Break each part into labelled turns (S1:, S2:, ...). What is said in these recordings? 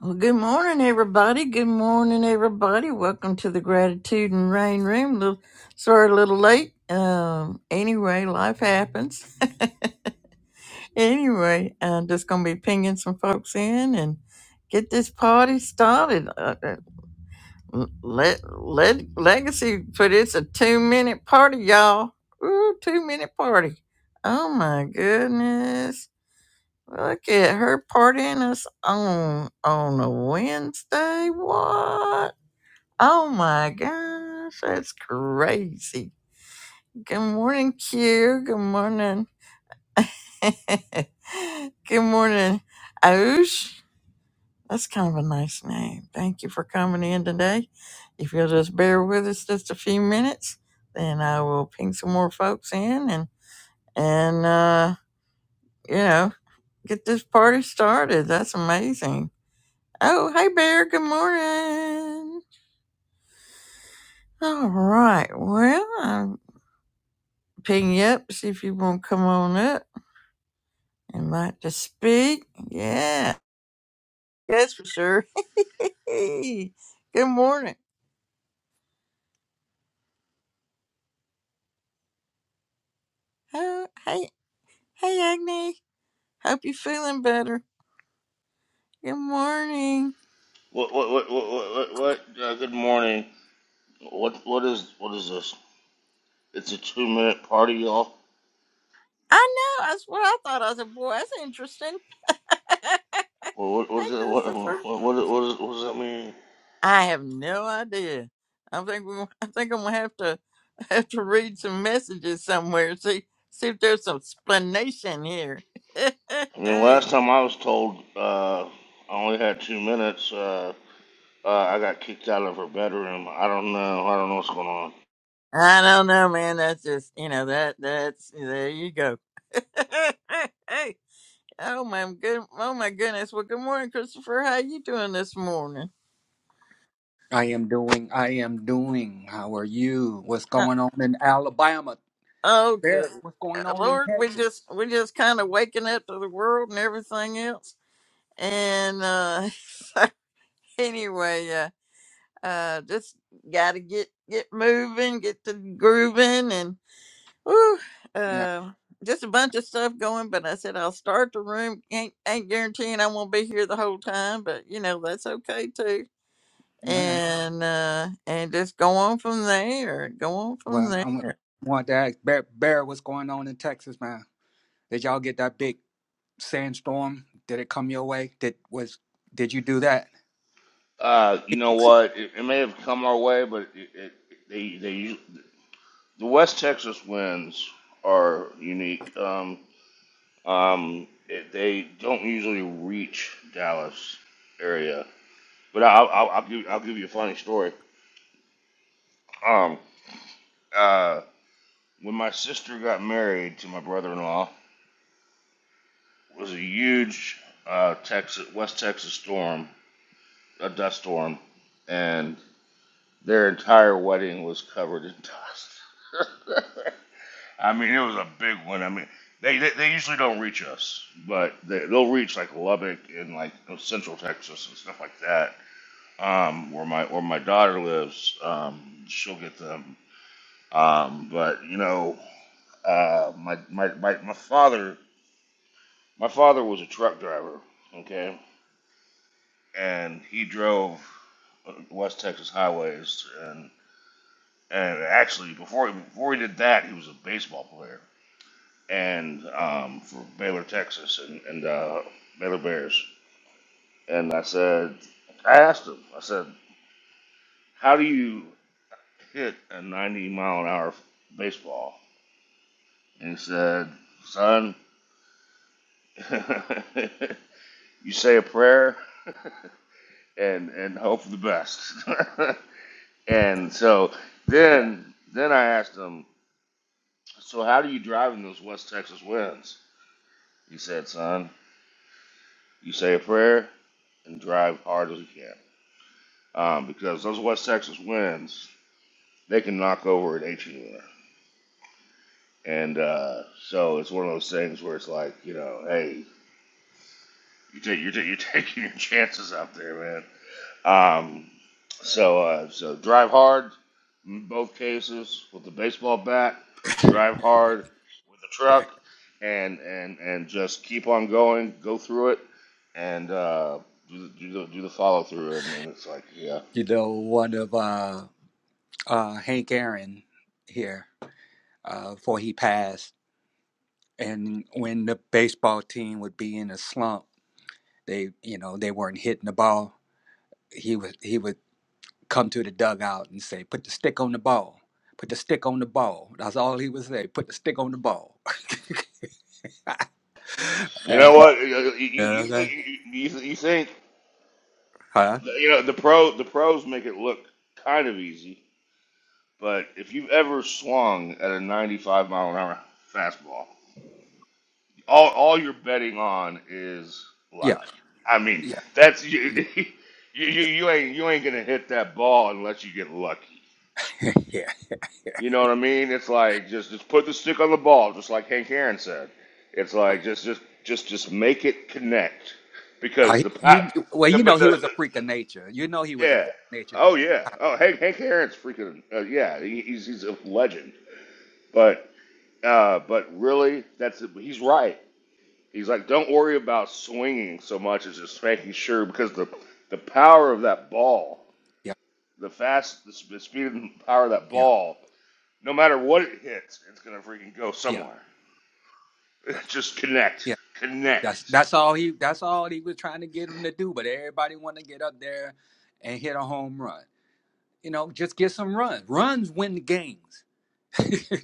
S1: Well, good morning, everybody. Good morning, everybody. Welcome to the Gratitude and Rain Room. Little, sorry, a little late. Um, anyway, life happens. anyway, I'm just gonna be pinging some folks in and get this party started. Uh, uh, let let Legacy put it's a two minute party, y'all. Ooh, two minute party. Oh my goodness. Look at her partying us on on a Wednesday. What? Oh my gosh, that's crazy. Good morning, Q. Good morning. Good morning, Oosh. That's kind of a nice name. Thank you for coming in today. If you'll just bear with us just a few minutes, then I will ping some more folks in and and uh, you know get this party started. That's amazing Oh, hey, Bear. Good morning. All right. Well, I'm ping you up, see if you want to come on up and like to speak. Yeah, that's for sure. good morning. Oh, hey, hey, Agni. Hope you're feeling better. Good morning.
S2: What what what what what? what, uh, good morning. What what is what is this? It's a two minute party, y'all.
S1: I know. That's what I thought. I said, boy, that's interesting. hey,
S2: What what what is it? What what what is,
S1: Christopher.
S2: what, is, what does that mean?
S1: I have no idea. I think we. I think I'm gonna have to. I have to read some messages somewhere. See, see if there's some explanation here.
S2: I mean, last
S1: hey,
S2: time I was told uh, I only had two minutes. Uh, uh, I got kicked out of her bedroom. I don't know. I don't know what's going on.
S1: I don't know, man. That's just you know that that's there you go. hey, oh my good, oh my goodness. Well, good morning, Christopher. How you doing this morning?
S3: I am doing. I am doing. How are you? What's
S1: Uh,
S3: going on in Alabama?
S1: oh, good
S3: Bear, what's going
S1: Uh,
S3: on in
S1: Lord, we
S3: Texas?
S1: just we just kind of waking up to the world and everything else. And uh anyway, uh, uh, just got to get get moving, get to grooving, and Whew,
S3: Yeah.
S1: uh, just a bunch of stuff going, but I said I'll start the room. Ain't, ain't guaranteeing I won't be here the whole time, but you know that's okay too.
S3: All right.
S1: And uh, and just go on from there. Go on from
S3: Well,
S1: there.
S3: I wa- want to ask Bear, Bear, what's going on in Texas, man? Did y'all get that big sandstorm? Did it come your way? Did was did you do that?
S2: Uh, you know
S3: Phoenix.
S2: what? It, it may have come our way, but it, it, they they the West Texas winds are unique. Um, Um, it, they don't usually reach Dallas area, but I'll, I'll, I'll give I'll give you a funny story. Um, uh, when my sister got married to my brother-in-law, it was a huge uh, Texas West Texas storm, a dust storm, and their entire wedding was covered in dust. I mean, it was a big one. I mean, they they, they usually don't reach us, but they, they'll reach like Lubbock and like you know, central Texas and stuff like that um, where my where my daughter lives, um, she'll get them. Um, but you know, uh, my, my my my father my father was a truck driver, okay, and he drove uh, West Texas highways, and and actually before before he did that, he was a baseball player, and um, for Baylor, Texas, and and uh, Baylor Bears. And I said, I asked him, I said, how do you hit a 90 mile an hour baseball? And he said, Son, you say a prayer and and hope for the best. and so then then I asked him, So how do you drive in those West Texas winds? He said, Son, you say a prayer and drive hard as you can. Um, because those West Texas winds, they can knock over an eighteen wheeler." And uh, so it's one of those things where it's like, you know, hey, you take, you're, ta- you're taking your chances out there, Um, so, uh, so drive hard in both cases with the baseball bat. Drive hard with the truck, and and and just keep on going. Go through it, and uh, do the, do the, do the follow through. And, and it's like, yeah,
S3: You know, one of uh, uh, Hank Aaron here uh, before he passed, and when the baseball team would be in a slump, they you know they weren't hitting the ball he would he would come to the dugout and say, "Put the stick on the ball. Put the stick on the ball." That's all he would say. Put the stick on the ball.
S2: you know
S3: Uh,
S2: what? You you, you
S3: yeah,
S2: think you, you you think
S3: huh?
S2: you know the pro the pros make it look kind of easy, but if you've ever swung at a 95 mile an hour fastball all all you're betting on is
S3: Yeah.
S2: luck. I mean,
S3: Yeah.
S2: that's you you, you ain't you ain't gonna hit that ball unless you get lucky.
S3: yeah. Yeah.
S2: You know what I mean? It's like just just put the stick on the ball, just like Hank Aaron said. It's like just just just just make it connect because
S3: I,
S2: the pa-
S3: you well,
S2: the,
S3: you
S2: but
S3: know he
S2: the,
S3: was a
S2: the
S3: freak of nature. You know he was a freak
S2: yeah
S3: of nature
S2: oh
S3: during
S2: yeah
S3: the
S2: oh
S3: time. You know?
S2: Hank Hank Aaron's freaking uh, yeah he, he's he's a legend but uh but really that's he's right He's like, don't worry about swinging so much as just making sure because the the power of that ball,
S3: Yeah.
S2: the fast, the, sp- the speed and power of that
S3: Yeah.
S2: ball, no matter what it hits, it's gonna freaking go
S3: Yeah.
S2: somewhere.
S3: Yeah.
S2: just connect,
S3: Yeah.
S2: connect.
S3: That's that's all he that's all he was trying to get him to do. But everybody want to get up there and hit a home run. You know, just get some runs. Runs win the games. you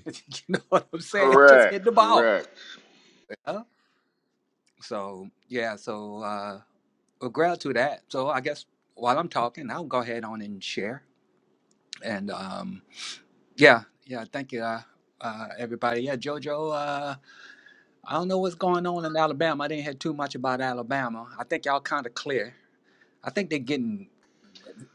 S3: know what I'm saying? Just
S2: Correct,
S3: hit the ball.
S2: correct.
S3: Yeah? So yeah, so uh well gratitude to that. So I guess while I'm talking, I'll go ahead on and share. And um yeah, yeah, thank you, uh, uh everybody. Yeah, Jojo, uh I don't know what's going on in Alabama. I didn't hear too much about Alabama. I think y'all kinda clear. I think they're getting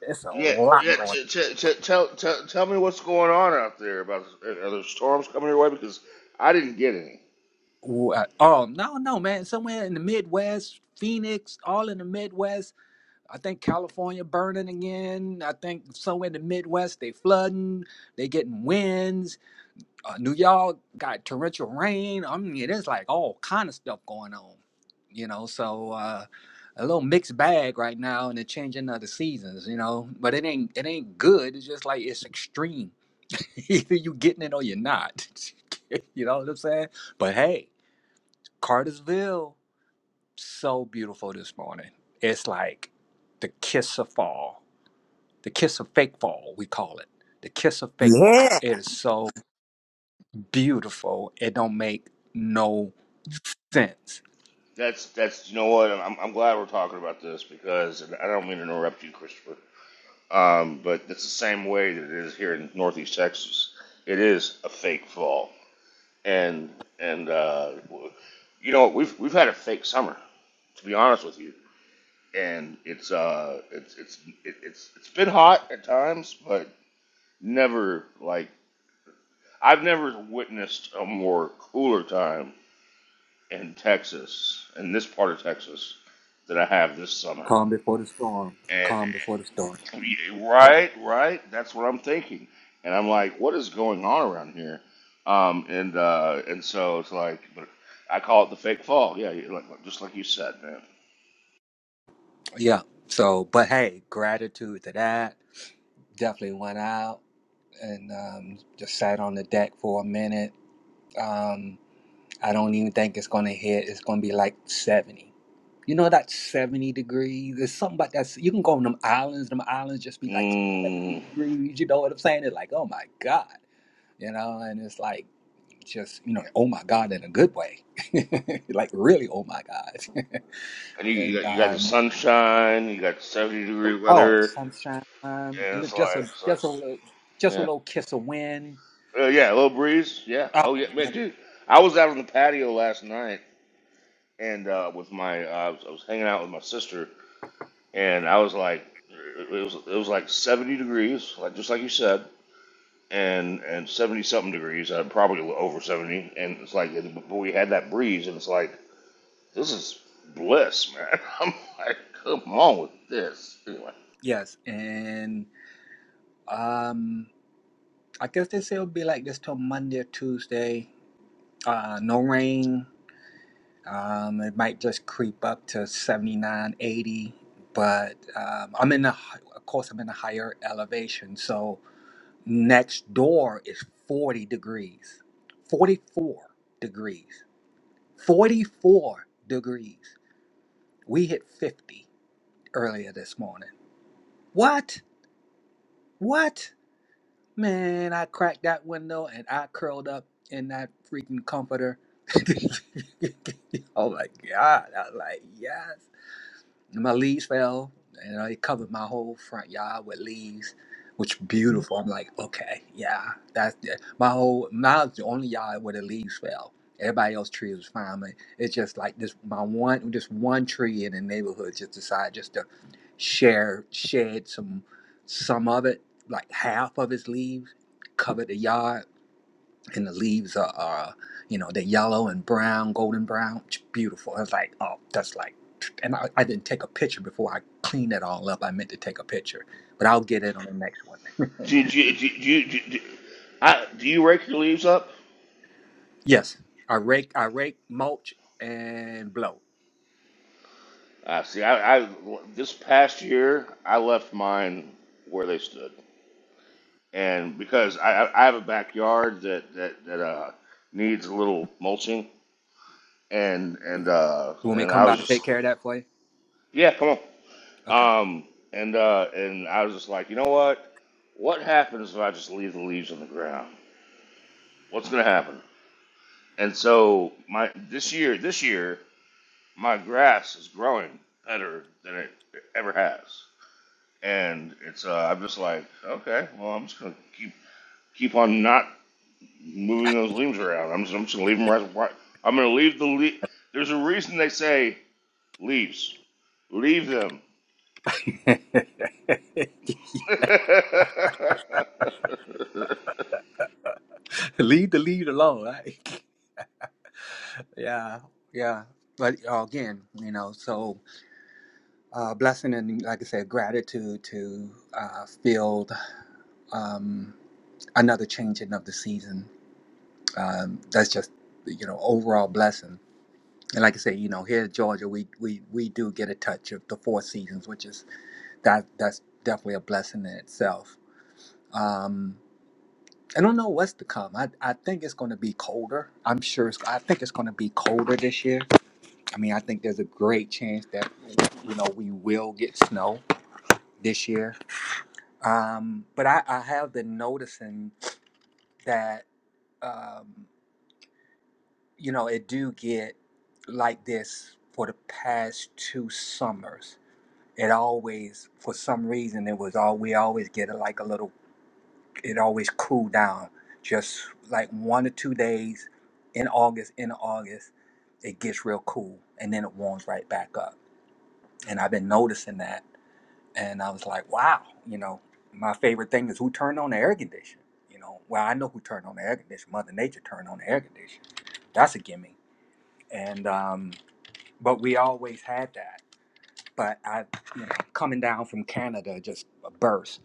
S3: it's a
S2: Yeah,
S3: lot
S2: yeah.
S3: going
S2: T- t- t- tell, tell, tell me what's going on out there. About are there storms coming your way? Because I didn't get any.
S3: on. Wh- uh, Oh no, no, man. Somewhere in the Midwest, Phoenix, all in the Midwest I think California burning again. I think somewhere in the Midwest they flooding. They getting winds. Uh, New York got torrential rain. I mean, it is like all kind of stuff going on. You know, so uh, a little mixed bag right now, and the changing of the seasons. You know, but it ain't it ain't good. It's just like it's extreme. Either you getting it or you're not. you know what I'm saying? But hey, Cartersville, so beautiful this morning. It's like the kiss of fall the kiss of fake fall we call it the kiss of fake fall
S1: Yeah.
S3: it is so beautiful it don't make no sense
S2: That's that's you know what. I'm I'm glad we're talking about this because and I don't mean to interrupt you, Christopher. Um, but it's the same way that it is here in Northeast Texas. It is a fake fall, and and uh, you know we've we've had a fake summer, to be honest with you. And it's uh it's it's it- it's it's been hot at times, but never like I've never witnessed a more cooler time in Texas, in this part of Texas, that I have this summer.
S3: calm before the storm calm before the storm
S2: Yeah, Right, right. That's what I'm thinking. And I'm like, what is going on around here? Um, and uh, and so it's like, but I call it the fake fall. Yeah, you- like, like- just like you said, man.
S3: yeah so but hey gratitude to that definitely went out and um, just sat on the deck for a minute um, i don't even think it's gonna hit it's gonna be like 70 You know that 70 degrees. There's something about that. You can go on them islands. Them islands just be like 70
S2: Mm.
S3: degrees. You know what I'm saying? It's like, oh my God. You know, and it's like just, you know, oh my God in a good way. like really, oh my God.
S2: And you, you
S3: and
S2: got you got the
S3: um
S2: sunshine, you got 70 degree
S3: oh
S2: weather,
S3: sunshine, um,
S2: and
S3: li-
S2: it's
S3: just a
S2: like, it's like,
S3: just a little just a
S2: yeah,
S3: little kiss of wind.
S2: uh, yeah, a little breeze. Yeah,
S3: Oh
S2: oh yeah, man,
S3: man.
S2: dude. I was out on the patio last night, and uh, with my, uh, I was I was hanging out with my sister, and I was like, it was it was like 70 degrees, like just like you said, and and 70 something degrees, uh, probably over 70, and it's like, yeah, but we had that breeze, and it's like, this is bliss, man. I'm like, come on with this. Anyway,
S3: Yes. And um I guess they say it'll be like this till Monday or Tuesday. Uh no rain Um, it might just creep up to 79, 80, but um, I'm in a, of course, I'm in a higher elevation. So next door is 40 degrees, 44 degrees, 44 degrees. We hit 50 earlier this morning. What? What? Man, I cracked that window and I curled up in that freaking comforter. oh my God. I was like, yes. And my leaves fell, and uh, it covered my whole front yard with leaves, which beautiful. I'm like, okay, yeah, that's yeah. my whole. Mine's the only yard where the leaves fell. Everybody else trees was fine, but it's just like this. My one, just one tree in the neighborhood just decided just to share, shed some, some of it, like half of its leaves, covered the yard and the leaves are, are you know they're yellow and brown golden brown It's beautiful i was like oh that's like and I, I didn't take a picture before i cleaned it all up i meant to take a picture but i'll get it on the next one
S2: do you do you, do you, do you, do I do you rake your leaves up?
S3: yes i rake i rake mulch and blow
S2: I see. I, I this past year I left mine where they stood, and because I I I have a backyard that that that uh needs a little mulching and and uh
S3: you want me to
S2: and
S3: come
S2: I
S3: by
S2: was
S3: and
S2: just
S3: take care of that for you
S2: yeah, come on.
S3: okay
S2: Um and uh and I was just like, you know what? What happens if I just leave the leaves on the ground? What's gonna happen? And so my this year this year my grass is growing better than it ever has. And it's uh I'm just like, okay, well I'm just gonna keep keep on not moving those leaves around. I'm just I'm just gonna leave them right. right- I'm gonna leave the le- there's a reason they say leaves. Leave them.
S3: leave the lead alone right yeah yeah but uh, again you know so uh, blessing and like I said, gratitude to uh, field um, another changing of the season. Um, that's just you know overall blessing. And like I say, you know here in Georgia, we we we do get a touch of the four seasons, which is that that's definitely a blessing in itself. Um, I don't know what's to come. I, I think it's going to be colder. I'm sure. It's, I think it's going to be colder this year. I mean, I think there's a great chance that you know we will get snow this year Um, but I, I have been noticing that um, you know it do get like this for the past two summers. It always, for some reason, it was all we always get a- like a little. It always cool down, just like one or two days in August. In August, it gets real cool, and then it warms right back up. And I've been noticing that And I was like, wow, you know, my favorite thing is who turned on the air conditioner. You know, well, I know who turned on the air conditioner. Mother Nature turned on the air conditioner. That's a gimme. And um, but we always had that. But I, you know, coming down from Canada, just a burst.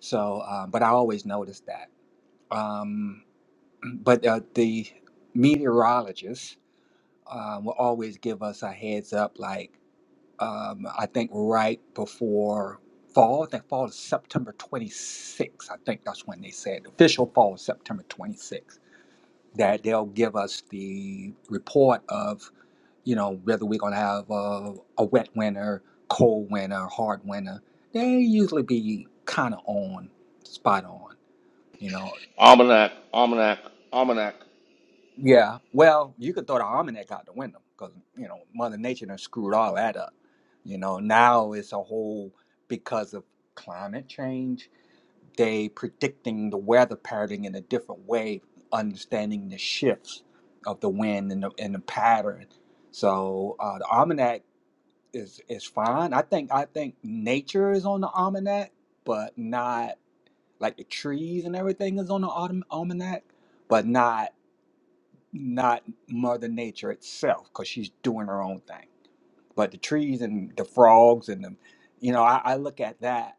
S3: So, uh, but I always noticed that. Um, but uh, the meteorologists uh, will always give us a heads up, like. um, I think right before fall. I think fall is September 26th. I think that's when they said official fall is September 26th. That they'll give us the report of you know whether we're going to have a, a wet winter, cold winter, hard winter. They usually be kind of on, spot on. You know,
S2: almanac, almanac, almanac.
S3: Yeah, well, you could throw the almanac out the window because you know Mother Nature done screwed all that up. You know now it's a whole because of climate change. They predicting the weather pattern in a different way, understanding the shifts of the wind and the, and the pattern. So uh, the almanac is is fine. I think I think nature is on the almanac, but not like the trees and everything is on the autumn almanac, but not not Mother Nature itself, because she's doing her own thing. But the trees and the frogs and the, you know, I, I look at that,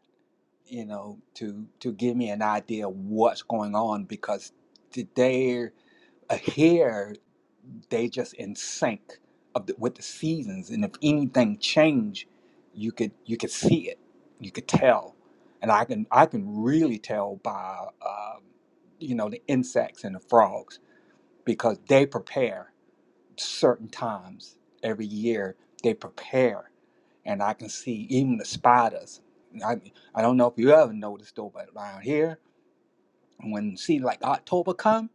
S3: you know, to to give me an idea of what's going on because today uh, here they just in sync of the, with the seasons, and if anything change, you could you could see it, you could tell, and I can I can really tell by, um you know, the insects and the frogs because they prepare certain times every year they prepare and i can see even the spiders i, I don't know if you ever noticed though but around here when see like october come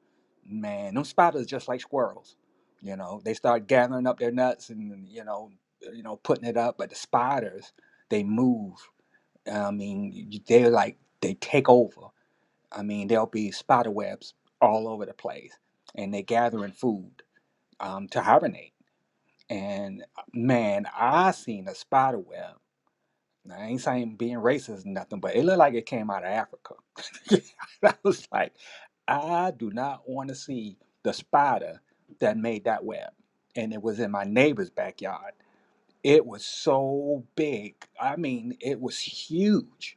S3: man them spiders just like squirrels you know they start gathering up their nuts and you know you know putting it up but the spiders they move i mean y- they're like they take over i mean there'll be spider webs all over the place and they're gathering food um, to hibernate and uh, man, I seen a spider web. Now, I ain't saying being racist or nothing, but it looked like it came out of Africa. I was like, I do not want to see the spider that made that web. And it was in my neighbor's backyard. It was so big. I mean, it was huge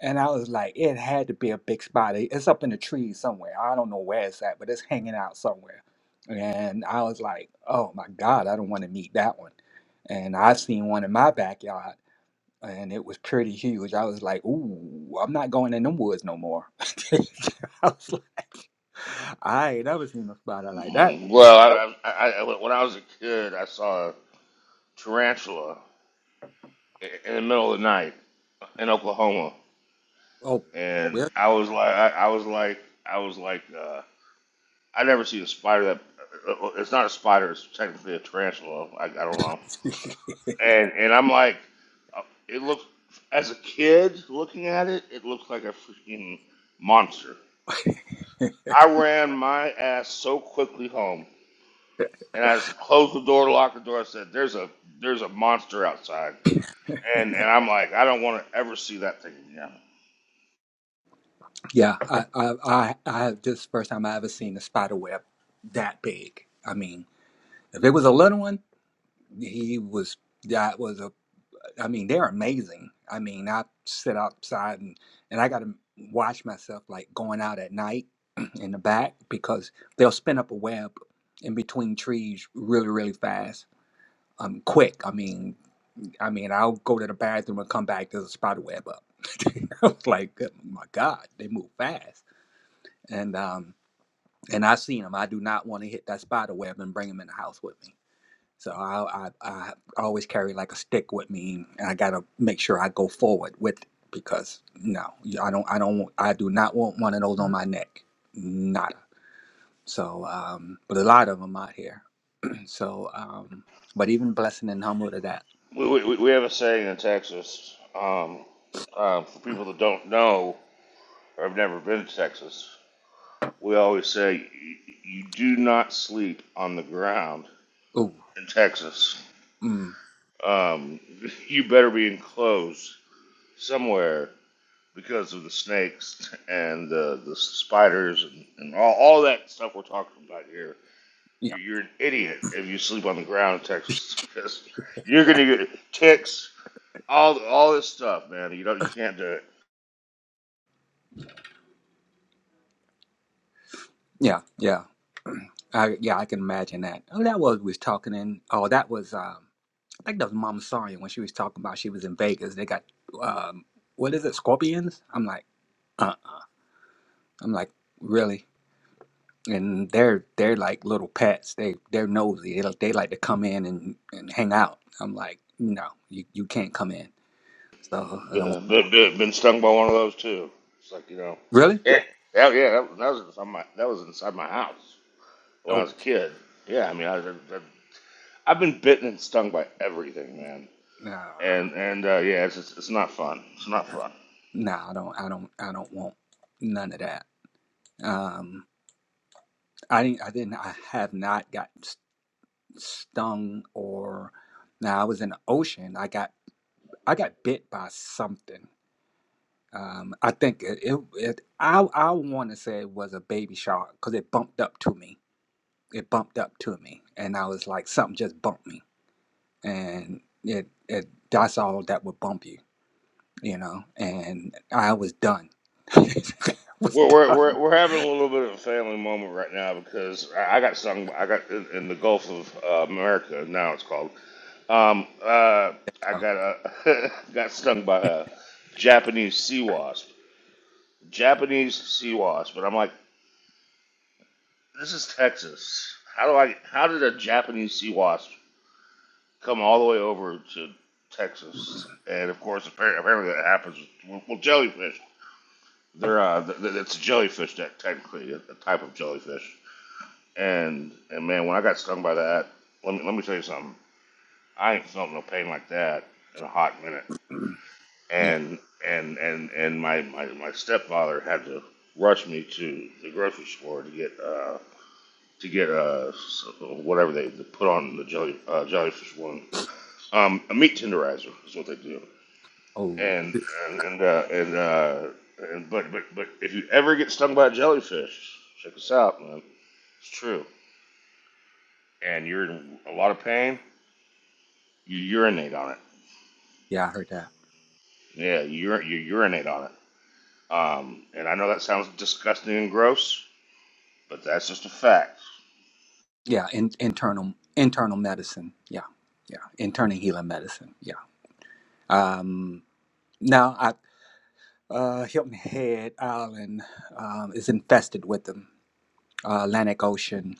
S3: and I was like, it had to be a big spot. It- It's up in the trees somewhere. I don't know where it's at, but it's hanging out somewhere. And I was like, oh my God, I don't want to meet that one. And I seen one in my backyard and it was pretty huge. I was like, ooh, I'm not going in them woods no more. I was like, I ain't never seen a spider like that.
S2: Mm, Well, I, I, I, when I was a kid, I saw a tarantula i- in the middle of the night in Oklahoma,
S3: Oh,
S2: and
S3: where?
S2: I was like, I, I was like, I was like, uh, I never see a spider that. uh, uh, It's not a spider; it's technically a tarantula. I, I don't know. And and I'm like, uh, it looks as a kid looking at it, it looks like a freaking monster I ran my ass so quickly home, and I just closed the door, locked the door. I said, "There's a there's a monster outside," and and I'm like, I don't want to ever see that thing again.
S3: yeah, I, I, I, I have just first time I ever seen a spider web that big. I mean, If it was a little one, he was. That was a. I mean, they're amazing. I mean, I sit outside and and I got to watch myself like going out at night in the back because they'll spin up a web in between trees really really fast. Um, quick. I mean, I mean, I'll go to the bathroom and come back. There's a spider web up. I was like, "Good- my God, they move fast. And um, and I seen them. I do not want to hit that spider web and bring them in the house with me. So I, I, I always carry like a stick with me, and I gotta make sure I go forward with it because no, I don't, I don't, I do not want one of those on my neck, nada. So, um, but a lot of them out here. So, um, but even blessing and humble to that.
S2: We we, we have a saying in Texas. Um, uh, for people that don't know or have never been to Texas, we always say you, you do not sleep on the ground
S3: Ooh,
S2: in Texas.
S3: mm,
S2: Um, you better be enclosed somewhere because of the snakes and the, the spiders and, and all, all that stuff we're talking about here.
S3: yeah,
S2: You're, you're an idiot if you sleep on the ground in Texas because you're gonna get ticks, all all this stuff, man. You don't you can't do it.
S3: yeah, yeah. I, yeah, I can imagine that. Oh, that was we was talking in. Oh, that was um, I think that was Mama Sonya when she was talking about she was in Vegas. They got um, what is it, scorpions? I'm like. uh, I'm like, really? And they're they're like little pets. They they're nosy. They like they like to come in and, and hang out. I'm like, no, you, you can't come in. So I don't want,
S2: Been, stung by one of those too. It's like you know,
S3: really.
S2: yeah, yeah, yeah, that, that was inside my that was inside my house when I
S3: Oh,
S2: was a kid. Yeah, I mean, I, I, I've been bitten and stung by everything, man.
S3: nah,
S2: And and uh, yeah, it's just, it's not fun. It's not fun.
S3: nah. I don't I don't I don't want none of that. Um, I didn't I didn't I have not got s- stung or. Now I was in the ocean. I got I got bit by something. Um, I think it, it, it I I want to say it was a baby shark because it bumped up to me it bumped up to me and i was like something just bumped me and it, it that's all that would bump you you know and i was done I was
S2: We're, we're
S3: done
S2: we're we're having a little bit of a family moment right now because I I got stung. I got in, in the Gulf of uh, America now it's called. Um, uh, I
S3: so,
S2: got uh got stung by a Japanese sea wasp. Japanese sea wasp, but I'm like, this is Texas. How do I? How did a Japanese sea wasp come all the way over to Texas? And of course, apparently, apparently that happens. With, well, jellyfish. They're uh, th- th- it's a jellyfish that technically a a type of jellyfish And and man, when I got stung by that, let me let me tell you something. I ain't felt no pain like that in a hot minute.
S3: mm, yeah
S2: And and and and my my, my stepfather had to rush me to the grocery store to get uh to get uh whatever they, they put on the jelly uh, jellyfish one. Um, a meat tenderizer is what they do.
S3: oh
S2: And and and uh, and, uh, and but but but if you ever get stung by a jellyfish, check this out, man. It's true. And you're in a lot of pain You urinate on it.
S3: yeah i heard that
S2: Yeah, you, ur- you urinate on it. Um, and I know that sounds disgusting and gross, but that's just a fact.
S3: yeah in, internal internal medicine yeah yeah internal healing medicine yeah um now i uh hilton head island um, is infested with them uh, atlantic ocean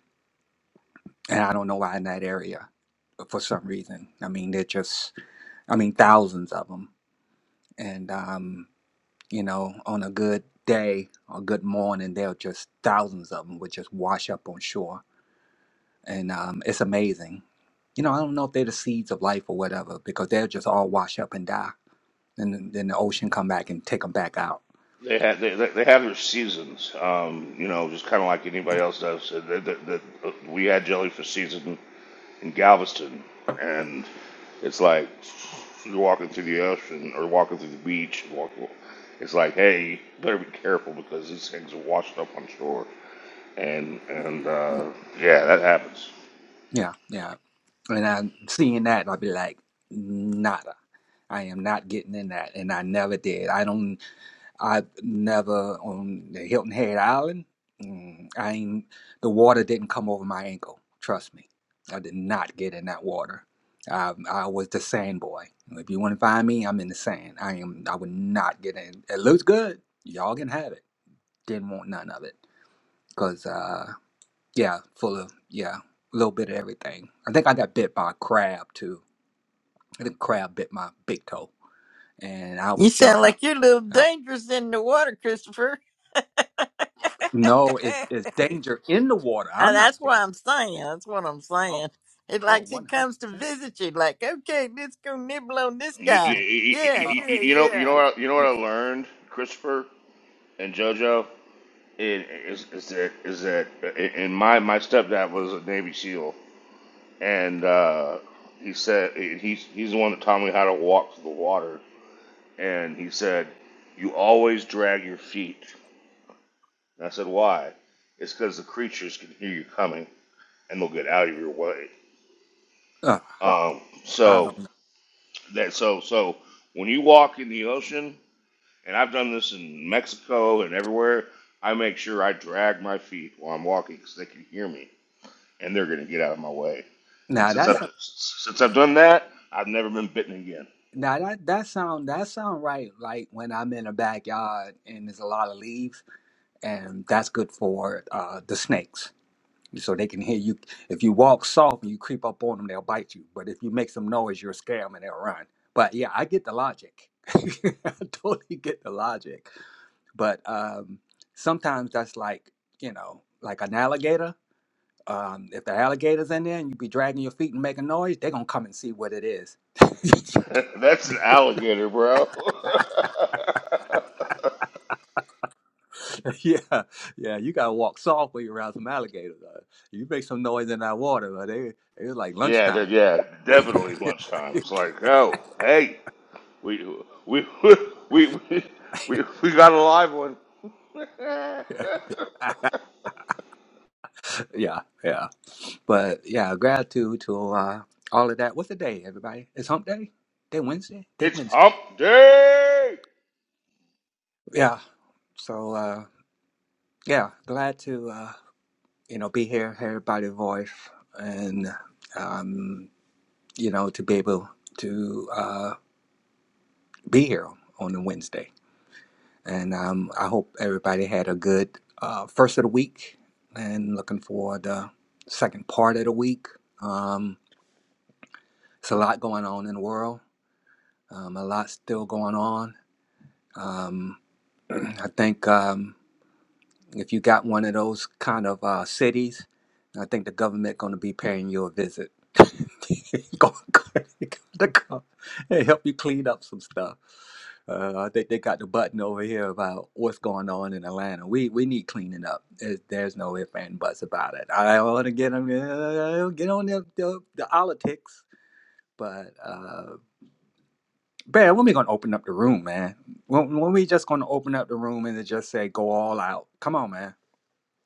S3: and i don't know why in that area for some reason i mean they're just I mean, thousands of them. And, um, you know, on a good day or good morning, there are just thousands of them would just wash up on shore. And um, it's amazing. You know, I don't know if they're the seeds of life or whatever, because they'll just all wash up and die. And then then the ocean come back and take them back out.
S2: They have they, they they have their seasons, um, you know, just kind of like anybody else does. Uh, the- the- the- we had jellyfish season in Galveston, and it's like you're walking through the ocean or walking through the beach. And Walk, it's like, hey, better be careful because these things are washed up on shore, and and uh, yeah, that happens.
S3: Yeah, yeah. And I'm seeing that, I'll be like, nada. I am not getting in that. And I never did. I don't. I've never on the Hilton Head Island. mm, I ain't the water didn't come over my ankle. Trust me, I did not get in that water. I, I was the sand boy. If you want to find me, I'm in the sand. I am. I would not get in. It looks good. Y'all can have it. Didn't want none of it. Cause uh, yeah, full of yeah, a little bit of everything. I think I got bit by a crab too. I think a crab bit my big toe, and I was
S1: You sound
S3: done.
S1: like you're a little dangerous in the water, Christopher.
S3: No, it's
S1: and
S3: it's danger in the water. I'm not
S1: that's what
S3: dangerous.
S1: I'm saying. That's what I'm
S3: Oh,
S1: saying. It
S3: oh,
S1: like he
S3: one hundred
S1: comes to
S3: percent.
S1: visit you, like, okay, let's go nibble on this
S2: You,
S1: guy.
S2: you,
S1: Yeah,
S3: Oh,
S2: you,
S1: yeah,
S2: you know, you know
S1: yeah.
S2: what, I- you know what
S3: yeah.
S2: I learned, Christopher and JoJo, It- is is that is that and my my stepdad was a Navy SEAL, and uh, he said he's he's the one that taught me how to walk through the water, and he said you always drag your feet. And I said why? It's because the creatures can hear you coming and they'll get out of your way.
S3: Uh,
S2: Um,
S3: I
S2: so
S3: don't.
S2: that so so when you walk in the ocean and I've done this in Mexico and everywhere. I make sure I drag my feet while I'm walking because they can hear me and they're gonna get out of my way. And
S3: Now
S2: since Yeah.
S3: that's
S2: I've since I've done that, I've never been bitten again.
S3: now that that sound that sound right. Like when I'm in a backyard and there's a lot of leaves, and that's good for uh, the snakes, so they can hear you. If you walk soft and you creep up on them, they'll bite you. But if you make some noise, you'll scare them and they'll run. But yeah, I get the logic. I totally get the logic. but um, sometimes that's like you know like an alligator um, if the alligator's in there and you be dragging your feet and making noise they're gonna come and see what it is
S2: That's an alligator, bro.
S3: yeah yeah you gotta walk softly around some alligators uh, you make some noise in that water uh, they it's like
S2: yeah, that,
S3: lunchtime
S2: yeah, definitely lunchtime. It's like, oh, hey, we we we we we, we got a live one.
S3: yeah yeah but yeah gratitude to uh, all of that what's the day everybody it's hump day day wednesday day
S2: it's
S3: wednesday
S2: hump day.
S3: yeah so uh yeah glad to uh, you know, be here, heard by the voice, and um, you know, to be able to uh, be here on a Wednesday. And um, I hope everybody had a good uh, first of the week, and looking forward to second part of the week. Um, it's a lot going on in the world. Um, a lot still going on. Um, I think. Um, If you got one of those kind of uh, cities, I think the government going to be paying you a visit. Go- go- to come and help you clean up some stuff. Uh, I think they got the button over here about what's going on in Atlanta. We we need cleaning up. There's, there's no ifs and buts about it. I want to get them uh, get on the, the, the politics, but uh, Bear, when we gonna open up the room, man? When, when we just gonna open up the room and just say go all out? Come on, man.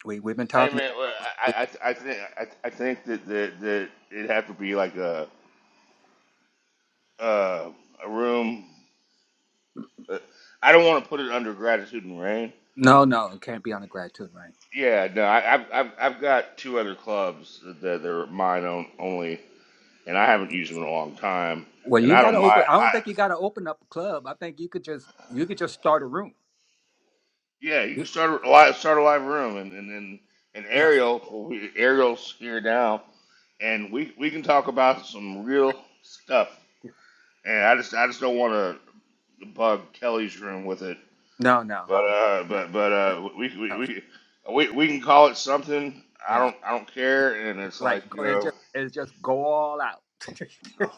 S3: We we've been
S2: Hey
S3: talking
S2: man, well, I, I I think I, I think that, that that it'd have to be like a uh, a room. uh, I don't want to put it under gratitude and rain.
S3: No, no, it can't be on a grad tune, right?
S2: Yeah, no, I, I've I've I've got two other clubs that are mine on, only, and I haven't used them in a long time.
S3: Well,
S2: And
S3: you ain't
S2: I
S3: got to
S2: don't mind.
S3: open. I
S2: I,
S3: don't think you got to open up a club. I think you could just you could just start a room.
S2: yeah, you can start a live start a live room, and and and, and
S3: Yeah.
S2: Ariel we, Ariel's here now, and we we can talk about some real stuff.
S3: yeah.
S2: And I just I just don't want to bug Kelly's room with it.
S3: No, no,
S2: But
S3: no,
S2: uh,
S3: no.
S2: but but uh, we we
S3: no.
S2: we we we can call it something. I
S3: Yeah,
S2: don't I don't care. And it's
S3: like
S2: like you
S3: go, it's
S2: know,
S3: just it's just go all out,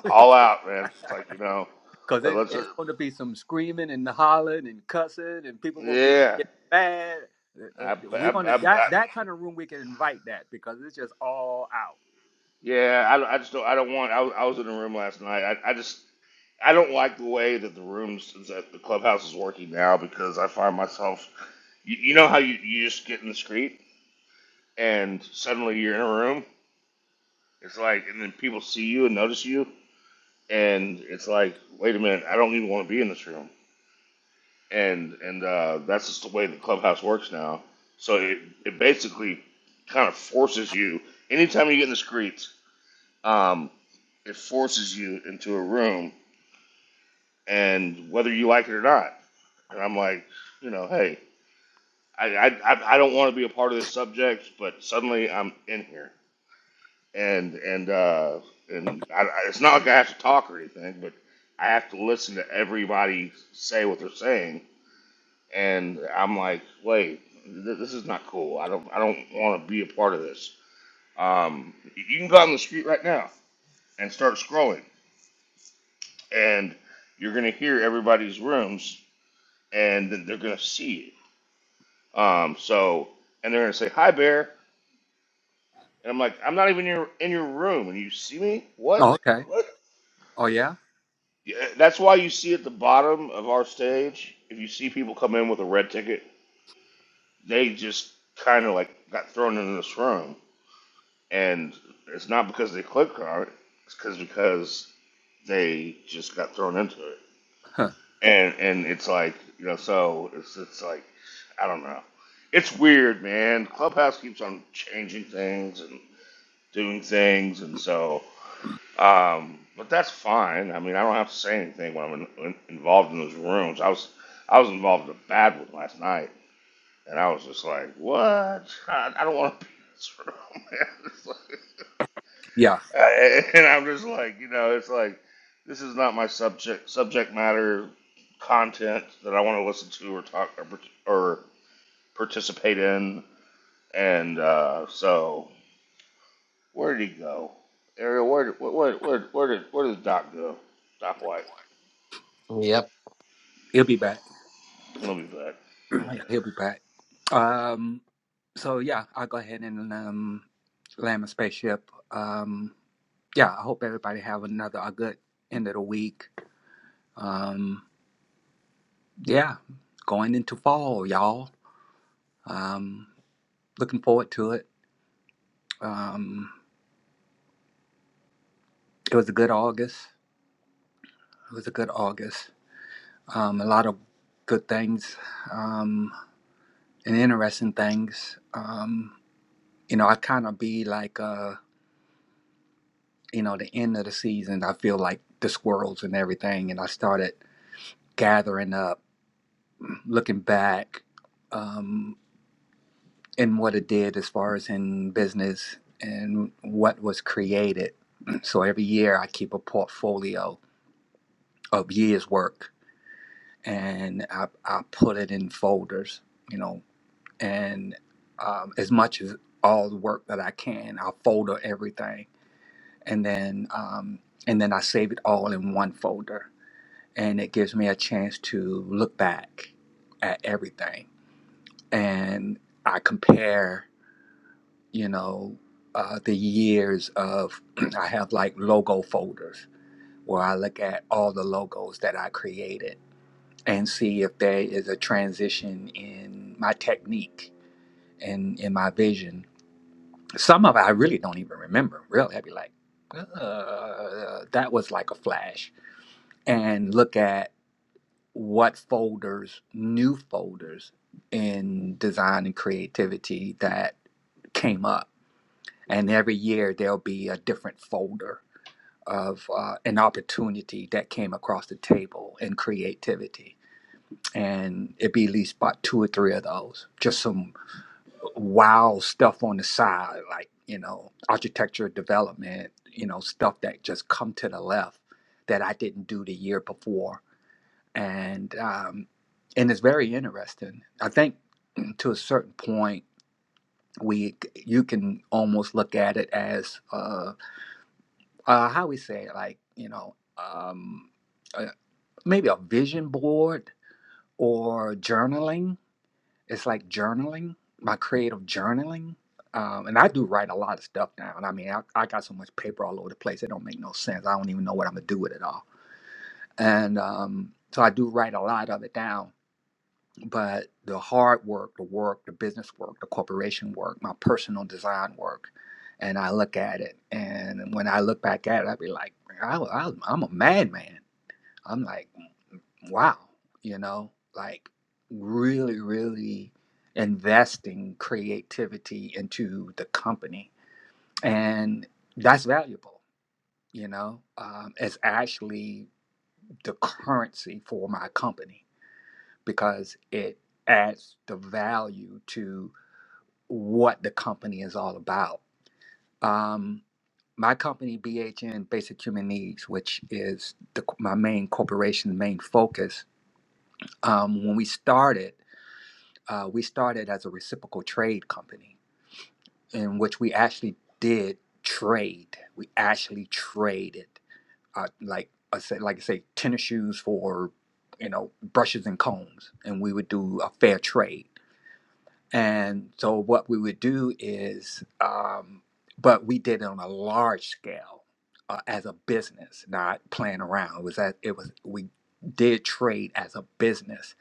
S2: all out, man. It's like you know,
S3: cause
S2: let,
S3: it,
S2: let's
S3: it's going to be some screaming and hollering and cussing, and people gonna get,
S2: yeah.
S3: get mad. Uh, uh,
S2: I, I,
S3: We're gonna
S2: I, I,
S3: that that kind of room we can invite that because it's just all out.
S2: yeah, I, I just don't. I don't want. I was, I was in a room last night. I, I just I don't like the way that the rooms that the clubhouse is working now because I find myself. You, you know how you, you just get in the street and suddenly you're in a room. It's like and then people see you and notice you and it's like, wait a minute, I don't even want to be in this room. And and uh, that's just the way the clubhouse works now. So it, it basically kind of forces you. Anytime you get in the streets, um, it forces you into a room, and whether you like it or not. And I'm like, you know, hey, I I I I don't want to be a part of this subject, but suddenly I'm in here. and and uh, and I, I- it's not like I have to talk or anything, but I have to listen to everybody say what they're saying, and I'm like, wait, th- this is not cool. I don't I don't want to be a part of this. Um, you can go out on the street right now and start scrolling, and you're gonna hear everybody's rooms, and then they're gonna see you. Um, so and they're gonna say hi, bear, and I'm like, I'm not even in your in your room, and you see me? What?
S3: Oh, okay.
S2: What?
S3: Oh yeah.
S2: Yeah, that's why you see at the bottom of our stage, if you see people come in with a red ticket, they just kind of like got thrown in this room, and it's not because they clicked on it, it's because because they just got thrown into it,
S3: Huh.
S2: and and it's like you know, so it's it's like I don't know, it's weird, man. Clubhouse keeps on changing things and doing things, and so Um, but that's fine. I mean, I don't have to say anything when I'm in, in, involved in those rooms. I was I was involved in a bad one last night, and I was just like, "What? I, I don't want to be in this room." man." It's like-
S3: Yeah,
S2: and I'm just like, you know, it's like this is not my subject subject matter content that I want to listen to or talk or, part- or participate in. And uh, so, where did he go, Ariel? Where did where where where, did where did Doc go? Doc White.
S4: Yep.
S3: he'll be back.
S2: I'll be back. Okay.
S3: He'll be back. Um. so yeah, I'll go ahead and um, land my spaceship. Um, yeah, I hope everybody have another a good end of the week. Um, yeah, going into fall, y'all. Um, looking forward to it. Um, it was a good August. It was a good August. Um, a lot of good things um, and interesting things. Um, you know, I kind of be like, uh, you know, the end of the season. I feel like the squirrels and everything, and I started gathering up looking back um, and what it did as far as in business and what was created. So every year I keep a portfolio of years' work and I, I put it in folders, you know, and um, as much as all the work that I can, I folder everything and then um, and then I save it all in one folder and it gives me a chance to look back at everything and I compare you know, uh, the years of I have like logo folders where I look at all the logos that I created and see if there is a transition in my technique and in my vision. Some of it I really don't even remember. Really, I'd be like, uh, that was like a flash, and look at what folders, new folders in design and creativity that came up and every year there'll be a different folder of uh, an opportunity that came across the table in creativity and it'd be at least about two or three of those just some wow stuff on the side like you know architecture development you know stuff that just come to the left that i didn't do the year before and um, and it's very interesting i think to a certain point we you can almost look at it as uh, uh, how we say it, like you know, um, uh, maybe a vision board or journaling. It's like journaling, my creative journaling. Um, and I do write a lot of stuff now. And I mean, I, I got so much paper all over the place; it don't make no sense. I don't even know what I'm gonna do with it all. And um, so I do write a lot of it down but the hard work, the work, the business work, the corporation work, my personal design work, and I look at it, and when I look back at it, I be like, I, I, I'm a madman. I'm like, wow, you know, like really, really investing creativity into the company, and that's valuable. You know, um, it's actually the currency for my company because it adds the value to what the company is all about. Um, my company, BHN Basic Human Needs, which is the, my main corporation, main focus, um, when we started, uh, we started as a reciprocal trade company in which we actually did trade. We actually traded, uh, like I said, like I say, tennis shoes for you know brushes and combs, and we would do a fair trade And so what we would do is, um, but we did it on a large scale uh, as a business, not playing around. It was that it was we did trade as a business,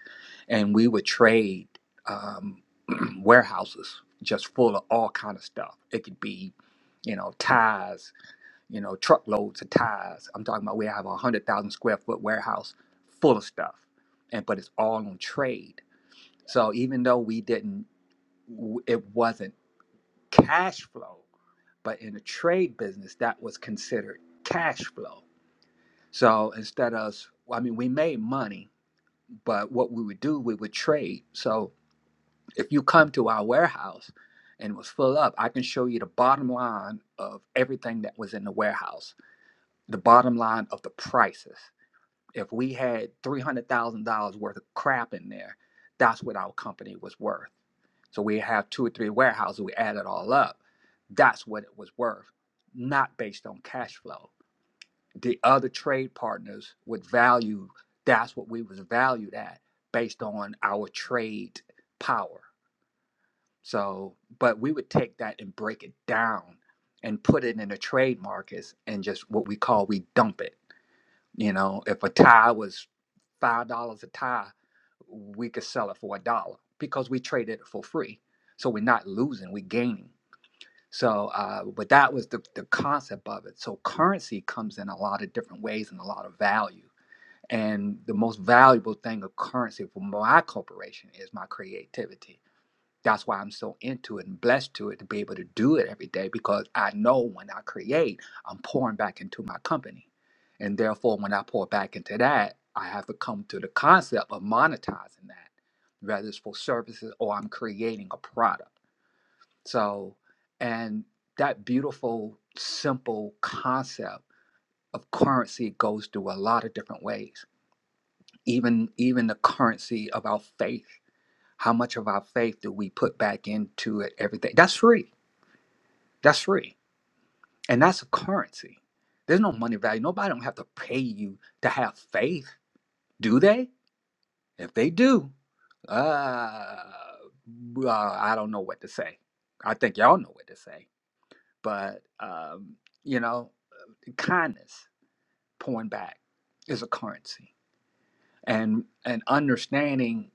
S3: and we would trade um, warehouses just full of all kind of stuff. It could be, you know, ties, you know, truckloads of ties. I'm talking about we have a hundred thousand square foot warehouse full of stuff, and but it's all on trade. So even though we didn't w- it wasn't cash flow, but in a trade business, that was considered cash flow. So instead of, I mean, we made money, but what we would do, we would trade. So if you come to our warehouse and it was full up, I can show you the bottom line of everything that was in the warehouse, the bottom line of the prices. If we had $300,000 worth of crap in there, that's what our company was worth. So we have two or three warehouses, we add it all up. That's what it was worth, not based on cash flow. The other trade partners would value that's what we was valued at based on our trade power. So, but we would take that and break it down and put it in the trade markets and just what we call we dump it. You know, if a tie was five dollars a tie, we could sell it for a dollar because we traded it for free. So we're not losing, we're gaining. So, uh, but that was the, the concept of it. So currency comes in a lot of different ways and a lot of value. And the most valuable thing of currency for my corporation is my creativity that's why I'm so into it and blessed to it to be able to do it every day because I know when I create, I'm pouring back into my company. And therefore, when I pour back into that, I have to come to the concept of monetizing that, whether it's for services or I'm creating a product. So, and that beautiful, simple concept of currency goes through a lot of different ways. Even even the currency of our faith how much of our faith do we put back into it every day? That's free. That's free. And that's a currency. There's no money value. Nobody don't have to pay you to have faith, do they? If they do, uh, uh, I don't know what to say. I think y'all know what to say. But, um, you know, kindness, pouring back, is a currency. And, and understanding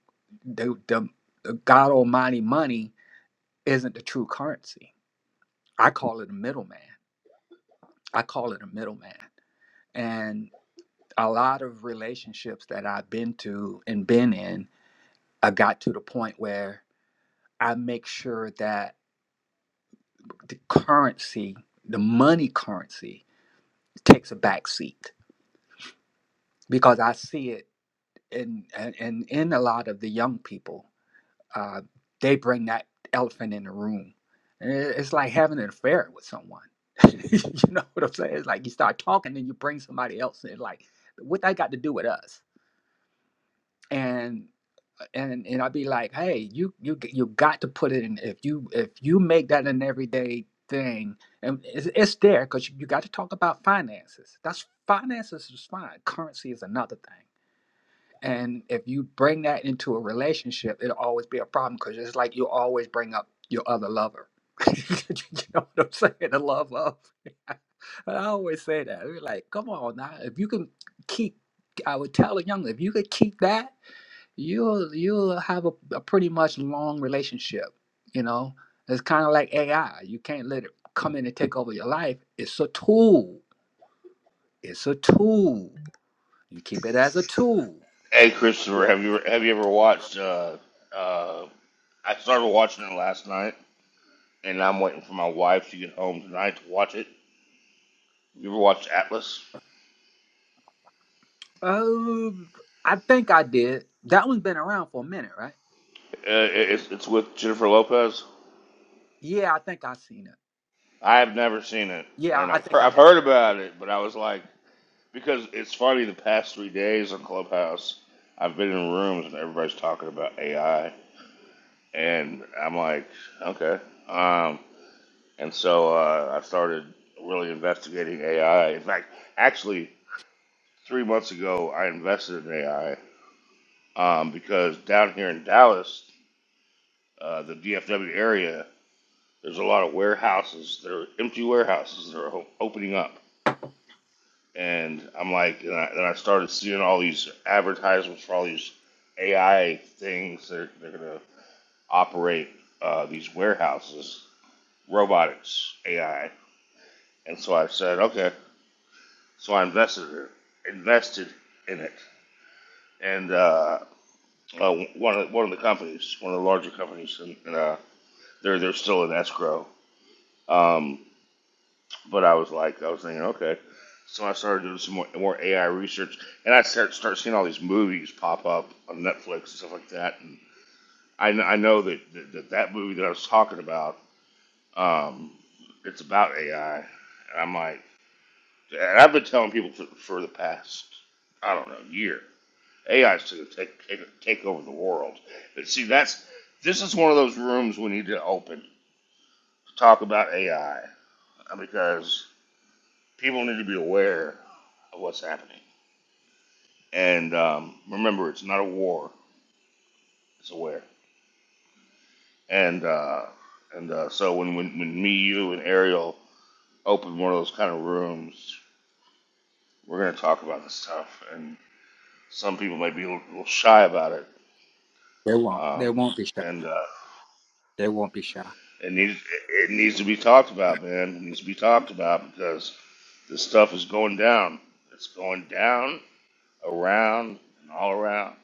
S3: the, the, the God Almighty money isn't the true currency I call it a middleman. I call it a middleman. And a lot of relationships that I've been to and been in, I got to the point where I make sure that the currency, the money currency, takes a back seat because I see it in and in, in a lot of the young people. uh, they bring that elephant in the room. And it- It's like having an affair with someone. you know what I'm saying? It's like you start talking and you bring somebody else in. Like, what that got to do with us? And and and I'd be like, hey, you you g- you got to put it in. If you if you make that an everyday thing, and it's, it's there because you, you got to talk about finances. That's finances is fine. Currency is another thing and if you bring that into a relationship, it'll always be a problem because it's like you always bring up your other lover. you know what I'm saying? The love of. I always say that. We're like, come on now. If you can keep, I would tell a young, if you could keep that, you'll you'll have a, a pretty much long relationship. You know, it's kind of like AI. You can't let it come in and take over your life. It's a tool. It's a tool. You keep it as a tool.
S2: Hey, Christopher, have you have you ever watched? Uh, uh, I started watching it last night, and I'm waiting for my wife to get home tonight to watch it. You ever watched Atlas?
S3: Um, I think I did. That one's been around for a minute, right?
S2: Uh, It's it's with Jennifer Lopez.
S3: Yeah, I think i seen it.
S2: I have never seen it,
S3: Yeah,
S2: and
S3: I
S2: I've heard,
S3: think I
S2: I've
S3: have.
S2: heard about it, but I was like, because it's funny. The past three days on Clubhouse, I've been in rooms and everybody's talking about AI, and I'm like, okay. Um, And so uh, I started really investigating AI. In fact, actually, three months ago, I invested in AI um, because down here in Dallas, uh, the DFW area, there's a lot of warehouses. There are empty warehouses that are o- opening up. And I'm like, and I, and I started seeing all these advertisements for all these AI things that are, they're going to operate uh, these warehouses, robotics, AI. And so I said, okay, So I invested invested in it, and uh, uh, one of one of the companies, one of the larger companies, and, and uh, they're they're still in escrow. Um, but I was like, I was thinking, okay. So I started doing some more, more AI research, and I start start seeing all these movies pop up on Netflix and stuff like that. And I, kn- I know that, that that that movie that I was talking about, um, it's about AI, and I'm like, and I've been telling people for, for the past I don't know year AI is going to take, take take over the world. But see, that's this is one of those rooms we need to open to talk about AI because people need to be aware of what's happening. And um, remember, it's not a war; it's aware. And uh, and uh, so when, when when me, you, and Ariel open one of those kind of rooms, we're going to talk about this stuff. And some people might be a little, shy about it.
S3: There won't. There
S2: Um,
S3: won't be shy.
S2: and uh,
S3: There won't be shy.
S2: It needs it needs to be talked about, man. It needs to be talked about because this stuff is going down. It's going down, around, and all around.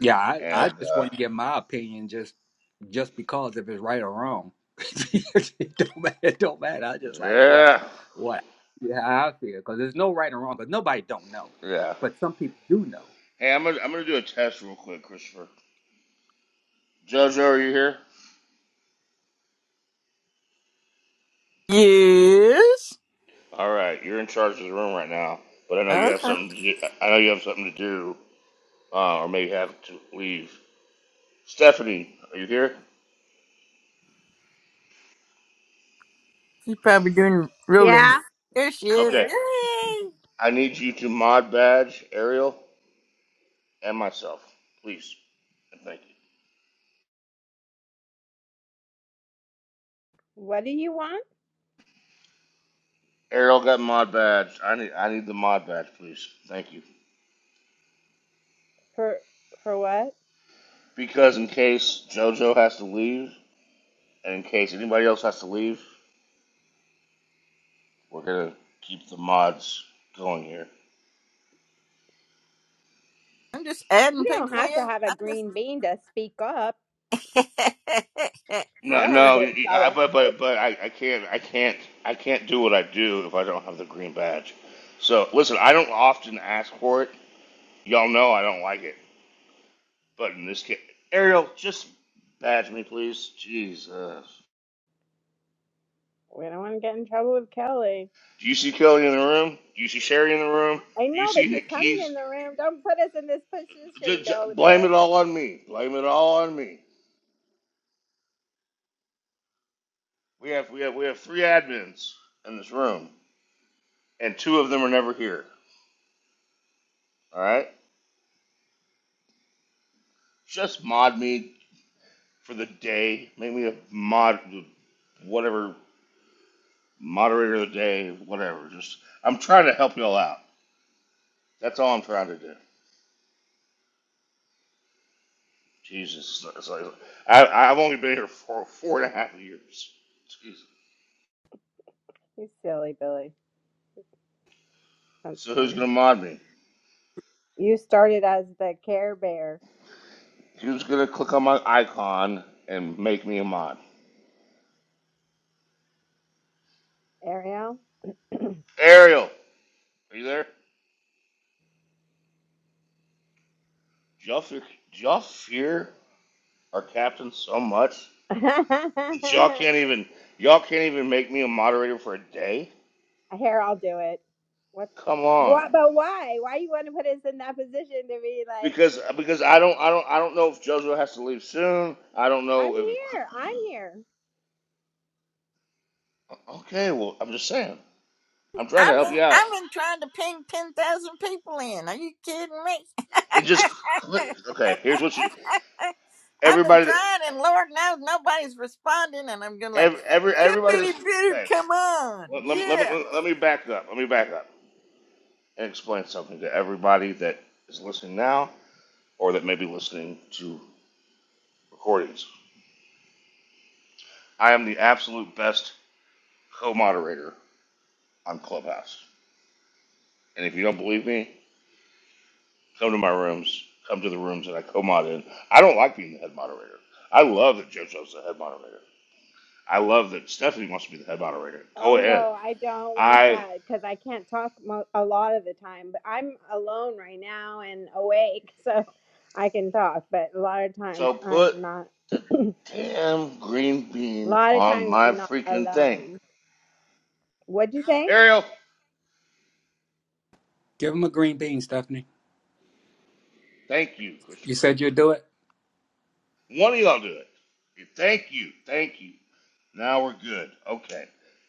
S3: Yeah, I,
S2: Yeah.
S3: I
S2: And
S3: just
S2: uh,
S3: want to get my opinion just just because if it's right or wrong. it, don't matter, it don't matter. I just like what
S2: yeah,
S3: what yeah, how I feel because there's no right or wrong because nobody don't know,
S2: yeah.
S3: but some people do know.
S2: Hey, I'm gonna I'm gonna do a test real quick, Christopher. Jojo, are you here?
S1: Yes.
S2: All right, you're in charge of the room right now. But I know you have
S1: Okay.
S2: something to do. I know you have something to do, uh, or maybe have to leave. Stephanie, are you here?
S1: She's probably doing rolling.
S5: Yeah,
S1: There she
S5: I'm
S1: is.
S2: Okay.
S5: here.
S1: Yay!
S2: I need you to mod badge Ariel and myself, please. And Thank you.
S5: What do you want?
S2: Errol got mod badge. I need I need the mod badge, please. Thank you.
S5: For for what?
S2: Because in case JoJo has to leave, and in case anybody else has to leave, we're gonna keep the mods going here.
S1: I'm just
S5: You
S1: adding
S5: don't
S1: people
S5: have to
S1: in.
S5: have a
S1: I'm just
S5: green bean to speak up. I
S2: No,
S5: don't want to
S2: no,
S5: get in
S2: y- y- I,
S5: trouble.
S2: but but but I, I can't I can't I can't do what I do if I don't have the green badge. So listen, I don't often ask for it. Y'all know I don't like it. But in this case, Ariel, just badge me, please. Jesus.
S5: We don't want to get in trouble with Kelly.
S2: Do you see Kelly in the room? Do you see Sherry in the room?
S5: I
S2: Do you
S5: know, but
S2: see
S5: she's
S2: Nick
S5: coming
S2: Keys
S5: in the room. Don't put us in this
S2: J-
S5: position,
S2: j-
S5: Billy
S2: blame it
S5: Bill.
S2: all on me. Blame it all on me. We have we have we have three admins in this room, and two of them are never here. All right, just mod me for the day. Make me a mod, whatever moderator of the day, whatever. Just I'm trying to help you all out. That's all I'm trying to do. Jesus, it's like- I I've only been here for four and a half years. Jesus.
S5: You silly Billy. That's
S2: So who's
S5: funny.
S2: gonna mod me?
S5: You started as the care bear,
S2: Who's gonna click on my icon and make me a mod?
S5: Ariel.
S2: Ariel, are you there? y'all, fear, y'all fear our captain so much that y'all can't
S5: Here,
S2: even y'all can't even make me a moderator for a day?
S5: I'll do it. What?
S2: Come
S5: What?
S2: on,
S5: But why? Why you want to put us in that position to be like?
S2: because because I don't I don't I don't know if JoJo has to leave soon. I don't
S5: I'm
S2: know if
S5: here. I'm here.
S2: okay. Well, I'm just saying. I'm trying to
S1: I'm
S2: help
S1: in
S2: you out.
S1: I'm in trying to ping ten thousand people in. Are you kidding me?
S2: Then just click. Okay, here's what you
S1: I've been
S2: everybody that
S1: trying and Lord knows nobody's responding and I'm gonna like
S2: every, every everybody
S1: somebody
S2: that's
S1: better
S2: okay.
S1: come on.
S2: Let, let, me- let,
S1: Yeah.
S2: me, let me back up. Let me back up and explain something to everybody that is listening now or that may be listening to recordings I am the absolute best co-moderator on Clubhouse. And if you don't believe me, come to my rooms. Come to the rooms that I co-mod in. I don't like being the head moderator. I love that JoJo's the head moderator. I love that Stephanie wants to be the head moderator.
S5: Oh
S2: Go ahead.
S5: no, I don't want
S2: I
S5: that because I can't talk mo- a lot of the time. But I'm alone right now and awake, so I can talk. But a lot of times
S2: so
S5: I'm
S2: put
S5: not.
S2: the
S5: a
S2: damn green bean
S5: lot of
S2: on
S5: times
S2: my
S5: I'm not
S2: freaking thing.
S5: alone. What'd you say?
S2: Ariel,
S3: Give him a green bean, Stephanie.
S2: thank you,
S3: You
S2: Christopher.
S3: said you'd do it.
S2: One of y'all do it. Thank you, thank you, Now we're good. Okay.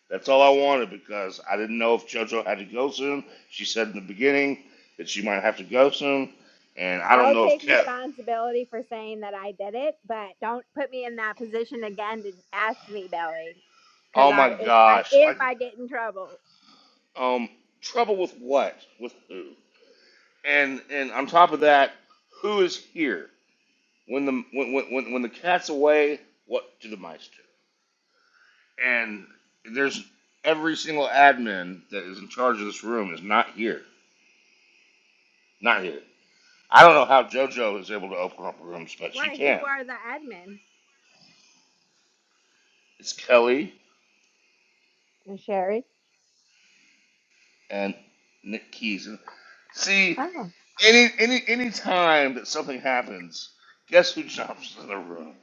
S2: That's all I wanted because I didn't know if JoJo had to go soon. She said in the beginning that she might have to go soon. And I don't
S5: I'll
S2: know if
S5: take
S2: Kev.
S5: responsibility for saying that I did it, but don't put me in that position again to ask me, Belly, because
S2: Oh my
S5: I if I
S2: gosh.
S5: if
S2: Like,
S5: I get in trouble,
S2: um, trouble with what? With who? And and on top of that, who is here? When the when when when when the cat's away, what do the mice do? And there's every single admin that is in charge of this room is not here. Not here. I don't know how JoJo is able to open up rooms, but she
S5: why? Who
S2: can.
S5: are the admin?
S2: It's Kelly
S5: Sherry.
S2: and Nick Keys. And see, any any any time that something happens, guess who jumps in the room?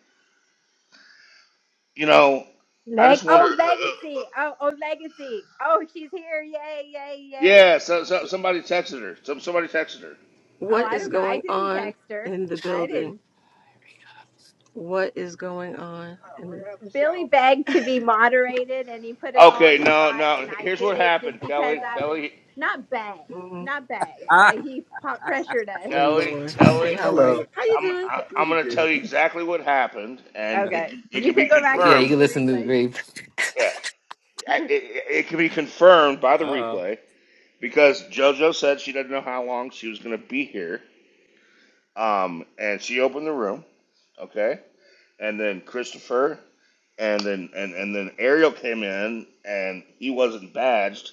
S2: You know, I
S5: Leg
S2: just wonder. uh,
S5: oh
S2: uh, uh,
S5: legacy. Oh oh legacy. Oh she's here. Yay, yay, yay.
S2: yeah, so, so somebody texted her. Some somebody texted her.
S5: Oh,
S6: What
S5: I
S6: is
S5: don't know. I
S6: going
S5: didn't
S6: on
S5: text her.
S6: in the
S5: I
S6: building?
S5: didn't.
S6: What is going on? Oh, In we're the-
S5: Billy begged to be moderated and he put us all on
S2: Okay,
S5: the
S2: no,
S5: spot and
S2: no.
S5: I
S2: Here's
S5: did
S2: what
S5: it just
S2: happened,
S5: because
S2: Kelly,
S5: I was
S2: Kelly,
S5: not begged.
S6: Mhm.
S5: Not begged,
S3: Ah,
S5: but he po- pressured us.
S2: Kelly,
S6: Lord. Hey,
S2: Kelly.
S6: how are Hello. Are you? How you
S2: I'm
S6: doing?
S2: I, I'm
S6: Pretty
S2: gonna tell
S6: good.
S2: you exactly what happened, and it
S5: Okay.
S2: it
S5: You
S2: can be
S5: can go back and
S4: Yeah, you
S2: confirmed.
S5: listen
S4: can
S5: to the
S4: listen to the
S5: replays.
S4: re-
S2: Yeah. it, it, it can be confirmed by the
S3: uh,
S2: replay because JoJo said she didn't know how long she was going to be here. Um, and she opened the room, okay? And then Christopher and then and, and then Ariel came in and he wasn't badged.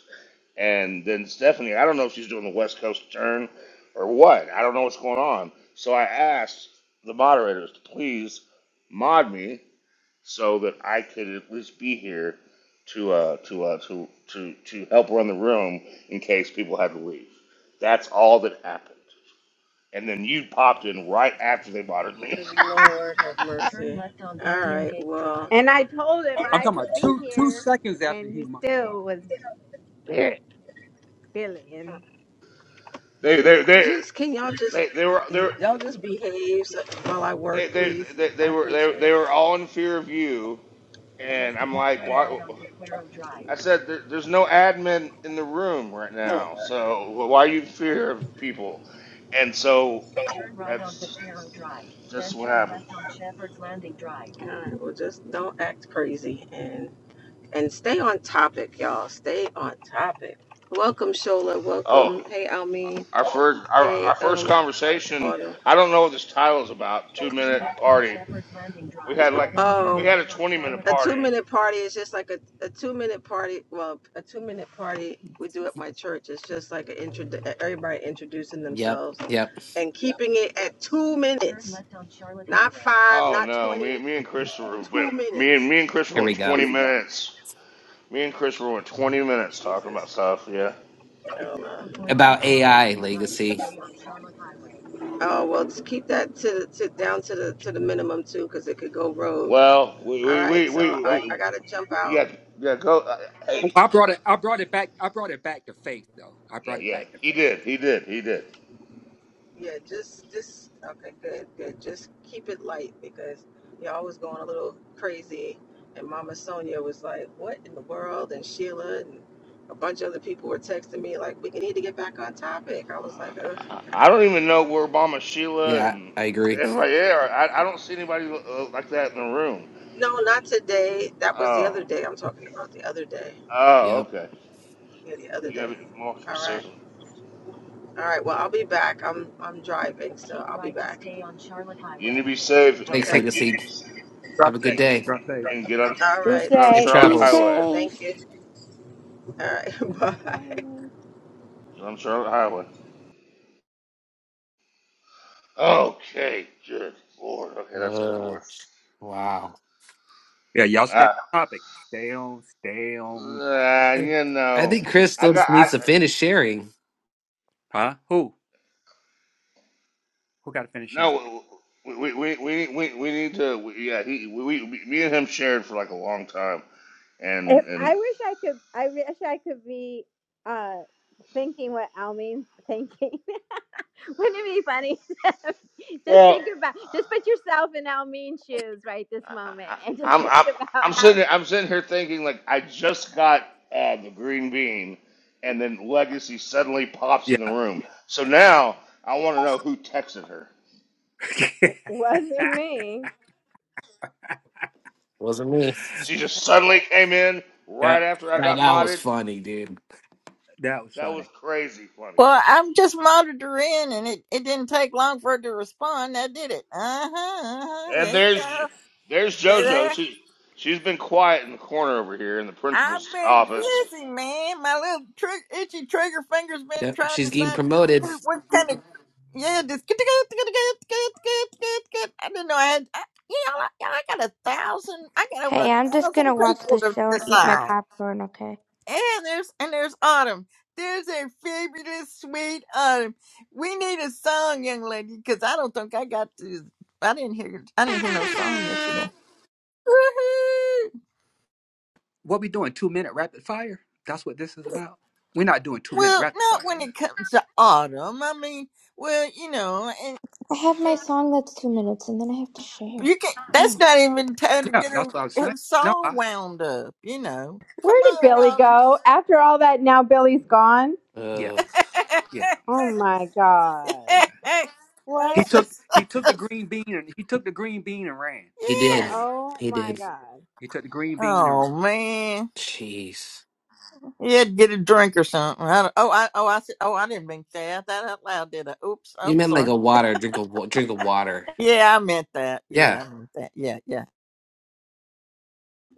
S2: And then Stephanie, I don't know if she's doing the West Coast turn or what. I don't know what's going on. So I asked the moderators to please mod me so that I could at least be here to uh, to, uh, to to to help run the room in case people had to leave. That's all that happened. And then you popped in right after they bothered me.
S6: Lord have mercy. All right. Well,
S5: And I told him
S3: I'm
S5: I
S3: talking about
S5: could be
S3: two two
S5: here
S3: seconds after
S5: and
S3: he
S5: he still
S3: money.
S5: was Billy and
S2: They they they
S6: just can y'all just
S2: they, they were they were-
S6: y'all just behave so, while I
S2: they,
S6: work,
S2: they,
S6: please?
S2: they, they
S6: I
S2: were they,
S6: appreciate it.
S2: they were all in fear of you and
S6: Just turn
S2: I'm
S6: Turn turn
S2: like
S6: right
S2: why
S6: right on on on Drive.
S2: I said there, there's no admin in the room right now so why are you in fear of people and so that's
S6: Drive.
S2: just
S6: Then
S2: what
S6: turn
S2: happened.
S6: left on Shepherd's Landing Drive. All right. Well, just don't act crazy, and. and stay on topic, y'all. Stay on topic. Welcome, Shola. Welcome.
S2: Oh
S6: Hey, Almeen.
S2: Our first, our,
S6: Hey,
S2: our first
S6: um,
S2: conversation.
S6: Autumn.
S2: I don't know what this title is about. Two
S6: Turn
S2: minute
S6: left on
S2: party.
S6: Shepherd's Landing
S2: We
S6: Drive.
S2: had
S6: Then
S2: like
S6: turn
S2: we
S6: Um,
S2: had
S6: left
S2: a
S6: on
S2: twenty minute
S6: Charlotte a Highway.
S2: party.
S6: two-minute party is just like a, a two-minute party. Well, a two-minute party we do at my church. It's just like an intro. Everybody introducing
S4: Yep.
S6: themselves
S4: Yep.
S6: and keeping it at two Turn minutes. left on Charlotte Not Highway. five,
S2: Oh
S6: not
S2: no, me
S6: twenty.
S2: me and Christopher went.
S6: Two
S2: Me and
S6: minutes.
S2: me and Christopher
S4: Here
S2: went
S4: we go.
S2: twenty minutes. Me and Christopher went twenty minutes talking
S6: Jesus.
S2: about stuff. Yeah.
S6: one Point six
S4: About
S6: mile,
S4: AI
S6: keep right to
S4: legacy.
S6: stay on Charlotte Highway. Oh, well, just keep that to, to, down to the, to the minimum too, cause it could go rogue.
S2: Well, we
S6: All
S2: we
S6: right,
S2: we
S6: so
S2: we,
S6: I, I
S2: we
S6: gotta jump
S2: we
S6: out.
S2: got yeah go. Uh, hey.
S3: Well, I brought it. I brought it back. I brought it back to faith, though. I
S2: Yeah,
S3: brought it
S2: yeah,
S3: back to
S2: he
S3: faith.
S2: did, he did, he did.
S6: Yeah, just, just, okay, good, good. Just keep it light because y'all was going a little crazy. And Mama Sonia was like, what in the world? And Sheila and a bunch of other people were texting me like, we need to get back on topic. I was like, ugh,
S2: I, I
S6: God.
S2: don't even know where Obama Sheila
S4: Yeah,
S2: and
S4: I agree.
S2: and like yeah, I, I don't see anybody uh, like that in the room.
S6: No, not today. That was the
S2: Oh,
S6: other day. I'm talking about the other day.
S2: oh,
S4: Yep.
S2: okay.
S6: Yeah, the other
S2: you
S6: day.
S2: gotta be more
S6: All right.
S2: specific.
S6: All right. Well, I'll be back. I'm I'm driving, so I'll be back. Stay on Charlotte
S2: You need
S6: Highway.
S2: to be safe and,
S4: Thanks,
S6: Okay.
S3: Take
S4: legacy.
S3: drop
S4: Have a good
S2: and,
S3: faith.
S4: day.
S3: Drop faith.
S2: and get on
S6: All
S5: he
S3: Drop.
S6: right.
S2: get on
S4: Safe
S5: say
S2: Charlotte
S7: Be
S4: travels.
S2: Highway.
S6: Thank
S7: safe.
S6: you. All right. Bye.
S2: Get on Charlotte Highway. Okay, good lord. Okay, that's going
S4: Uh,
S2: worse.
S4: wow.
S3: Yeah, y'all stay
S2: Ah,
S3: on topic. Stay on. Stay on.
S2: uh,
S4: I,
S2: you
S4: I
S2: know,
S4: think
S3: To,
S4: Chris
S2: I
S4: still
S2: got
S4: just
S2: I
S4: needs to finish sharing.
S3: huh? Who? Who got to finish him?
S2: no. We we we we we, need to we, yeah. He we, we me and him shared for like a long time,
S5: If,
S2: and and
S5: I wish I could. I wish I could be uh thinking what Almin's thinking. Wouldn't it be funny? just
S2: Well,
S5: think about. Just put yourself in Almin's shoes right this moment, and just
S2: I'm
S5: think
S2: I'm
S5: about
S2: I'm
S5: how.
S2: sitting I'm sitting here thinking like I just got uh, the green bean, and then Legacy suddenly pops
S3: Yeah.
S2: in the room. So now I want to know who texted her.
S5: Wasn't me.
S4: Wasn't me.
S2: She just suddenly came in
S3: yeah.
S2: right after I
S4: Right
S2: got
S4: now was
S2: modded.
S4: funny, dude.
S3: That was
S2: That was
S3: funny.
S2: crazy funny.
S1: Well, I'm just monitoring and it, it didn't take long for it to respond. That did it. Uh-huh. uh-huh. There
S2: And
S1: you
S2: there's
S1: go.
S2: J- there's
S1: Stay
S2: JoJo.
S1: there.
S2: She she's been quiet in the corner over here in the principal's
S1: I've been
S2: office.
S1: busy, man. My little trigger, itchy trigger finger's been
S4: Yep.
S1: trying to
S4: She's getting
S1: decide
S4: promoted.
S1: who- what kind of. Yeah, just get get get get get get get get. I didn't know I had. I, you know, I, I got a thousand. I got over a
S7: Hey, I'm just
S1: thousand
S7: gonna watch
S1: people
S7: the
S1: to
S7: show and eat my
S1: decide.
S7: popcorn, okay?
S1: And there's and there's Autumn. There's a fabulous, sweet Autumn. We need a song, young lady, because I don't think I got to. I didn't hear. I didn't hear no song yesterday. Woohoo!
S3: What we doing? Two minute rapid fire. That's what this is about. We're not doing two minute
S1: Well,
S3: rapid
S1: not
S3: fire.
S1: when it comes to autumn. I mean, well, you know, and,
S7: I have my
S1: and
S7: song that's two minutes and then I have to share.
S1: you can. That's
S7: Oh.
S1: not even time to
S3: Yeah,
S1: get
S3: that's
S1: her
S3: what I was saying.
S1: her
S3: No,
S1: song
S3: I.
S1: wound up. You know, come
S5: Where did
S1: on,
S5: Billy
S1: autumn.
S5: go? After all that, now Billy's gone.
S3: Yeah,
S4: Uh,
S3: yeah.
S5: Oh my god!
S3: But, uh,
S1: that's
S3: he
S5: What?
S3: took
S1: just,
S3: he took the green bean and he took the green bean and ran.
S4: he
S3: That's
S1: yeah.
S4: did.
S3: what he
S5: Oh
S4: He
S5: my
S4: did.
S5: god!
S3: he took the green bean and
S1: Oh man,
S4: Jeez.
S1: he had to get a drink or something. I don't- oh, I oh I said oh I didn't mean that that out loud, did I? Oops,
S4: You
S1: I'm
S4: meant like
S1: sorry.
S4: a water, drink of wa- drink of water.
S1: Yeah, I meant that.
S4: Yeah.
S1: Yeah, I meant that. Yeah, yeah.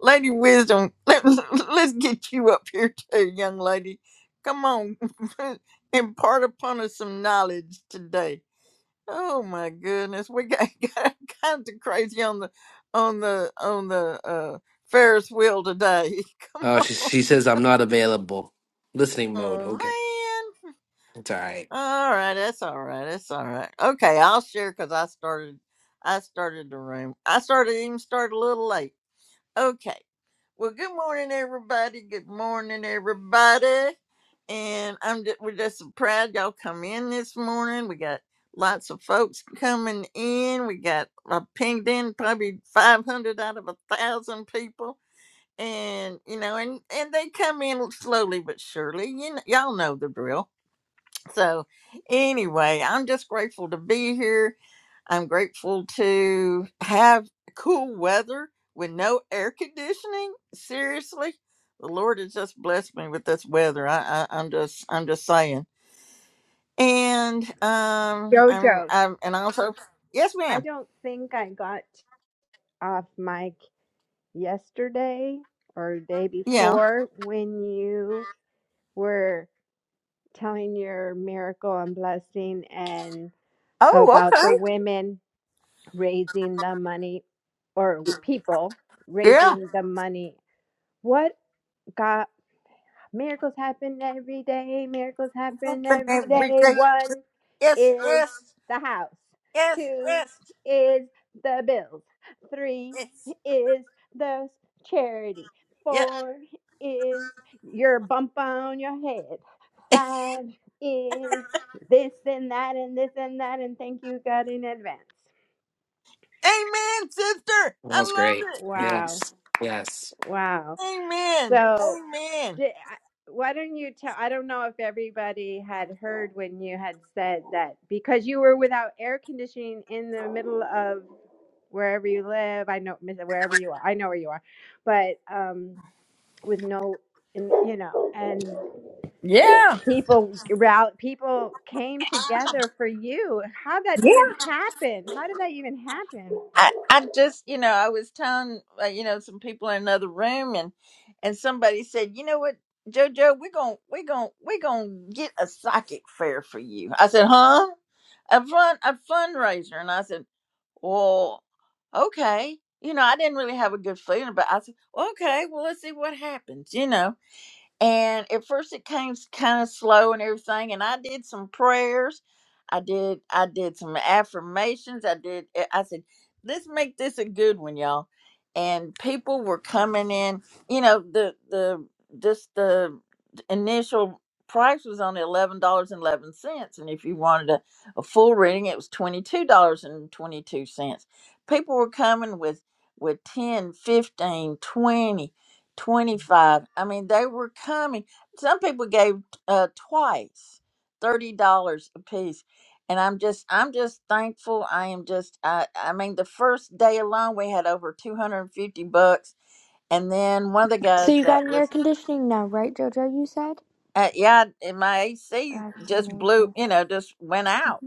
S1: Lady Wisdom, let, let's get you up here too, young lady. Come on, impart upon us some knowledge today. Oh my goodness, we got, got all kinds of crazy on the on the on the uh, Ferris wheel today. Come
S4: Oh, she,
S1: on,
S4: she says I'm not available. Listening mode.
S1: oh
S4: Okay,
S1: man.
S4: it's all right.
S1: All right, that's all right. That's all right. Okay, I'll share because I started. I started the room. I started even started a little late. Okay. Well, good morning, everybody. Good morning, everybody. And I'm just, we're just so proud y'all come in this morning. We got lots of folks coming in. We got I pinged in probably 500 out of a thousand people. And you know, and and they come in slowly but surely. You know, y'all know the drill. So anyway, I'm just grateful to be here. I'm grateful to have cool weather with no air conditioning. Seriously, the Lord has just blessed me with this weather. I, I I'm just I'm just saying. And um I'm
S5: Jojo,
S1: I'm and also yes
S5: I
S1: ma'am
S5: don't think I got off mic yesterday or day
S1: yeah
S5: before when you were telling your miracle and blessing and
S1: oh
S5: about the
S1: okay
S5: women raising the money or people
S1: yeah
S5: raising the money. What God Miracles happen every day. Miracles happen
S1: And
S5: every
S1: every
S5: day.
S1: day
S5: One
S1: yes
S5: is
S1: yes
S5: the house.
S1: yes yes
S5: Two is the bills. Three
S1: yes
S5: is the charity.
S1: yeah
S5: Four is your bump on your head. Five is this and that and this and that. And thank you, God, in advance.
S1: amen sister I
S4: That was
S1: love
S4: great.
S1: it
S4: Yes,
S5: Wow.
S4: yes.
S5: Wow.
S1: amen
S5: So.
S1: amen
S5: Di- I- Why don't you tell? I don't know if everybody had heard when you had said that because you were without air conditioning in the middle of wherever you live. I know wherever you are. I know where you are, but um, with no, in, you know, and
S1: yeah
S5: people rally, people came together for you. How did that even happen? How did that even happen?
S1: I, I just, you know, I was telling, uh, you know, some people in another room, and and somebody said, you know what, JoJo, we're gonna we're gonna we're gonna get a psychic fair for you. I said, huh? A fun a fundraiser, and I said, well, okay. You know, I didn't really have a good feeling, but I said, "Well, okay, well, let's see what happens. You know, and at first it came kind of slow and everything. And I did some prayers. I did I did some affirmations. I did I I said, let's make this a good one, y'all. And people were coming in, you know, the the just the initial price was only eleven dollars and eleven cents. And if you wanted a, a full reading, it was twenty two dollars and twenty two cents. People were coming with with 10, 15, twenty. 25 i mean they were coming some people gave uh twice $30 a piece and i'm just i'm just thankful i am just i i mean the first day alone we had over 250 bucks and then one of the
S7: So
S1: guys
S7: you
S1: that
S7: got an
S1: was
S7: air conditioning now, right, JoJo? You said?
S1: uh, yeah and my ac
S7: That's
S1: just blew
S7: amazing.
S1: you know just went out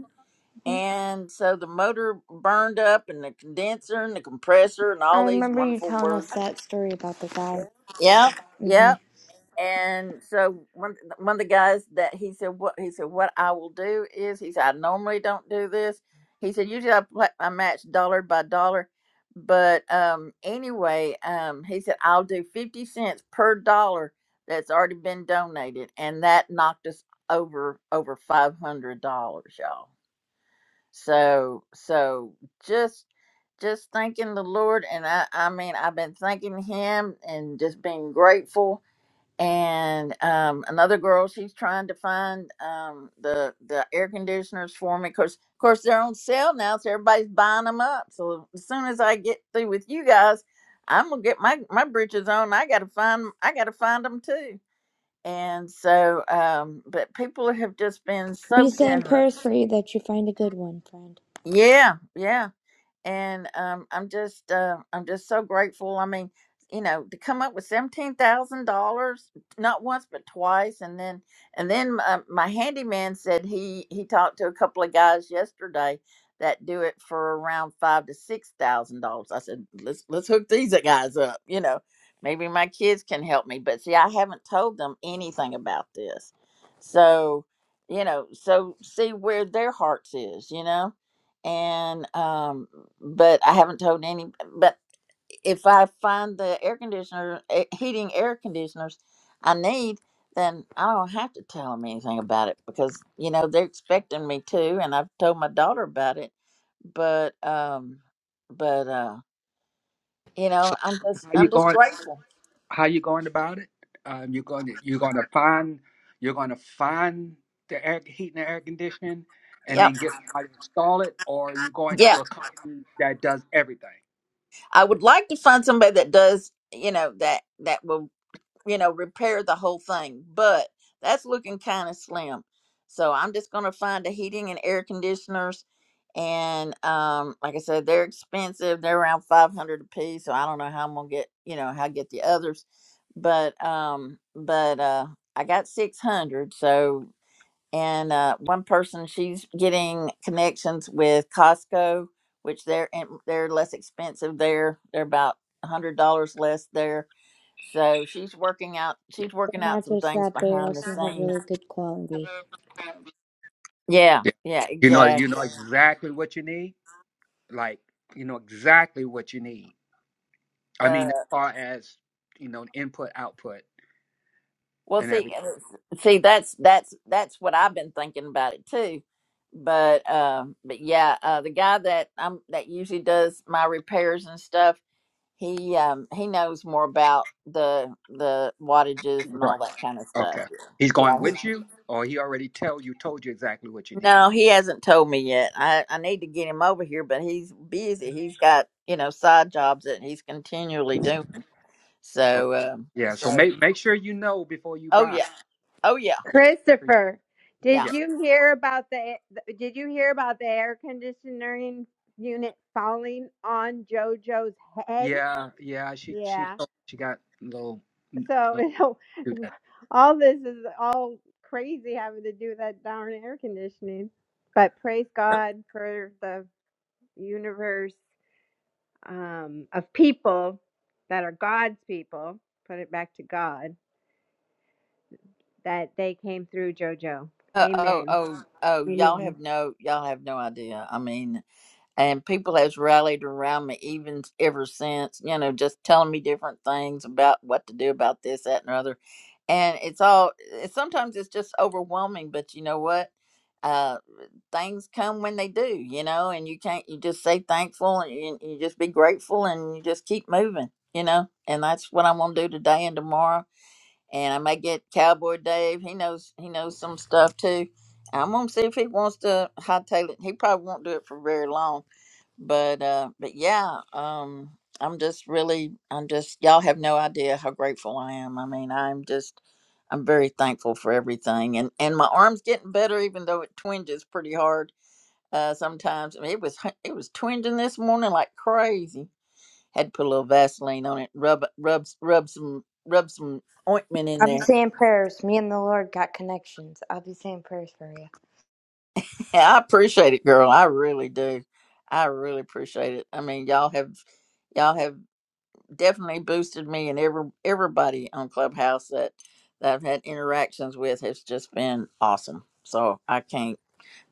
S7: hmm
S1: and so the motor burned up and the condenser and the compressor and
S7: I
S1: all these
S7: remember you
S1: wonderful
S7: telling us
S1: words
S7: that story about the guy.
S1: yep yep
S7: hmm
S1: And so one one of the guys that he said what he said what I will do is he said I normally don't do this. He said usually I, pla I match dollar by dollar, but um anyway um he said I'll do fifty cents per dollar that's already been donated, and that knocked us over over five hundred dollars, y'all. So so just just thanking the Lord, and I I mean I've been thanking Him and just being grateful and um, another girl she's trying to find um, the the air conditioners for me because of course they're on sale now so everybody's buying them up so as soon as i get through with you guys i'm gonna get my my britches on i gotta find i gotta find them too and so um but people have just been so
S7: We say in
S1: generous
S7: prayers for you that you find a good one, friend.
S1: yeah yeah and um, I'm just uh, I'm just so grateful. I mean, you know, to come up with seventeen thousand dollars not once but twice, and then and then uh, my handyman said he he talked to a couple of guys yesterday that do it for around five to six thousand dollars. I said let's let's hook these guys up, you know. Maybe my kids can help me, but see, I haven't told them anything about this, so you know, so see where their hearts is, you know and um but i haven't told any but if i find the air conditioner eh, heating air conditioners i need then i don't have to tell them anything about it because you know they're expecting me to and i've told my daughter about it but um but uh you
S3: ran.
S1: know i'm just
S3: how you
S1: i'm just
S3: going
S1: grateful
S3: how you going about it um, you're going to you're going to find you're going to find the air heat and the air conditioning and
S1: yeah
S3: then get somebody to install it or you're going
S1: yeah
S3: to a company that does everything
S1: i would like to find somebody that does you know that that will you know, repair the whole thing, but that's looking kind of slim. So I'm just going to find the heating and air conditioners. And um, like I said, they're expensive. They're around 500 a piece. So I don't know how I'm going to get, you know, how I get the others. But, um, but, uh, I got 600. So, and, uh, one person, she's getting connections with Costco, which they're, and they're less expensive there. They're about $100 less there so she's working out. She's working
S7: They're
S1: out
S7: not
S1: some
S7: just
S1: things
S7: that, they
S1: behind the
S7: also have
S1: scenes.
S7: really good quality.
S1: Yeah,
S3: yeah.
S1: yeah,
S3: you know you know
S1: exactly.
S3: exactly what you need like you know exactly what you need i
S1: Uh,
S3: mean as far as you know input output
S1: well,
S3: and
S1: see,
S3: everything
S1: uh, see, that's that's that's what I've been thinking about it too. But uh, but yeah, uh, the guy that um that usually does my repairs and stuff, he um he knows more about the the wattages and all
S3: right
S1: that kind of stuff.
S3: okay he's
S1: Yeah,
S3: going
S1: he
S3: with you or he already tell you told you exactly what you need
S1: no, he hasn't told me yet. I, I need to get him over here, but he's busy. He's got, you know, side jobs that he's continually doing.
S3: Okay.
S1: So, um,
S3: Yeah, so
S1: so
S3: make make sure you know before you
S1: oh
S3: buy.
S1: yeah, oh yeah,
S3: Yeah, sure you-
S5: Christopher,
S1: yeah.
S5: did
S3: yeah,
S5: you hear about the did you hear about the air conditioning unit falling on JoJo's head?
S3: yeah. yeah, She she
S5: Yeah.
S3: she got a little.
S5: so
S3: little
S5: you know
S3: too that.
S5: all this is all crazy having to do with that darn air conditioning but praise god for the universe um, of people that are god's people put it back to god that they came through jojo
S1: Oh, oh,
S5: amen
S1: oh, oh, y'all
S5: amen
S1: have no, y'all have no idea. I mean, and people has rallied around me even ever since. You know, just telling me different things about what to do about this, that, and the other. And it's all. It's, sometimes it's just overwhelming, but you know what? Uh, things come when they do. You know, and you can't. You just say thankful, and you, you just be grateful, and you just keep moving. You know, and that's what I'm gonna do today and tomorrow and I may get Cowboy Dave. He knows he knows some stuff too. I'm gonna see if he wants to hightail it. He probably won't do it for very long, but uh, but yeah, um, I'm just really, I'm just y'all have no idea how grateful I am. I mean, I'm just, I'm very thankful for everything, and and my arm's getting better, even though it twinges pretty hard uh, sometimes. I mean, it was it was twinging this morning like crazy. Had to put a little Vaseline on it, rub rub rub some rub some ointment in
S7: I'll be
S1: there
S7: saying prayers. Me and the Lord got connections. I'll be saying prayers for you.
S1: Yeah, I appreciate it, girl. I really do. I really appreciate it. I mean, y'all have y'all have definitely boosted me and every everybody on Clubhouse that that I've had interactions with has just been awesome. So I can't.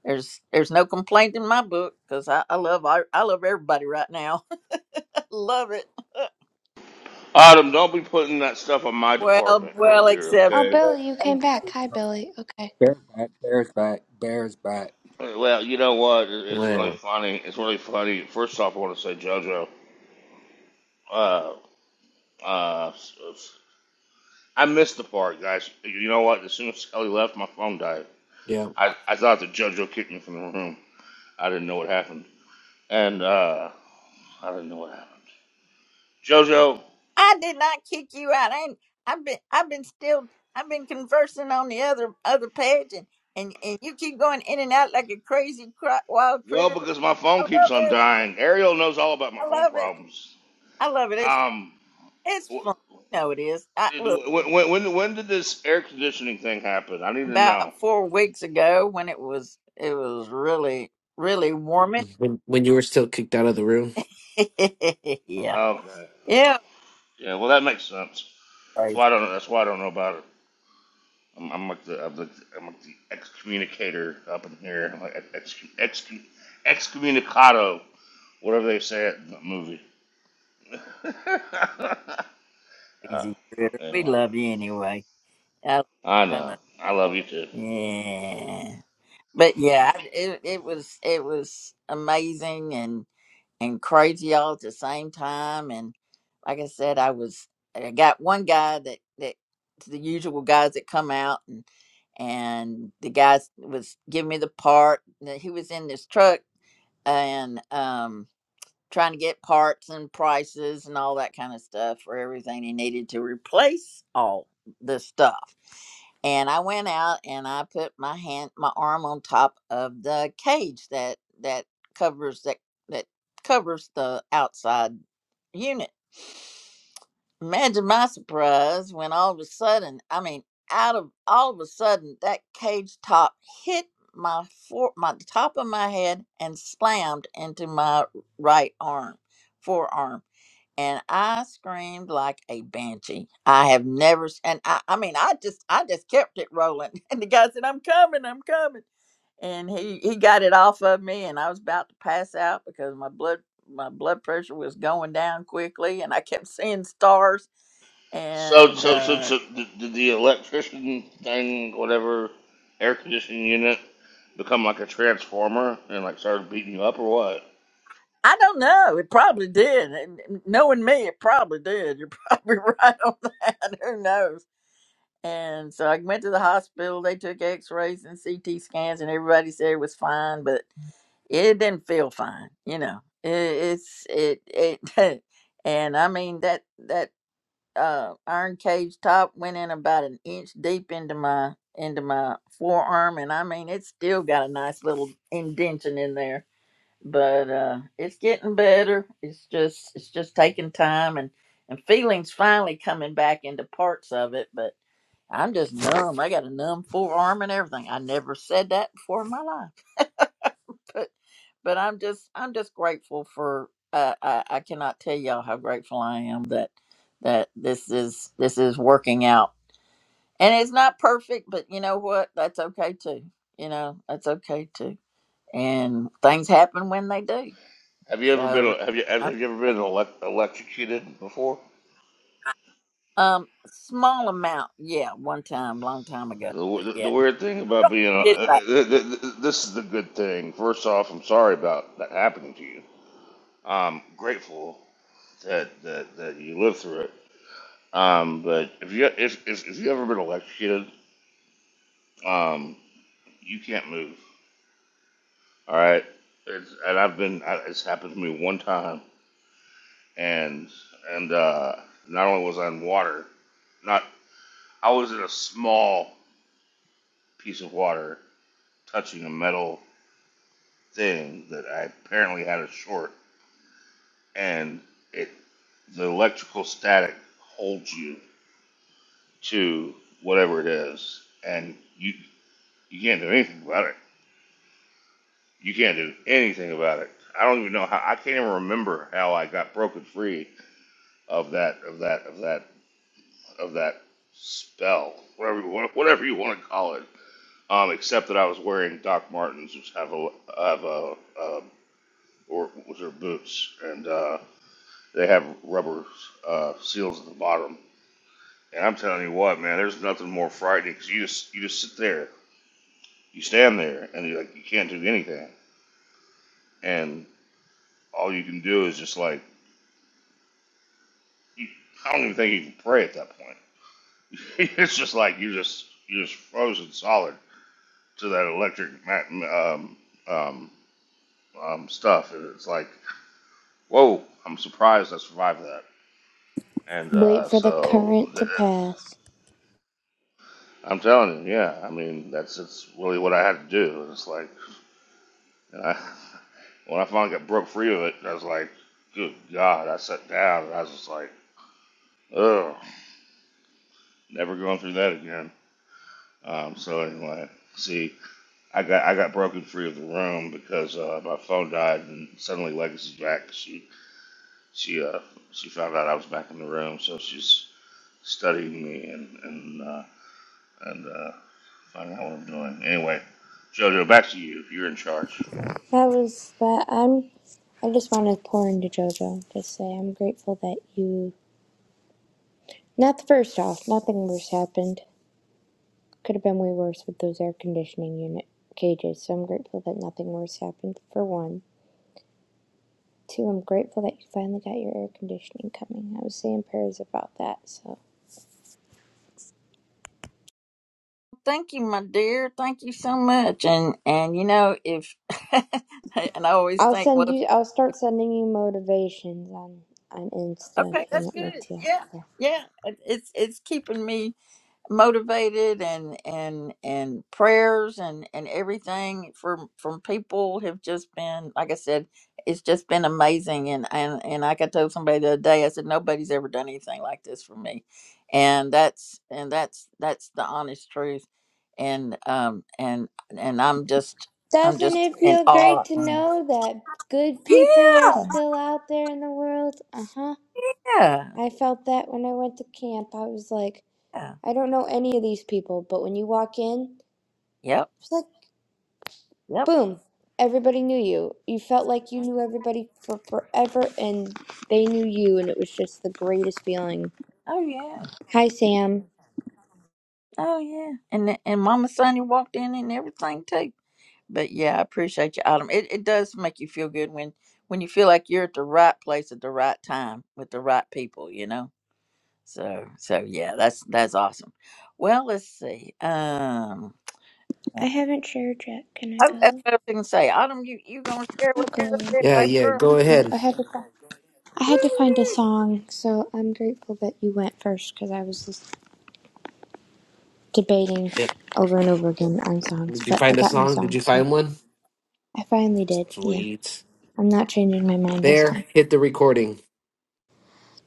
S1: There's there's no complaint in my book because I, I love I, I love everybody right now. love it.
S2: Autumn, don't be putting that stuff on my
S1: Well,
S2: department over
S1: well,
S2: here,
S1: except
S7: Oh,
S2: okay?
S1: for
S7: Billy, you came back. Hi, Billy. Okay.
S3: Yeah. Bears back, bears back, bears back.
S2: Well, you know what? It's really
S4: Yeah,
S2: funny. It's really funny. First off, I want to say, JoJo, uh, uh, s- s- I missed the part, guys. You know what? As soon as Kelly left, my phone died.
S4: yeah.
S2: I, I thought that JoJo kicked me from the room. I didn't know what happened. And, uh, I didn't know what happened. JoJo,
S1: I did not kick you out. I ain't, I've been I've been still I've been conversing on the other other page and and, and you keep going in and out like a crazy cri- wild
S2: well,
S1: critter.
S2: because my
S1: I
S2: phone
S1: love
S2: keeps on
S1: it.
S2: dying. Ariel knows all about my
S1: I
S2: phone
S1: love it.
S2: problems.
S1: I love it. It's
S2: Um,
S1: it's fun. No, it is. I look
S2: when, when, when when did this air conditioning thing happen? I need to know.
S1: about four weeks ago when it was it was really really warming.
S4: When when you were still kicked out of the room.
S1: yeah.
S2: Okay.
S1: Yeah.
S2: Yeah, well, that makes sense. So I don't know. That's why I don't know about it. I'm, I'm like the I'm like the, I'm like the excommunicator up in here. I'm like ex, ex, excommunicado, whatever they say it in the movie. uh, but
S1: Crazy critter. We
S2: anyway,
S1: love you anyway. I,
S2: I
S1: I love
S2: know. I love you too.
S1: Yeah. But yeah, I- it it was it was amazing and and crazy all at the same time. And like I said, I was I got one guy that that the usual guys that come out and and the guy was giving me the part. and He was in this truck and um trying to get parts and prices and all that kind of stuff for everything he needed to replace all this stuff. And I went out and I put my hand, my arm on top of the cage that that covers that that covers the outside unit. Imagine my surprise when all of a sudden, I mean, out of all of a sudden, that cage top hit my for my the top of my head and slammed into my right arm, forearm. And I screamed like a banshee. I have never, s- and I, I mean, I just, I just kept it rolling. And the guy said, "I'm coming, I'm coming," and he, he got it off of me, and I was about to pass out because my blood, my blood pressure was going down quickly, and I kept seeing stars.
S2: So
S1: And
S2: so so
S1: uh,
S2: so did, did the electrician thing, whatever air conditioning unit, become like a transformer and like started beating you up or what?
S1: I don't know, it probably did. And and knowing me, it probably did. You're probably right on that. Who knows? And so I went to the hospital. They took x rays and CT scans, and everybody said it was fine, but it didn't feel fine. You know, it, it's, it, it, and I mean, that, that, uh, iron cage top went in about an inch deep into my, into my forearm. And I mean, it's still got a nice little indention in there, but, uh, it's getting better. It's just, it's just taking time and, and feelings finally coming back into parts of it, but I'm just numb. I got a numb forearm and everything. I never said that before in my life, but but I'm just I'm just grateful for. Uh, I I cannot tell y'all how grateful I am that that this is this is working out. And it's not perfect, but you know what? That's okay too. You know that's okay too. And things happen when they do.
S2: Have you ever
S1: So,
S2: been have you have,
S1: I,
S2: have you ever been elec electrocuted before?
S1: um, small amount, yeah. One time, long time ago,
S2: The,
S1: but
S2: the, the
S1: yeah.
S2: weird thing about being on, uh, uh, th- th- th- this is the good thing. First off, I'm sorry about that happening to you. I'm grateful that that, that you lived through it. Um, but if you if if, if you ever been electrocuted, um, you can't move. All right, it's, and I've been I, it's happened to me one time, and and uh, not only was I in water, not I was in a small piece of water touching a metal thing that I apparently had a short. and it the electrical static holds you to whatever it is, and you you can't do anything about it. You can't do anything about it. I don't even know how. I can't even remember how I got broken free of that of that of that of that spell, whatever you want- whatever you want to call it. Um, except that I was wearing Doc Martens, which have a have a uh, or which are boots, and uh, they have rubber uh, seals at the bottom And I'm telling you what, man, there's nothing more frightening because you just you just sit there, you stand there, and you like you can't do anything, and all you can do is just like you, I don't even think you can pray at that point. it's just like you just you just frozen solid to that electric mat, um, um, um, stuff, and it's like whoa, I'm surprised I survived that. And
S7: Wait
S2: uh,
S7: for the
S2: so
S7: current to
S2: th-
S7: pass.
S2: I'm telling you, yeah, I mean that's it's really what I had to do. It's like And I, when I finally got broke free of it, I was like, good God, I sat down and I was just like, ugh, never going through that again. Um, so anyway, see, I got I got broken free of the room because uh, my phone died and suddenly Legacy's back. She she uh, she found out I was back in the room, so she's studying me and and uh, and uh, finding out what I'm doing. Anyway, JoJo, back to you. You're in charge.
S7: That was that. I'm. I just want to pour into JoJo. Just say I'm grateful that you. Not the first off. Nothing worse happened. Could have been way worse with those air conditioning unit cages. So I'm grateful that nothing worse happened. For one, two. I'm grateful that you finally got your air conditioning coming. I was saying prayers about that. So
S1: Thank you, my dear. Thank you so much. And and you know, if and I always
S7: I'll
S1: think, well,
S7: send
S1: if,
S7: you. I'll start sending you motivations on on Insta
S1: okay,
S7: if you
S1: that's
S7: want me
S1: good. Yeah,
S7: to.
S1: yeah. It, it's it's keeping me. motivated and and and prayers and and everything from from people have just been like i said it's just been amazing and and and like i told somebody the other day i said nobody's ever done anything like this for me and that's and that's that's the honest truth and um and and i'm just i'm
S7: Doesn't
S1: just
S7: it
S1: in
S7: feel
S1: awe
S7: great to know that good people are
S1: yeah
S7: still out there in the world? Uh huh.
S1: yeah
S7: I felt that when I went to camp. I was like,
S1: yeah
S7: I don't know any of these people, but when you walk in,
S1: yep
S7: it's like,
S1: yep
S7: boom, everybody knew you. You felt like you knew everybody for forever and they knew you, and it was just the greatest feeling.
S1: oh yeah
S7: Hi, Sam.
S1: oh yeah and th- and mama sonny walked in and everything too But yeah, I appreciate you, Autumn. It it does make you feel good when when you feel like you're at the right place at the right time with the right people, you know. So so yeah, that's that's awesome. Well, let's see. Um,
S7: I
S1: uh,
S7: haven't shared yet. Can I
S1: oh, that's
S7: go?
S1: what I was gonna say. Autumn, you you gonna share
S7: I'll
S1: with us a
S7: go.
S1: bit,
S4: Yeah,
S1: baby
S4: yeah.
S1: girl?
S7: I'll
S4: Go
S7: go.
S4: ahead.
S7: I had to. find, I had to find a
S1: Woo!
S7: song, so I'm grateful that you went first because I was listening. debating
S4: Yeah.
S7: over and over again on songs,
S4: Did you
S7: but I
S4: find a
S7: got my
S4: song? Did
S7: song,
S4: you
S7: so
S4: find one?
S7: I finally did. Yeah,
S4: Sweet.
S7: I'm not changing my mind this
S4: There.
S7: time.
S4: Hit the recording.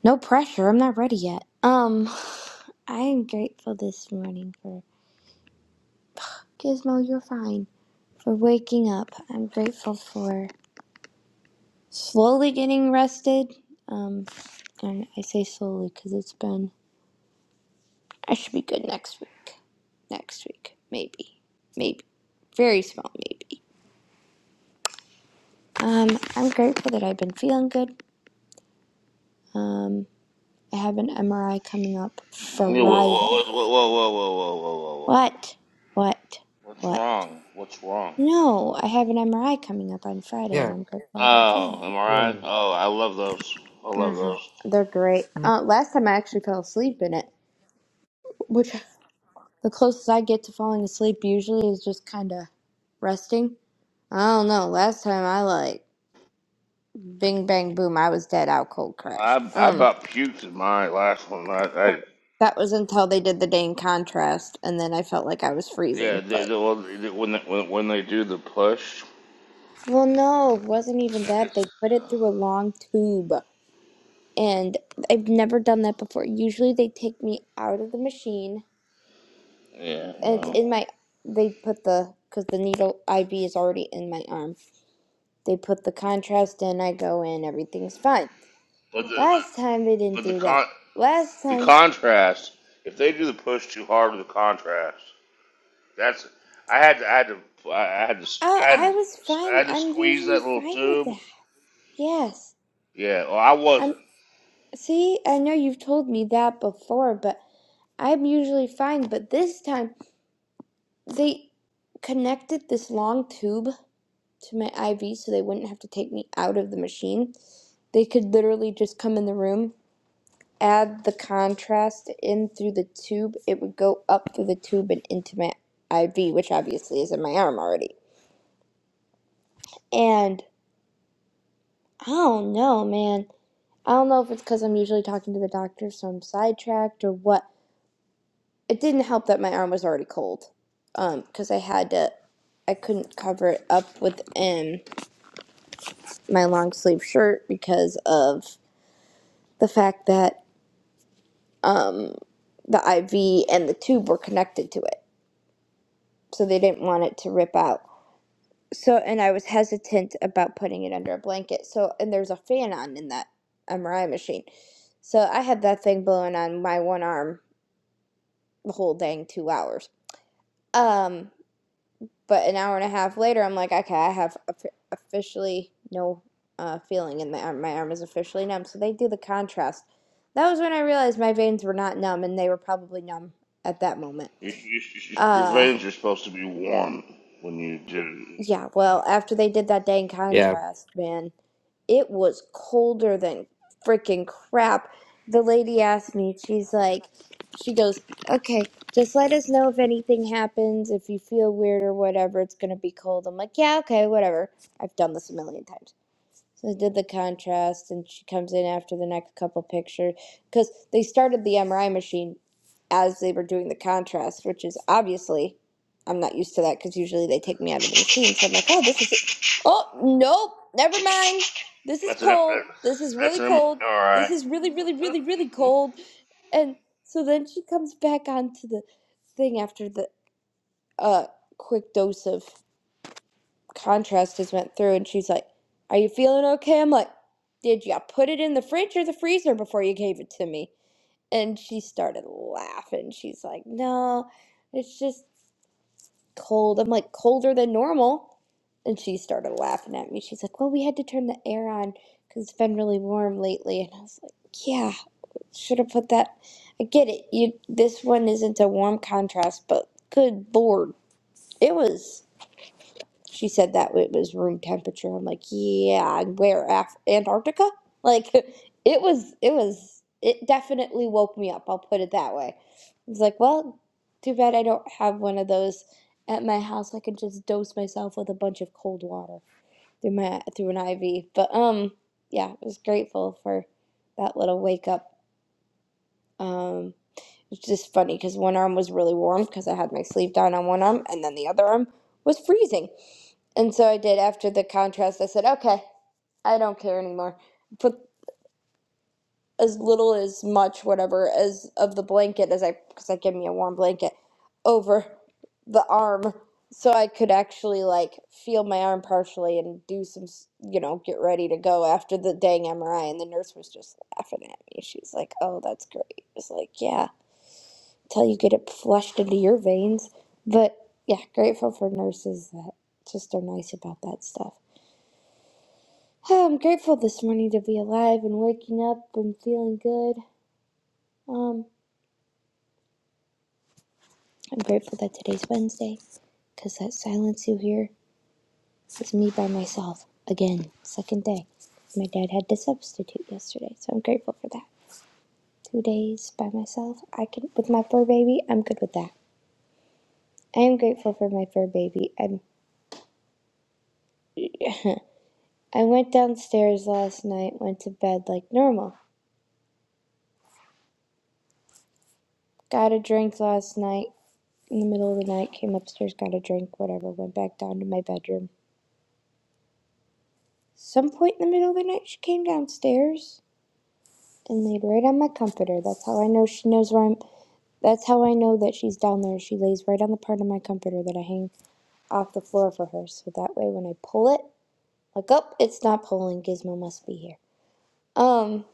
S7: No pressure. I'm not ready yet. Um, I am grateful this morning for Gizmo. You're fine for waking up. I'm grateful for slowly getting rested. Um, and I say slowly because it's been. I should be good next week. Next week, maybe, maybe, very small, maybe. Um, I'm grateful that I've been feeling good. Um, I have an MRI coming up
S2: Whoa, whoa,
S7: Friday.
S2: whoa, whoa, whoa, whoa, whoa, whoa, whoa, whoa.
S7: What? What?
S2: What's
S7: What?
S2: wrong? What's wrong?
S7: No, I have an MRI coming up on Friday, and
S4: Yeah,
S7: I'm grateful I've been
S2: Oh,
S7: feeling.
S2: am I
S4: yeah,
S2: right? Oh, I love those. I love
S7: hmm
S2: those.
S7: They're great. Uh, last time I actually fell asleep in it, which the closest I get to falling asleep usually is just kind of resting. I don't know. Last time I like bing bang boom, I was dead out cold
S2: I
S7: crashed.
S2: I
S7: Um,
S2: about puked in my last one. I, I
S7: that was until they did the dang contrast, and then I felt like I was
S2: yeah.
S7: freezing.
S2: They,
S7: but.
S2: they, well, they- when they, when when they do the push,
S7: Well, no, it wasn't even that.
S2: it's,
S7: They put it
S2: uh,
S7: through a long tube. And I've never done that before. Usually they take me out of the machine.
S2: yeah,
S7: And it's
S2: no.
S7: in my, they put the, because the needle IV is already in my arm. They put the contrast in, I go in, everything's fine.
S2: But the but,
S7: Last time they didn't
S2: but the
S7: do that.
S2: con
S7: Last
S2: the
S7: time,
S2: contrast. If they do the push too hard with the contrast, that's I had to I had to I had to
S7: oh,
S2: I had
S7: I
S2: to,
S7: was
S2: I
S7: fine.
S2: had to
S7: I'm
S2: squeeze
S7: usually
S2: that little
S7: fine with
S2: tube.
S7: that. Yes.
S2: Yeah, well, I
S7: I'm,
S2: wasn't.
S7: see, I know you've told me that before, but I'm usually fine. But this time, They connected this long tube to my IV so they wouldn't have to take me out of the machine. They could literally just come in the room, add the contrast in through the tube. It would go up through the tube and into my IV, which obviously is in my arm already. And I don't know, man. I don't know if it's because I'm usually talking to the doctor, so I'm sidetracked or what. It didn't help that my arm was already cold, um, because I had to, I couldn't cover it up with um, my long sleeve shirt because of the fact that um, the IV and the tube were connected to it. So they didn't want it to rip out. So, and I was hesitant about putting it under a blanket. So, and there's a fan on in that MRI machine. So I had that thing blowing on my one arm the whole dang two hours. Um, But an hour and a half later, I'm like, okay, I have officially no uh, feeling in my arm. My arm is officially numb. So they do the contrast. That was when I realized my veins were not numb, and they were probably numb at that moment.
S2: You, you, you, your
S7: Uh,
S2: veins are supposed to be warm when you did it.
S7: yeah,
S2: No.
S7: well, after they did that dang
S4: yeah.
S7: contrast, man, it was colder than freaking crap. The lady asked me, she's like, she goes, okay, just let us know if anything happens, if you feel weird or whatever, it's gonna be cold. I'm like, yeah, okay, whatever. I've done this a million times. So I did the contrast, and she comes in after the next couple pictures because they started the MRI machine as they were doing the contrast, which is obviously I'm not used to that because usually they take me out of the machine. So I'm like, oh, this is, oh, nope, never mind. This is
S2: That's an.
S7: cold.
S2: uh,
S7: This is
S2: That's
S7: really
S2: an. All
S7: cold. This
S2: right.
S7: is really, really, really, really cold. And so then she comes back onto the thing after the uh, quick dose of contrast just went through and she's like, Are you feeling okay? I'm like, Did you put it in the fridge or the freezer before you gave it to me? And she started laughing. She's like, No, it's just cold. I'm like, colder than normal. And she started laughing at me. She's like, Well, we had to turn the air on because it's been really warm lately. And I was like, Yeah, should have put that. I get it. You this one isn't a warm contrast, but good lord. It was. She said that it was room temperature. I'm like, yeah, and where Af- Antarctica? Like, it was, it was, it definitely woke me up. I'll put it that way. I was like, well, too bad I don't have one of those at my house. I could just dose myself with a bunch of cold water through my through an IV. But um, yeah, I was grateful for that little wake up. Um, it's just funny because one arm was really warm because I had my sleeve down on one arm, and then the other arm was freezing. And so I did after the contrast. I said, okay, I don't care anymore. Put as little as much, whatever, as of the blanket as I, because I gave me a warm blanket over the arm so I could actually like feel my arm partially and do some, s- you know, get ready to go after the dang MRI. And the nurse was just laughing at me. She's like, oh, that's great. It's like, yeah till you get it flushed into your veins. But yeah, grateful for nurses that just are nice about that stuff. Oh, I'm grateful this morning to be alive and waking up and feeling good. Um, I'm grateful that today's Wednesday because that silence you hear is me by myself again, second day. My dad had to substitute yesterday, so I'm grateful for that. Two days by myself, I can with my fur baby. I'm good with that. I am grateful for my fur baby. I'm I went downstairs last night, went to bed like normal. Got a drink last night in the middle of the night, came upstairs, got a drink, whatever, went back down to my bedroom. Some point in the middle of the night, she came downstairs and laid right on my comforter. That's how I know she knows where I'm. That's how I know that she's down there. She lays right on the part of my comforter that I hang off the floor for her. So that way, when I pull it, look up, it's not pulling. Gizmo must be here. Um,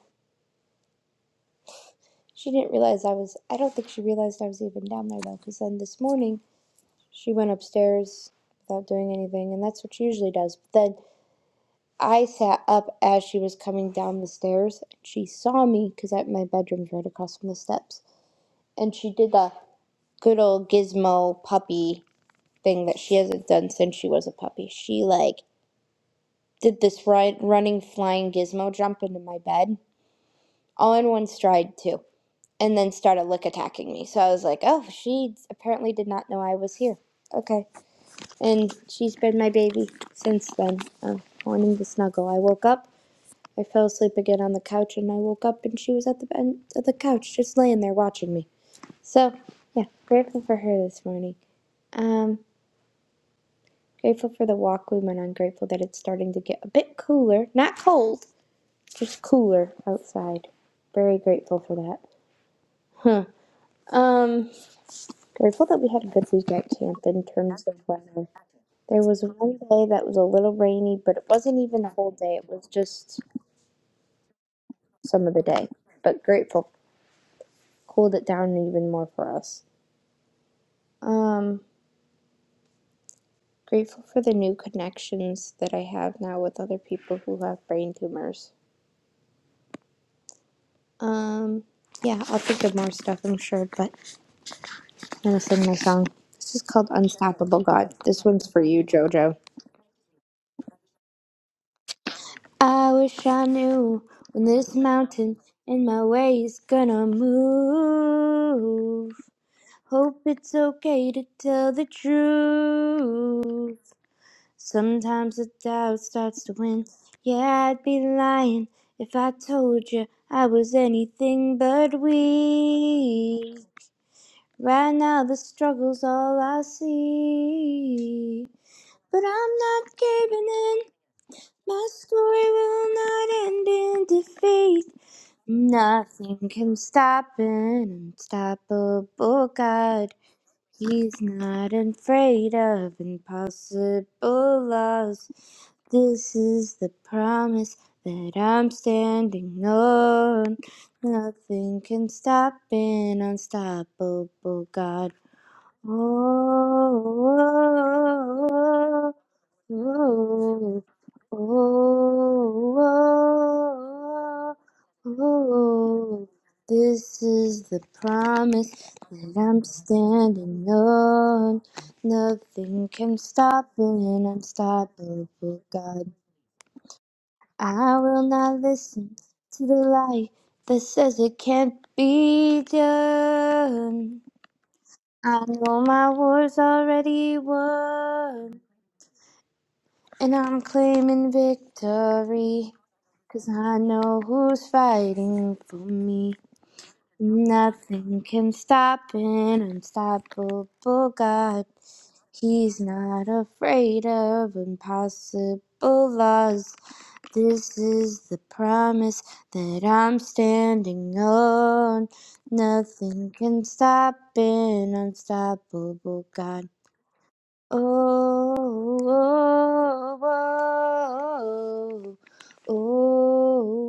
S7: she didn't realize I was. I don't think she realized I was even down there though, because then this morning She went upstairs without doing anything, and that's what she usually does. But then I sat up as she was coming down the stairs. She saw me because my bedroom's right across from the steps, and she did the good old gizmo puppy thing that she hasn't done since she was a puppy. She like did this run, running flying gizmo jump into my bed, all in one stride too, and then started lick attacking me. So I was like, oh, she apparently did not know I was here. Okay. and she's been my baby since then, um, wanting to snuggle. I woke up, I fell asleep again on the couch, and I woke up and she was at the ben- at the couch, just laying there watching me. So, yeah, grateful for her this morning. Um, grateful for the walk we went on. Grateful that it's starting to get a bit cooler, not cold, just cooler outside. Very grateful for that. Huh. Um, grateful that we had a good week at camp in terms of weather. There was one day that was a little rainy, but it wasn't even the whole day. It was just some of the day. But grateful cooled it down even more for us. Um, grateful for the new connections that I have now with other people who have brain tumors. Um, yeah, I'll think of more stuff, I'm sure, but I'm gonna sing my song. This is called Unstoppable God. This one's for you, JoJo. I wish I knew when this mountain in my way is gonna move. Hope it's okay to tell the truth. Sometimes the doubt starts to win. Yeah, I'd be lying if I told you I was anything but weak. Right now, the struggle's all I see. But I'm not giving in. My story will not end in defeat. Nothing can stop an unstoppable God. He's not afraid of impossible laws. This is the promise that I'm standing on. Nothing can stop an unstoppable God. Oh, oh, oh, oh, oh. Oh, oh, oh, oh, this is the promise that I'm standing on. Nothing can stop it, and unstoppable God. I will not listen to the lie that says it can't be done. I know my war's already won, and I'm claiming victory. Cause I know who's fighting for me. Nothing can stop an unstoppable God. He's not afraid of impossible laws. This is the promise that I'm standing on. Nothing can stop an unstoppable God. Oh, oh, oh,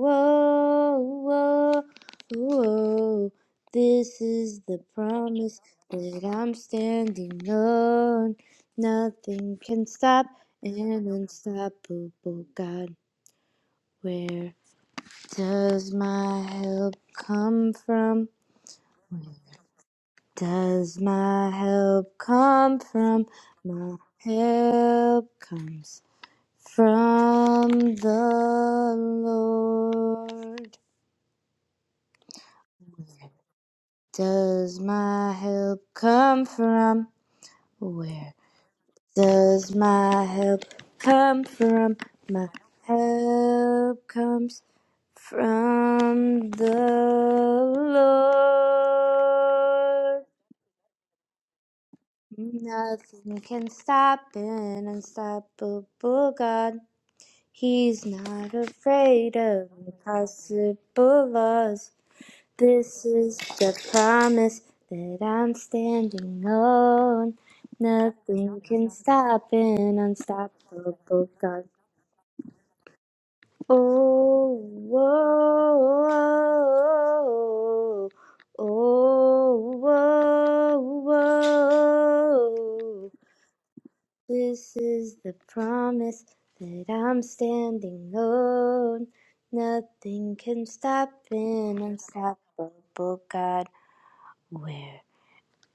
S7: oh, oh, oh, oh. This is the promise that I'm standing on. Nothing can stop an unstoppable God. Where does my help come from? Does my help come from? My help comes. From the Lord does my help come from? Where does my help come from? My help comes from the Lord. Nothing can stop an unstoppable God. He's not afraid of impossible laws. This is the promise that I'm standing on. Nothing can stop an unstoppable God. Oh, whoa, oh, whoa, whoa. This is the promise that I'm standing on. Nothing can stop an unstoppable God. Where?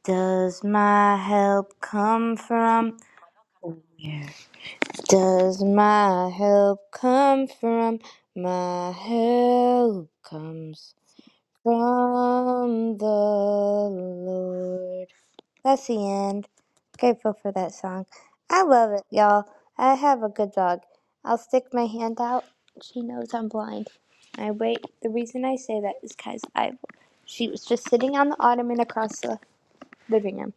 S7: Does my help come from? Yes. Does my help come from? My help comes from the Lord. That's the end. Grateful for that song. I love it, y'all. I have a good dog. I'll stick my hand out. She knows I'm blind. I wait. The reason I say that is because I, she was just sitting on the ottoman across the living room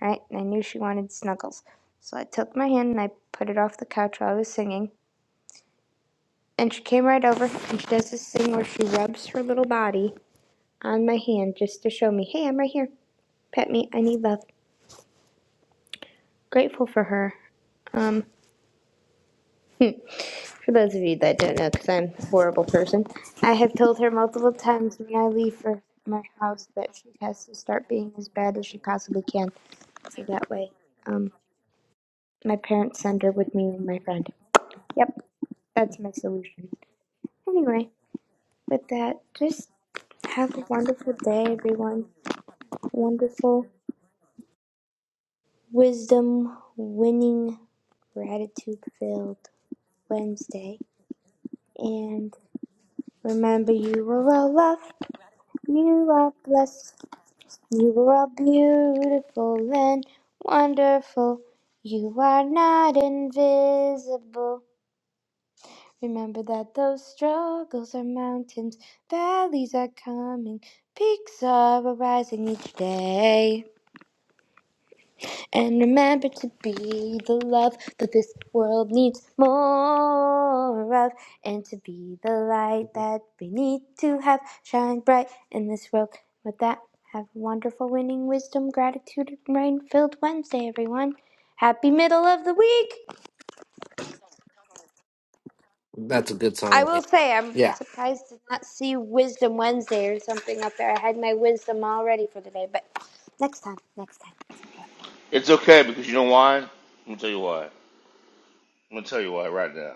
S7: right? And I knew she wanted snuggles. So I took my hand and I put it off the couch while I was singing. And she came right over and she does this thing where she rubs her little body on my hand just to show me, hey, I'm right here. Pet me. I need love. Grateful for her. Um, for those of you that don't know, because I'm a horrible person, I have told her multiple times when I leave for my house that she has to start being as bad as she possibly can. So that way, um, my parents send her with me and my friend. Yep, that's my solution. Anyway, with that, just have a wonderful day, everyone. Wonderful, wisdom winning, gratitude filled Wednesday. And remember, you are all loved, you are blessed, you are all beautiful and wonderful. You are not invisible. Remember that those struggles are mountains, valleys are coming, peaks are arising each day. And remember to be the love that this world needs more of, and to be the light that we need to have shine bright in this world. With that, have a wonderful winning wisdom, gratitude, and rain filled Wednesday, everyone. Happy middle of the week!
S4: That's a good
S7: I
S4: song.
S7: will say I'm
S4: Yeah.
S7: surprised to not see Wisdom Wednesday or something up there. I had my wisdom all ready for today, but next time, next time, it's okay.
S2: It's okay because you know why? I'm gonna tell you why. I'm gonna tell you why right now.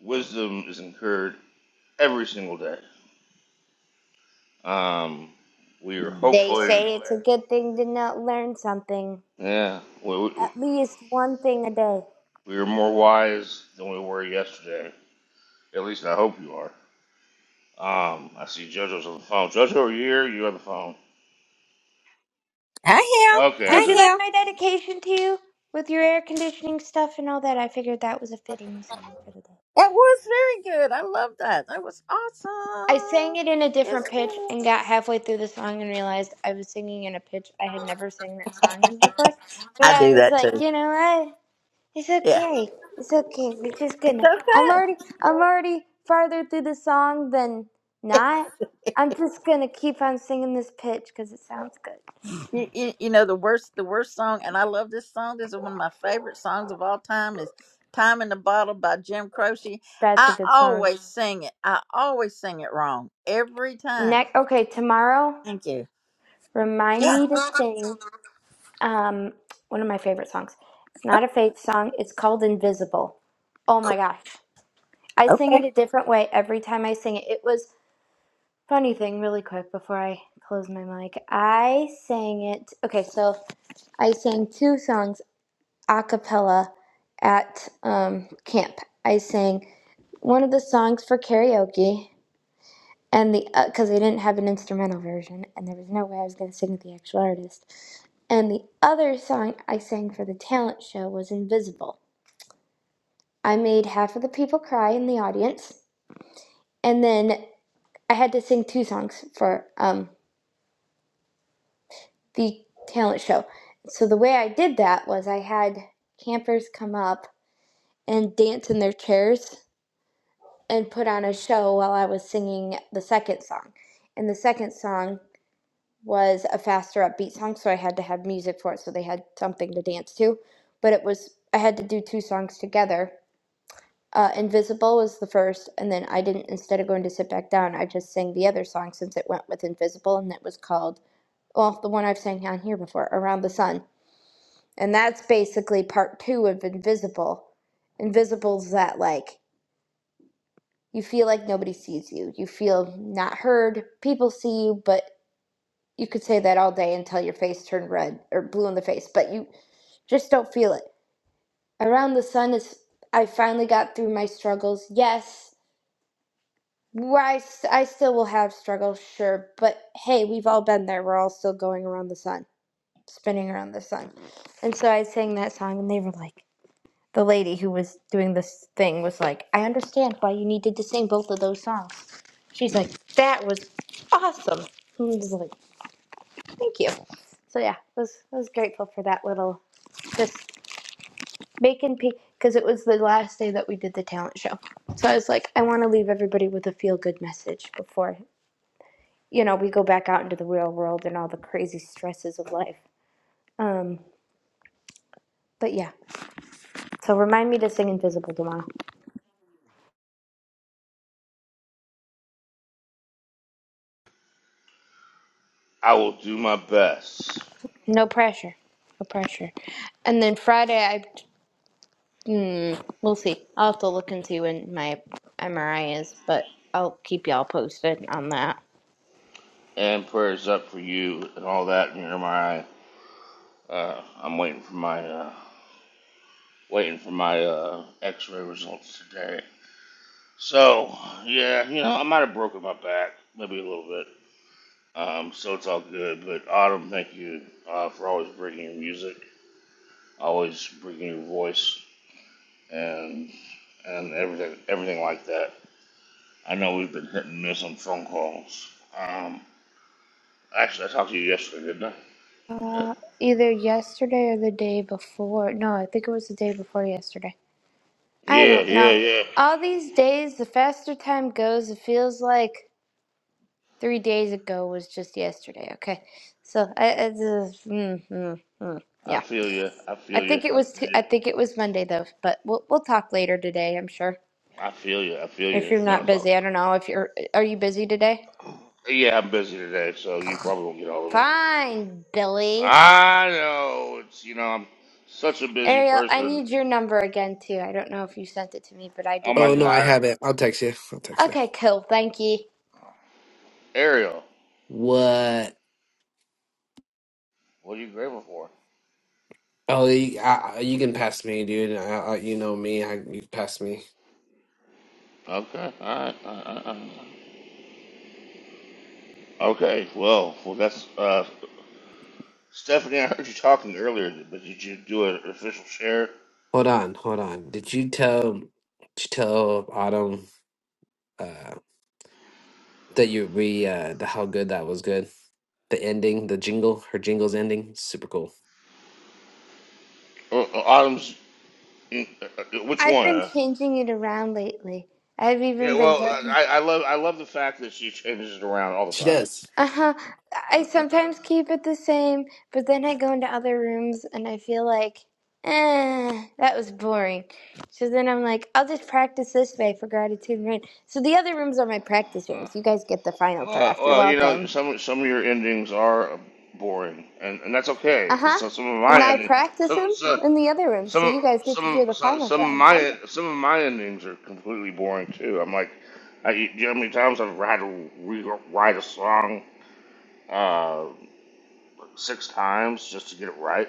S2: Wisdom is incurred every single day. Um, we are
S7: They
S2: hopefully.
S7: say it's a good thing to not learn something,
S2: Yeah, we, we,
S7: at least one thing a day.
S2: we are more wise than we were yesterday. At least I hope you are. Um, I see JoJo's on the phone. JoJo, are you here? You on the phone?
S1: I
S2: Okay,
S1: am.
S2: I
S7: Did you
S2: said
S1: I
S7: like my dedication to you with your air conditioning stuff and all that? I figured that was a
S1: am.
S7: fitting song for the day.
S1: That was very good. I love that. That was
S7: I sang
S1: awesome.
S7: it in a
S1: Yes,
S7: different pitch and
S1: ma'am.
S7: got halfway through the song and realized I was singing in a pitch I had never sang that song in before. But
S1: I do
S7: I was
S1: that
S7: like,
S1: too.
S7: you know what? It's
S1: Yeah,
S7: okay. It's okay. We're just
S1: it's
S7: gonna. I'm already. I'm already farther through the song than
S1: okay.
S7: not. I'm just gonna keep on singing this pitch because it sounds good.
S1: You, you, you know the worst the worst song, and I love this song. This is one of my favorite songs of all time. Is "Time in the Bottle" by Jim Croce.
S7: That's a
S1: I
S7: good song.
S1: always sing it. I always sing it wrong every time.
S7: Next. Okay, tomorrow.
S1: Thank you.
S7: Remind
S1: Yeah.
S7: me to sing. Um, one of my favorite songs. It's not a faith song. It's called Invisible. Oh my
S1: Cool.
S7: gosh. I sing
S1: Okay.
S7: it a different way every time I sing it. It was. Funny thing, really quick before I close my mic. I sang it. Okay, so I sang two songs a cappella at um, camp. I sang one of the songs for karaoke, and the because they didn't have an instrumental version, and there was no way I was going to sing with the actual artist. And the other song I sang for the talent show was Invisible. I made half of the people cry in the audience, and then I had to sing two songs for um, the talent show. So the way I did that was I had campers come up and dance in their chairs and put on a show while I was singing the second song. And the second song was a faster upbeat song, so I had to have music for it so they had something to dance to. But it was I had to do two songs together. Uh, Invisible was the first, and then I didn't. Instead of going to sit back down, I just sang the other song since it went with Invisible, and it was called well the one I've sang on here before, Around the Sun And that's basically part two of invisible. Invisible's that like you feel like nobody sees you. You feel not heard. People see you, but you could say that all day until your face turned red or blue in the face, but you just don't feel it. Around the sun is I finally got through my struggles. Yes, I, s- I still will have struggles, sure, but hey, we've all been there. We're all still going around the sun, spinning around the sun. And so I sang that song, and they were like, the lady who was doing this thing was like, I understand why you needed to sing both of those songs. She's like, that was awesome. And I was like, thank you. So yeah, I was I was grateful for that little just making pe because it was the last day that we did the talent show. So I was like, I want to leave everybody with a feel good message before you know we go back out into the real world and all the crazy stresses of life. Um, but yeah, so remind me to sing Invisible tomorrow.
S2: I will do my best
S7: No pressure. No pressure. And then Friday, I mm, we'll see. I'll have to look and see when my MRI is, but I'll keep y'all posted on that.
S2: and prayers up for you and all that. And my, uh, I'm waiting for my, uh, waiting for my uh, X-ray results today. So yeah, you know, I might have broken my back, maybe a little bit. Um, so it's all good. But Autumn, thank you uh, for always bringing your music, always bringing your voice, and and everything, everything like that. I know we've been hit and miss on phone calls. Um, actually, I talked to you yesterday, didn't I?
S7: Uh, either yesterday or the day before. No, I think it was the day before yesterday. I
S2: Yeah,
S7: don't
S2: yeah,
S7: know.
S2: yeah.
S7: All these days, the faster time goes, it feels like three days ago was just yesterday. Okay, so I, I just, mm, mm, mm,
S2: I
S7: yeah.
S2: feel you. I
S7: I
S2: feel you.
S7: think it
S2: I
S7: was.
S2: feel
S7: T-
S2: you.
S7: I think it was Monday though, but we'll we'll talk later today. I'm sure.
S2: I feel you. I feel
S7: If
S2: you.
S7: you're
S2: No,
S7: not
S2: it's all.
S7: busy, I don't know if you're are you busy today?
S2: Yeah, I'm busy today, so you probably won't get all of me.
S7: Fine, Billy.
S2: I know. It's you know I'm such a busy
S7: Ariel, I
S2: person.
S7: need your number again too. I don't know if you sent it to me, but I
S2: Oh
S7: did
S2: my
S4: Oh
S7: not
S4: no,
S7: get
S4: I
S7: it.
S2: God,
S4: have it. I'll text you. I'll text you.
S7: Okay, cool. Thank you.
S2: Ariel,
S4: What?
S2: what are you grateful for?
S4: Oh, you, I, I- you can pass me, dude. I, I, you know me. I, you pass me.
S2: Okay, all right, all right, all right. okay. Well, well, that's uh, Stephanie. I heard you talking earlier, but did you do an official share?
S4: Hold on, hold on. Did you tell did you tell Autumn uh that you re uh the, how good that was good? The ending, the jingle, her jingle's ending, super cool.
S2: Uh, Autumn's, uh, uh, which
S7: I've
S2: one?
S7: been
S2: Uh,
S7: changing it around lately. I've
S2: yeah,
S7: even been
S2: well,
S7: going.
S2: I, I love I love the fact that she changes it around all the
S4: She
S2: time.
S4: does.
S7: Uh-huh. I sometimes keep it the same, but then I go into other rooms and I feel like, eh, that was boring. So then I'm like, I'll just practice this way for gratitude and rain. So the other rooms are my practice
S2: Uh,
S7: rooms. You guys get the final
S2: well,
S7: draft. You're
S2: well, you know,
S7: welcome.
S2: some some of your endings are boring, and, and that's okay because
S7: Uh-huh.
S2: some, some of
S7: And
S2: my
S7: I
S2: ending,
S7: practice
S2: some
S7: them
S2: some
S7: in the other room,
S2: some
S7: so
S2: of-
S7: you guys get to
S2: some
S7: hear
S2: of-
S7: the final
S2: some of
S7: draft.
S2: my some of my endings are completely boring too. I'm like, I, you know how many times I've had to rewrite a song uh, six times just to get it right,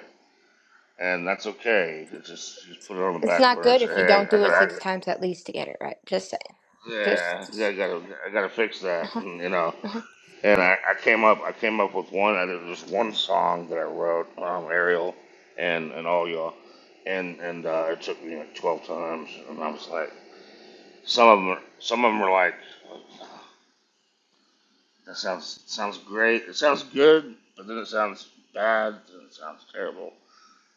S2: and that's okay. It's just just put it on the
S7: It's
S2: back
S7: not
S2: burner and
S7: good
S2: say,
S7: if you
S2: hey, I,
S7: don't
S2: I
S7: do it
S2: gotta, I,
S7: six
S2: gotta-
S7: times at least to get it right. Just saying. Just,
S2: yeah, I
S7: just
S2: gotta, I gotta fix that,
S7: uh-huh.
S2: and, you know.
S7: uh-huh.
S2: And I, I came up, I came up with one. I did this one song that I wrote, um, Ariel, and and all y'all, and and uh, it took me like twelve times, and I was like, some of them, are, some of them were like, that sounds sounds great, it sounds good, but then it sounds bad, then it sounds terrible,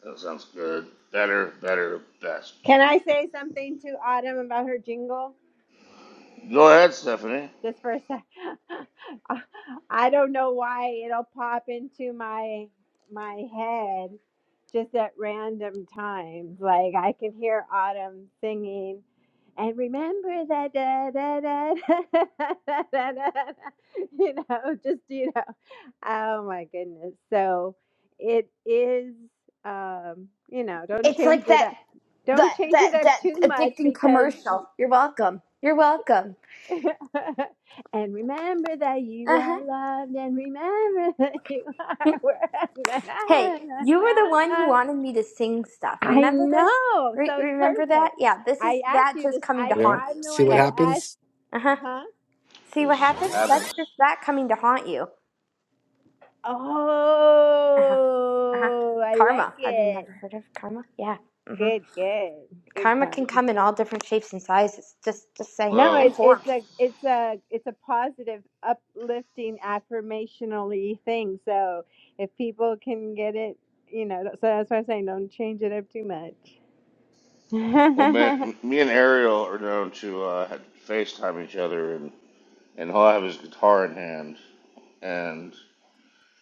S2: then it sounds good, better, better, best.
S5: can i say something to autumn about her jingle
S2: Go ahead, Stephanie.
S5: just for a sec. I don't know why it'll pop into my my head just at random times. Like I can hear Autumn singing, and remember that da da da da da da da. da," da. You know, just you know. Oh my goodness. So it is. Um, you know, don't
S7: It's like
S5: change it
S7: that
S5: up. Don't
S7: that
S5: change
S7: that
S5: it up
S7: that
S5: too much
S7: addicting
S5: because
S7: commercial. You're welcome. You're welcome.
S5: and remember that you
S7: Uh-huh.
S5: are loved, and remember that you are worth.
S7: Hey, you were the one who wanted me to sing stuff.
S5: I
S7: Remember this?
S5: know,
S7: Re-
S5: so it's
S7: remember that?
S5: perfect.
S7: Yeah, this
S5: I
S7: is
S5: asked
S7: that
S5: you this.
S7: just coming to
S5: I
S4: Yeah.
S7: haunt
S5: I'm
S7: you.
S5: the
S4: See
S5: one
S4: what
S5: who
S7: Okay.
S5: asked,
S4: happens?
S7: Uh-huh.
S5: huh?
S7: See
S2: This
S7: what
S2: is what
S7: happens? That's
S2: happens.
S7: just that coming to haunt you. Uh-huh. Uh-huh.
S5: Oh, I like
S7: Karma. Have you
S5: it.
S7: never heard of karma? Yeah. Mm-hmm.
S5: Good, good, good
S7: Karma can
S5: karma.
S7: come in all different shapes and sizes. Just just saying.
S5: No,
S2: Well,
S7: And
S5: it, it's
S7: forms.
S5: a it's a it's a positive, uplifting, affirmationally thing. So if people can get it, you know, so that's why I'm saying don't change it up too much.
S2: well, man, me and Ariel are known to uh, FaceTime each other and he'll have his guitar in hand, and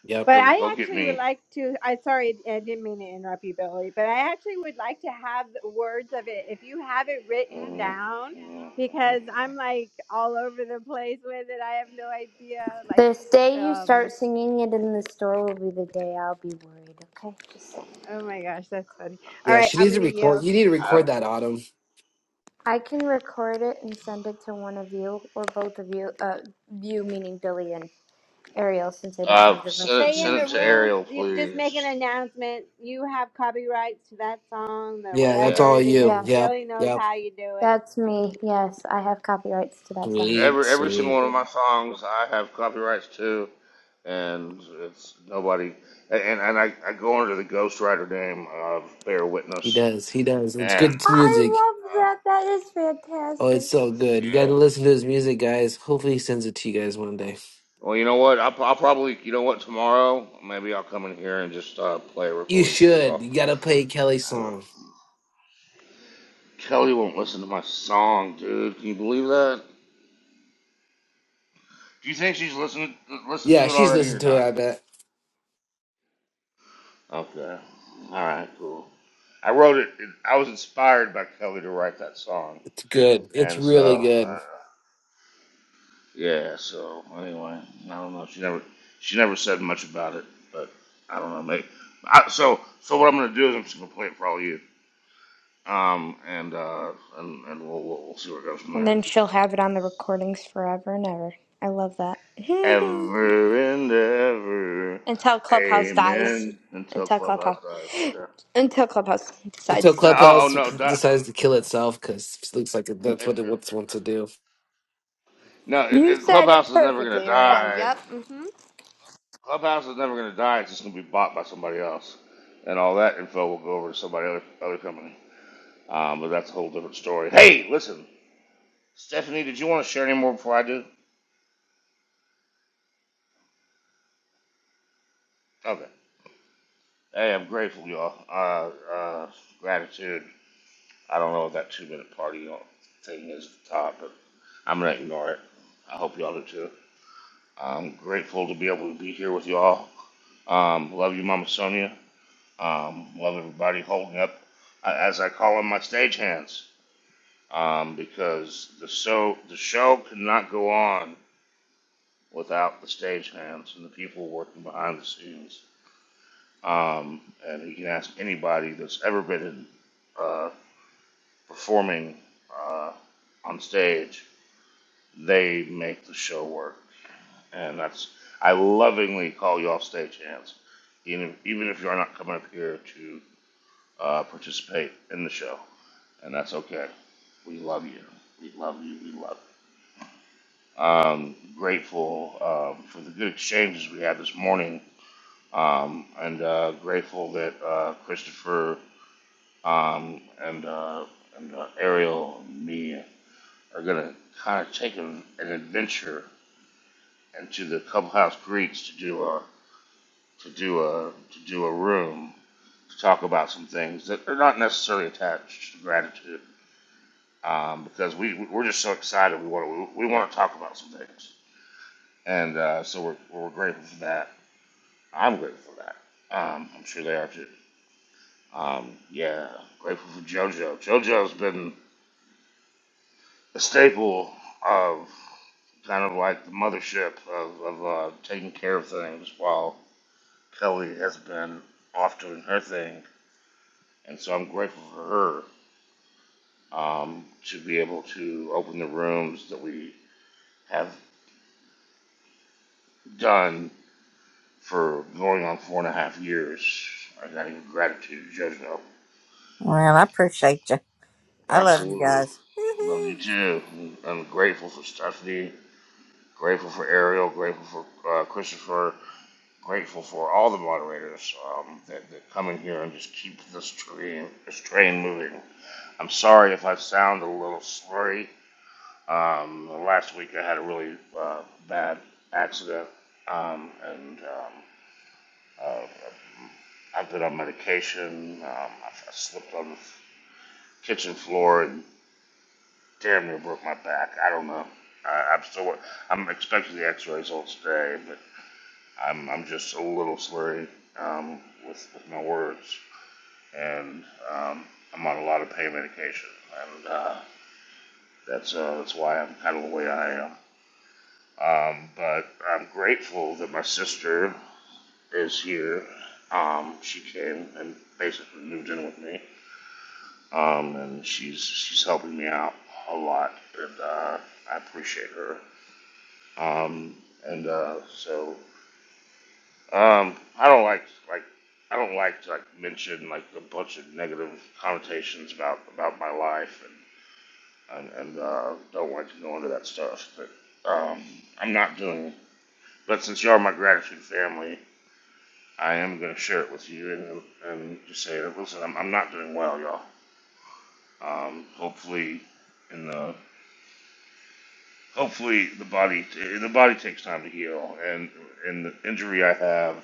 S4: Yep.
S5: but
S2: he'll,
S5: I
S2: he'll get
S5: actually would
S2: me.
S5: like to. I sorry, I didn't mean to interrupt you, Billy. But I actually would like to have the words of it if you have it written down, because I'm like all over the place with it. I have no idea. Like,
S7: This day you
S5: um,
S7: start singing it in the store will be the day I'll be worried, okay? Just saying.
S5: oh my gosh, that's funny. All
S4: Yeah,
S5: right,
S4: she
S5: I'm
S4: needs to
S5: gonna
S4: record.
S5: yield.
S4: You need to
S2: I,
S4: record that, Autumn.
S7: I can record it and send it to one of you or both of you, uh, you meaning Billy and Ariel, since I don't
S2: uh,
S7: have the rest
S2: send it,
S7: of
S5: Stay in
S2: send
S5: the
S2: it
S7: y'all's
S2: to
S7: phone number.
S5: room.
S2: Ariel,
S5: You could just make an
S2: please.
S5: announcement. You have copyrights to that song or
S4: Yeah, that's
S5: whatever
S2: Yeah,
S4: all
S5: it is.
S4: you.
S7: Yes,
S4: Yep.
S5: Billy knows
S4: Yep.
S5: how you do it.
S7: that's me. Yes, I have copyrights to that song.
S4: Sweet,
S2: every every single
S4: sweet.
S2: one of my songs I have copyrights to, and it's nobody. And and I, I go under the ghostwriter name of Bear
S4: He
S2: Witness,
S4: does. He does. It's
S2: and
S4: good
S7: I
S4: music.
S7: love
S2: uh,
S7: that. That is
S4: Oh, it's
S7: fantastic.
S4: so good. You got
S2: yeah.
S4: to listen to his music, guys. Hopefully, he sends it to you guys one day.
S2: Well, you know what? I'll, I'll probably, you know what? Tomorrow, maybe I'll come in here and just uh, play a
S4: You
S2: recording for
S4: should. You
S2: y'all.
S4: got to play Kelly's song.
S2: Kelly won't listen to my song, dude. Can you believe that? Do you think she's listened listened
S4: Yeah,
S2: to it
S4: she's
S2: already or
S4: listened to it,
S2: not?
S4: I bet.
S2: Okay. All right. Cool. I wrote it. I was inspired by Kelly to write that song,
S4: It's good. It's
S2: and
S4: really
S2: so uh,
S4: good.
S2: yeah. So anyway, I don't know. She never she never said much about it, but I don't know. Maybe I, so. So what I'm gonna do is I'm just gonna play it for all you, um, and uh, and and we'll, we'll, we'll see where it goes from there.
S7: And then she'll have it on the recordings forever and ever. I love that.
S2: Ever and ever.
S7: Until Clubhouse dies.
S2: Amen. Until
S7: Until
S2: Clubhouse
S7: Clubhouse.
S2: dies. Yeah.
S7: Until Clubhouse
S4: Until
S7: decides.
S2: No, oh, oh
S4: Clubhouse
S2: no, that,
S4: decides to kill itself because it looks like that's
S2: it, it,
S4: what it wants, wants to do.
S2: no, it,
S7: You
S2: it,
S7: said it
S2: Clubhouse is never gonna
S7: perfectly, Ariel.
S2: die.
S7: Yep. mm-hmm.
S2: Clubhouse is never gonna die. It's just gonna be bought by somebody else, and all that info will go over to somebody other, other company. Um, but that's a whole different story. Hey, listen, Stephanie, did you want to share any more before I do? Okay. Hey, I'm grateful, y'all. Uh, uh, gratitude. I don't know what that two minute party thing is at the top, but I'm gonna ignore it. I hope y'all do too. I'm grateful to be able to be here with y'all. Um, love you, Mama Sonia. Um, love everybody holding up, uh, as I call them, my stage hands, um, because the show the show could not go on without the stage hands and the people working behind the scenes. Um, and you can ask anybody that's ever been in, uh, performing uh, on stage; they make the show work and that's I lovingly call you all stagehands, even even if you're not coming up here to uh, participate in the show, and that's okay. We love you. We love you. We love. You. Um, grateful um, for the good exchanges we had this morning, um, and uh, grateful that uh, Christopher um, and uh, and uh, Ariel and me are gonna kind of take an, an adventure into the clubhouse greets to do a. to do a to do a room to talk about some things that are not necessarily attached to gratitude um, because we we're just so excited we want to we want to talk about some things and uh, so we're we're grateful for that. I'm grateful for that. Um, I'm sure they are too. Um, yeah, grateful for JoJo. JoJo's been a staple of kind of like the mothership of, of uh, taking care of things while Kelly has been off doing her thing. And so I'm grateful for her um, to be able to open the rooms that we have done for going on four and a half years. I got even gratitude, Judge Noble.
S1: Well, I appreciate you. I love you
S2: Absolutely.
S1: guys.
S2: Love you
S1: Woohoo.
S2: too. I'm grateful for Stephanie, grateful for Ariel, grateful for uh, Christopher, grateful for all the moderators um, that, that come in here and just keep this train, this train moving. I'm sorry if I sound a little slurry Um, last week I had a really uh, bad accident, um, and um, uh, I've been on medication. Um, I, I slipped on the kitchen floor and damn near broke my back. I don't know. I, I'm still. I'm expecting the X-ray results today, but I'm I'm just a little slurry um, with with my words, and um, I'm on a lot of pain medication, and uh, that's uh, that's why I'm kind of the way I am. Um, but I'm grateful that my sister is here. Um, she came and basically moved in with me, um, and she's she's helping me out a lot, and uh, I appreciate her. Um, and uh, so um, I don't like like I don't like to like mention like a bunch of negative connotations about about my life, and and, and uh, don't like to go into that stuff. But um, I'm not doing. But since you are my gratitude family, I am going to share it with you and, and just say, listen, I'm, I'm not doing well, y'all. Um, hopefully, in the hopefully the body the body takes time to heal, and and the injury I have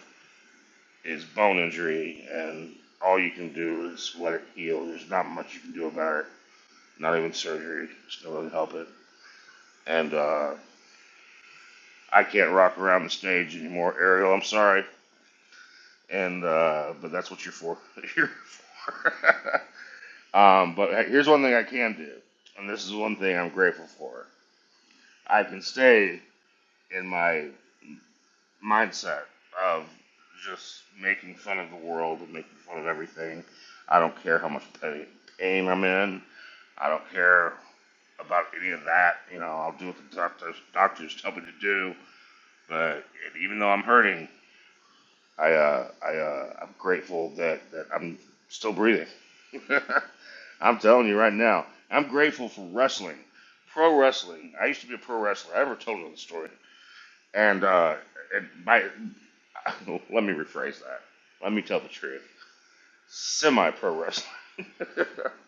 S2: is bone injury, and all you can do is let it heal. There's not much you can do about it. Not even surgery. It's not going to help it. And uh, I can't rock around the stage anymore, Ariel. I'm sorry, and uh, but that's what you're for. you're for. Um, but here's one thing I can do, and this is one thing I'm grateful for. I can stay in my mindset of just making fun of the world and making fun of everything. I don't care how much pain, pain I'm in. I don't care about any of that. You know, I'll do what the doctors, doctors tell me to do. But even though I'm hurting, I, uh, I, uh, I'm grateful that, that I'm still breathing. I'm telling you right now, I'm grateful for wrestling, pro wrestling. I used to be a pro wrestler. I ever told you the story. And uh, and my, let me rephrase that. Let me tell the truth. Semi pro wrestling. and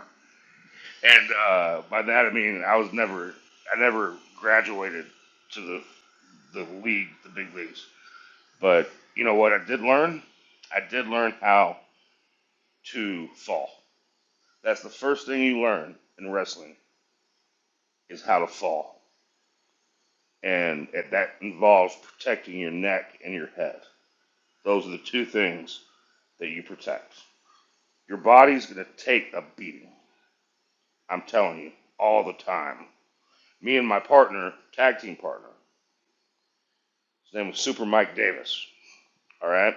S2: uh, by that I mean I was never, I never graduated to the the league, the big leagues. But you know what? I did learn. I did learn how to fall. That's the first thing you learn in wrestling is how to fall and that involves protecting your neck and your head. Those are the two things that you protect. Your body's gonna take a beating. I'm telling you, all the time. Me and my partner, tag team partner, his name was Super Mike Davis. All right,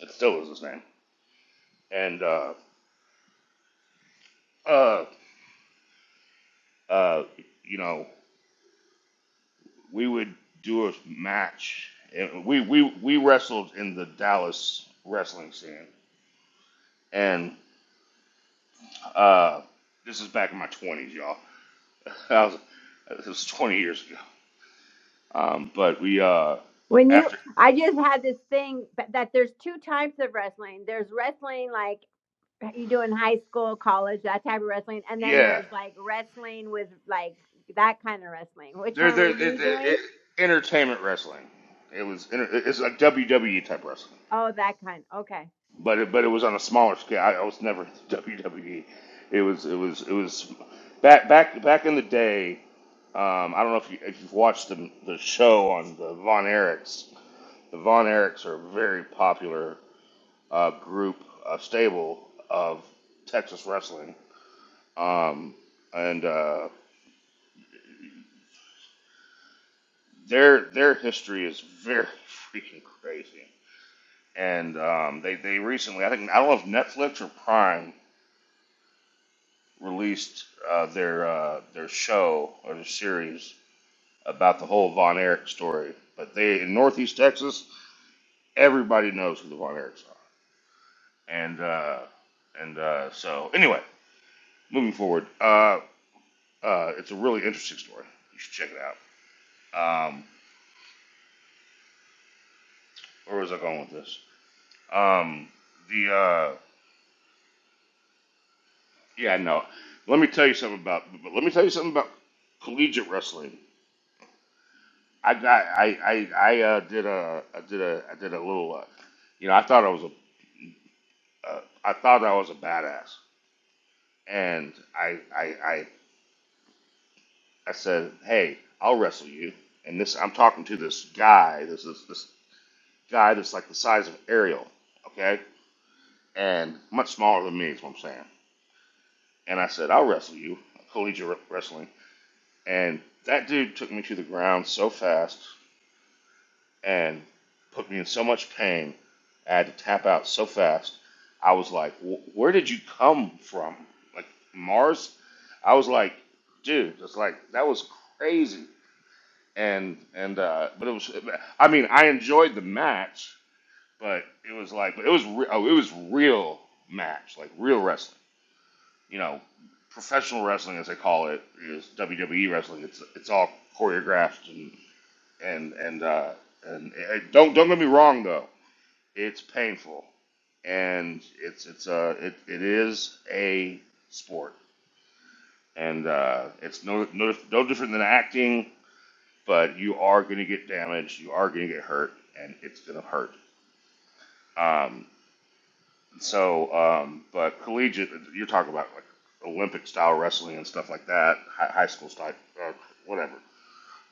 S2: it still is his name. And uh, uh, uh, you know, we would do a match. And we we we wrestled in the Dallas wrestling scene, and uh, this is back in my twenties, y'all. I was, it was 20 years ago. Um, but we, uh, but
S5: When you,
S2: after,
S5: I just had this thing that that there's two types of wrestling. There's wrestling like you do in high school, college, that type of wrestling, and then
S2: yeah,
S5: there's like wrestling with like that kind of wrestling. Which
S2: they're,
S5: one were
S2: they're, they're,
S5: you
S2: they're-
S5: doing?
S2: it- entertainment wrestling. It was, inter- it's like WWE type wrestling,
S5: Oh, that kind. Okay.
S2: but it, but it was on a smaller scale. I, I was never into WWE. It was, it was, it was back, back, back in the day. Um, I don't know if you, if you've watched the, the show on the Von Erichs. The Von Erichs are a very popular uh, group, uh, stable of Texas wrestling Um, and uh, their their history is very freaking crazy. And um, they they recently, I think I don't know if Netflix or Prime released uh, their uh, their show or their series about the whole Von Erich story. But they in Northeast Texas, everybody knows who the Von Erichs are. And uh, and uh, so anyway, moving forward, uh, uh, it's a really interesting story. You should check it out. Um, where was I going with this? Um, the uh, Yeah, no. Let me tell you something about. But let me tell you something about collegiate wrestling. I got. I. I. I uh, did a. I did a. I did a little. Uh, you know, I thought I was a. Uh, I thought I was a badass, and I. I. I. I said, hey, I'll wrestle you. And this, I'm talking to this guy. This is this this guy that's like the size of Ariel, okay, and much smaller than me. Is what I'm saying. And I said, I'll wrestle you, collegiate wrestling. And that dude took me to the ground so fast and put me in so much pain. I had to tap out so fast. I was like, "Where did you come from? Like Mars?" I was like, "Dude, it's like that was crazy." And and uh, but it was. I mean, I enjoyed the match, but it was like, but it was re- oh, it was real match, like real wrestling. You know, professional wrestling, as they call it, is WWE wrestling. It's it's all choreographed and and and uh, and, and don't don't get me wrong though. It's painful, and it's it's a it, it is a sport, and uh, it's no, no no different than acting. But you are going to get damaged. You are going to get hurt, and it's going to hurt. Um, so, um, but collegiate, you're talking about like Olympic style wrestling and stuff like that, high, high school style, uh, whatever.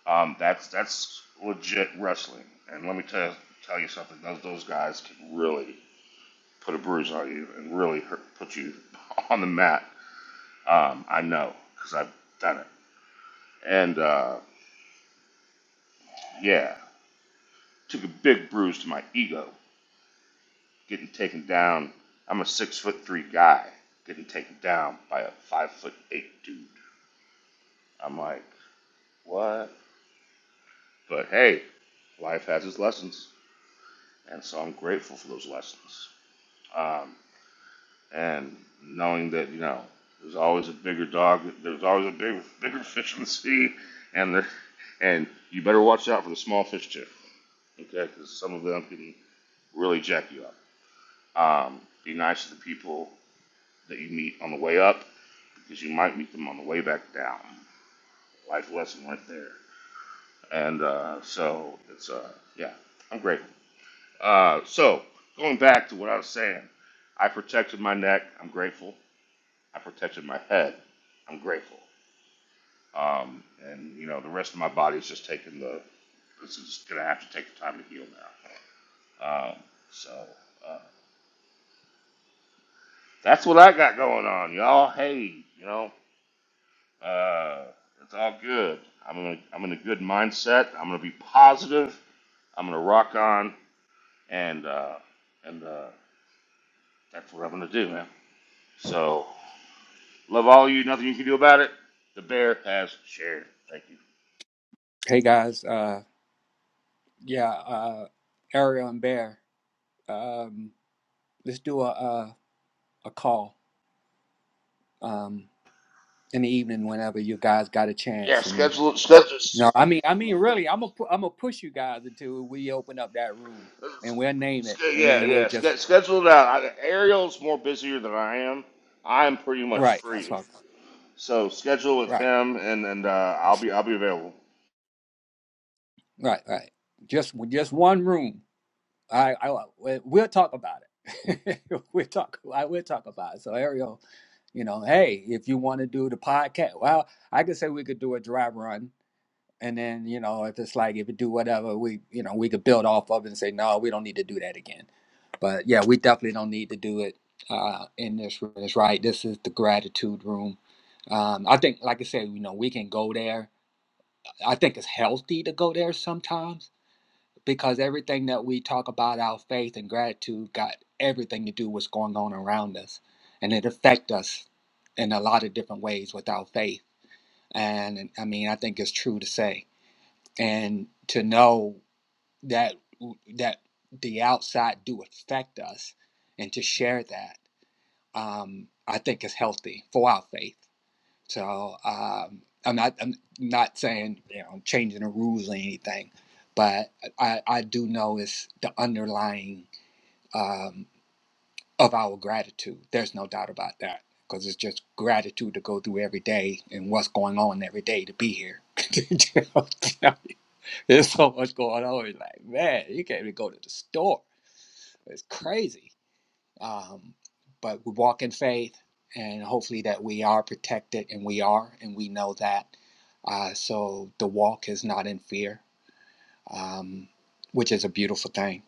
S2: Um, that's that's legit wrestling. And let me tell tell you something. Those those guys can really put a bruise on you and really hurt, put you on the mat. Um, I know because I've done it. And uh, yeah, took a big bruise to my ego getting taken down. I'm a six foot three guy getting taken down by a five foot eight dude. I'm like, what? But hey, life has its lessons, and so I'm grateful for those lessons. Um, and knowing that you know there's always a bigger dog, there's always a bigger bigger fish in the sea, and the, and you better watch out for the small fish too, okay? Because some of them can really jack you up. Um, be nice to the people that you meet on the way up because you might meet them on the way back down. Life lesson right there. And uh, so it's uh, yeah, I'm grateful. Uh, so going back to what I was saying, I protected my neck. I'm grateful. I protected my head. I'm grateful. Um, and you know, the rest of my body is just taking the. It's just gonna have to take the time to heal now. Um, so uh, that's what I got going on, y'all. Hey, you know, uh, it's all good. I'm in a, I'm in a good mindset. I'm gonna be positive. I'm gonna rock on, and uh, and uh, that's what I'm gonna do, man. So love all of you. Nothing you can do about it. The bear has shared. Thank you.
S3: Hey guys, uh, yeah, uh, Ariel and Bear, um, let's do a a, a call um in the evening whenever you guys got a
S2: Yeah,
S3: chance. And
S2: schedule schedule.
S3: no, I mean, I mean, really, I'm gonna pu- I'm gonna push you guys until we open up that room, and we'll name
S2: Sch-
S3: it, and
S2: Yeah,
S3: then we'll
S2: yeah.
S3: just
S2: sch- Schedule it out. I, Ariel's more busier than I am. I'm pretty much
S3: right. That's
S2: free,
S3: what.
S2: so schedule with
S3: Right.
S2: him, and and uh, I'll be I'll be available.
S3: Right, right. Just just one room. I, I we'll talk about it. we'll talk. I will talk about it. So Ariel, you know, hey, if you want to do the podcast, well, I could say we could do a dry run, and then you know, if it's like if you do whatever, we you know we could build off of it and say no, we don't need to do that again. But yeah, we definitely don't need to do it uh, in this room. That's right. This is the gratitude room. Um, I think, like I said, you know, we can go there. I think it's healthy to go there sometimes because everything that we talk about our faith and gratitude got everything to do with what's going on around us and it affects us in a lot of different ways with our faith and i mean i think it's true to say and to know that that the outside do affect us and to share that um, i think is healthy for our faith so um, I'm not I'm not saying you know changing the rules or anything, but I, I do know it's the underlying um, of our gratitude. There's no doubt about that because it's just gratitude to go through every day and what's going on every day to be here. You know, There's so much going on. It's like man, you can't even go to the store. It's crazy um, but we walk in faith, and hopefully that we are protected, and we are, and we know that. Uh, so the walk is not in fear, um, which is a beautiful thing.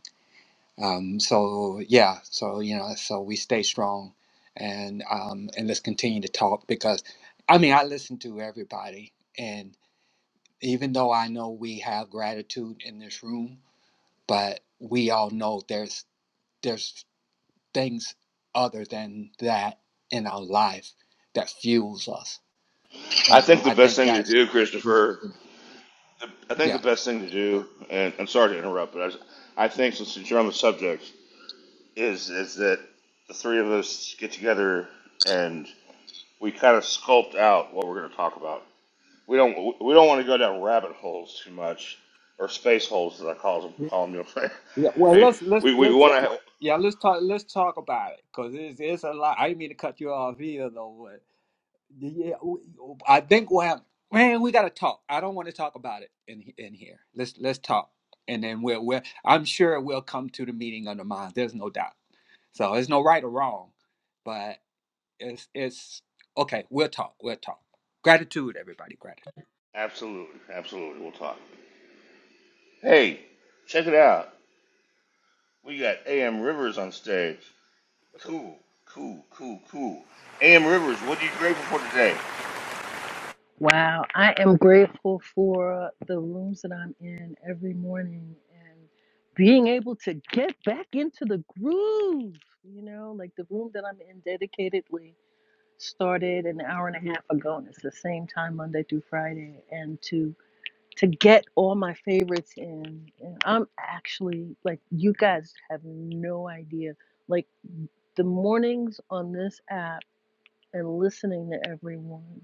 S3: Um, so yeah, so you know, so we stay strong, and um, and let's continue to talk because, I mean, I listen to everybody, and even though I know we have gratitude in this room, but we all know there's there's things other than that in our life that fuels us.
S2: I
S3: And
S2: think the
S3: I
S2: best
S3: think
S2: thing to
S3: that's
S2: do, Christopher.
S3: yeah.
S2: The, I think the best thing to do, and I'm sorry to interrupt, but I, s- I think since you're on the subject, is is that the three of us get together and we kind of sculpt out what we're going to talk about. We don't we don't want to go down rabbit holes too much, or space holes as I call them.
S3: Yeah,
S2: Call them you know,
S3: yeah. Well,
S2: hey,
S3: let's let's
S2: we we
S3: let's
S2: want Yeah. to have,
S3: yeah, let's talk let's talk about it because it's it's a lot. I didn't mean to cut you off either, though. But yeah, we, I think we'll have man. We gotta talk. I don't want to talk about it in in here. Let's let's talk, and then we'll we'll. I'm sure we'll come to the meeting of the mind. There's no doubt. So there's no right or wrong, but. It's, it's okay. We'll talk. We'll talk. Gratitude, everybody. Gratitude.
S2: absolutely absolutely we'll talk. Hey, check it out. We got A.M. Rivers on stage. Cool, cool, cool, cool. A.M. Rivers, what are you grateful for today?
S8: Wow, I am grateful for the rooms that I'm in every morning and being able to get back into the groove. You know, like the room that I'm in dedicatedly started an hour and a half ago, and it's the same time Monday through Friday. And to to get all my favorites in, and I'm actually like you guys have no idea. Like the mornings on this app and listening to everyone.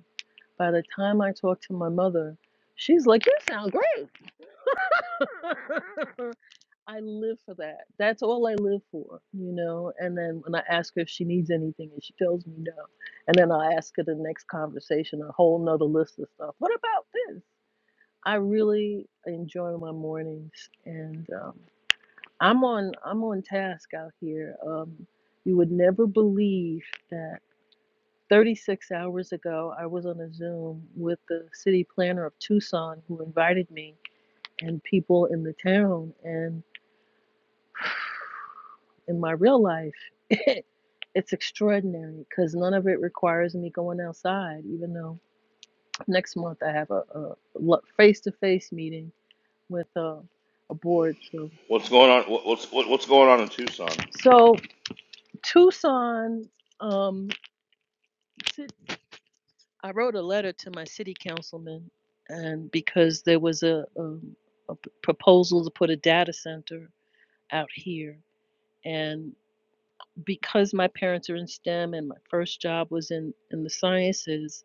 S8: By the time I talk to my mother, she's like, You sound great. I live for that. That's all I live for, you know. And then when I ask her if she needs anything and she tells me no. And then I ask her the next conversation, a whole nother list of stuff. What about this? I really enjoy my mornings and um, I'm on I'm on task out here. Um, you would never believe that 36 hours ago, I was on a Zoom with the city planner of Tucson who invited me and people in the town. And in my real life, it, it's extraordinary because none of it requires me going outside, even though next month I have a face to face meeting with a, a board. So,
S2: What's going on? what's what, what's going on in Tucson?
S8: so Tucson. Um, I wrote a letter to my city councilman, and because there was a, um, a p- proposal to put a data center out here, and because my parents are in STEM and my first job was in, in the sciences,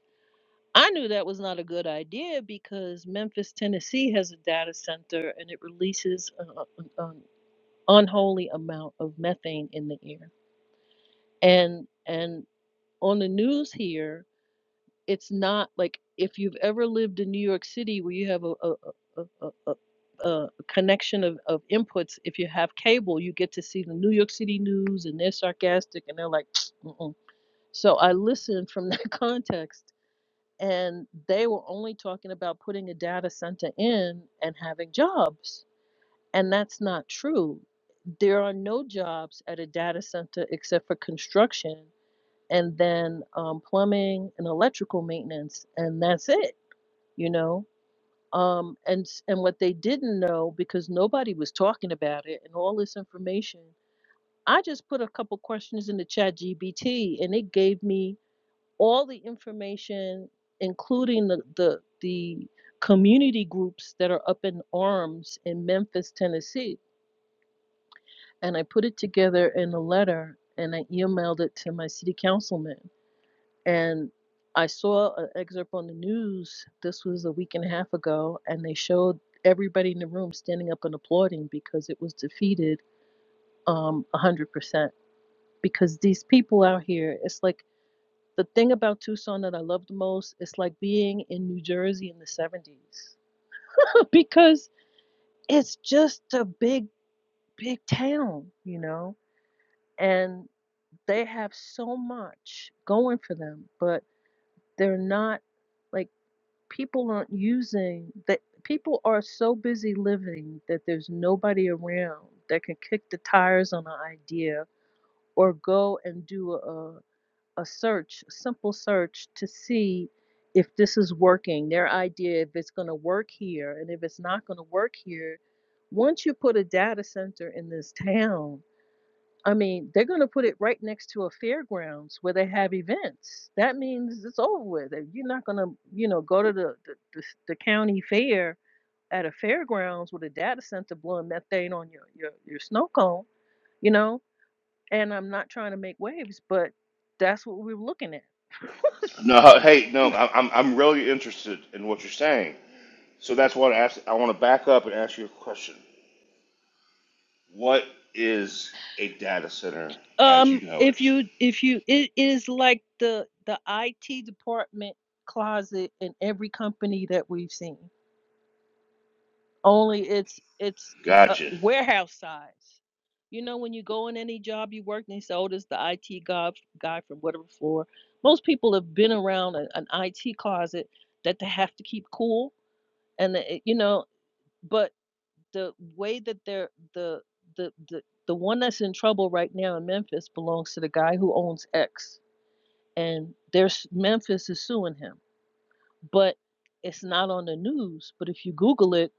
S8: I knew that was not a good idea because Memphis, Tennessee has a data center and it releases an unholy amount of methane in the air. And and on the news here, it's not like if you've ever lived in New York City where you have a a a, a, a a connection of, of inputs. If you have cable, you get to see the New York City news, and they're sarcastic, and they're like, Mm-mm. so I listened from that context, and they were only talking about putting a data center in and having jobs, and that's not true. There are no jobs at a data center except for construction and then um, plumbing and electrical maintenance, and that's it, you know. Um, and s- and what they didn't know because nobody was talking about it and all this information, I just put a couple questions in the chat GBT, and it gave me all the information, including the the the community groups that are up in arms in Memphis, Tennessee. And I put it together in a letter and I emailed it to my city councilman And I saw an excerpt on the news. This was a week and a half ago, and they showed everybody in the room standing up and applauding because it was defeated um, 100%. Because these people out here, it's like the thing about Tucson that I love the most, it's like being in New Jersey in the 70s because it's just a big, big town, you know? And they have so much going for them, but they're not. like. people aren't using that people are so busy living that there's nobody around that can kick the tires on an idea or go and do a a search, a simple search to see if this is working, their idea if it's going to work here and if it's not going to work here. Once you put a data center in this town, I mean, they're going to put it right next to a fairgrounds where they have events. That means it's over with. If You're not going to, you know, go to the, the, the, s- the county fair at a fairgrounds with a data center blowing methane on your, your, your snow cone, you know? And I'm not trying to make waves, but that's what we're looking at.
S2: No, hey, no, I- I'm I'm really interested in what you're saying. So that's what I asked. I want to back up and ask you a question. What is a data center as
S8: Um,
S2: you know it?
S8: if you, if you, it is like the, the IT department closet in every company that we've seen. only it's it's uh,
S2: Gotcha.
S8: warehouse size. You know, when you go in any job you work, and they say, "Oh, this is the IT guy, guy from whatever floor." Most people have been around an, an IT closet that they have to keep cool, and the- it- you know, but the way that they're the the the the one that's in trouble right now in Memphis belongs to the guy who owns X, and there's Memphis is suing him, but it's not on the news. But if you Google it,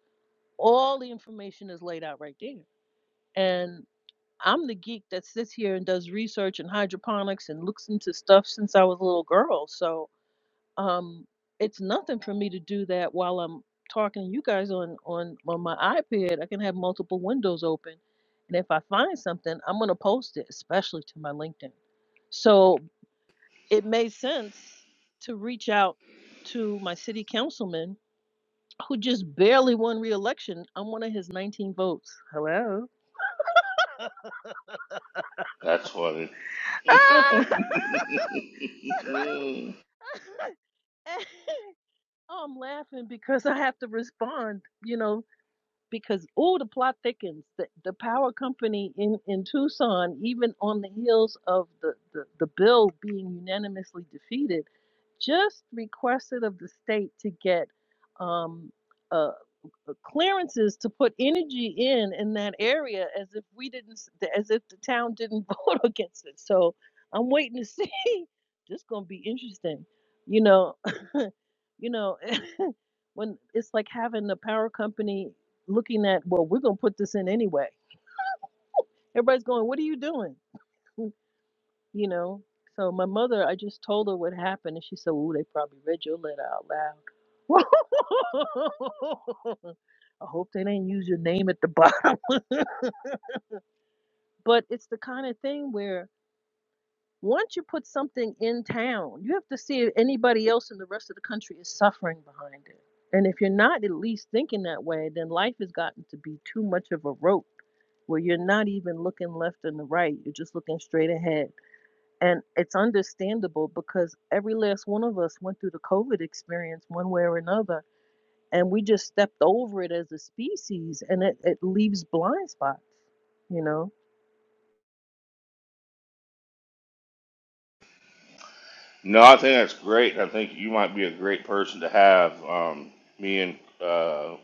S8: all the information is laid out right there and I'm the geek that sits here and does research in hydroponics and looks into stuff since I was a little girl. So um, it's nothing for me to do that while I'm talking to you guys on on on my iPad. I can have multiple windows open, and if I find something, I'm gonna post it, especially to my LinkedIn. So it made sense to reach out to my city councilman who just barely won re-election. I'm one of his 19 votes. Hello.
S2: That's funny.
S8: I'm laughing because I have to respond, you know, because oh, the plot thickens. The, the power company in, in Tucson, even on the heels of the, the, the bill being unanimously defeated, just requested of the state to get um, a, uh, clearances to put energy in in that area as if we didn't s- as if the town didn't vote against it so i'm waiting to see this gonna be interesting you know you know when it's like having the power company looking at well we're gonna put this in anyway everybody's going what are you doing you know so my mother i just told her what happened and she said oh they probably read your letter out loud i hope they didn't use your name at the bottom But it's the kind of thing where once you put something in town, you have to see if anybody else in the rest of the country is suffering behind it. And if you're not at least thinking that way, then life has gotten to be too much of a rope where you're not even looking left and the right. You're just looking straight ahead. And it's understandable because every last one of us went through the COVID experience one way or another. And we just stepped over it as a species and it, it leaves blind spots, you know?
S2: no, I think that's great. I think you might be a great person to have. Um, me and uh,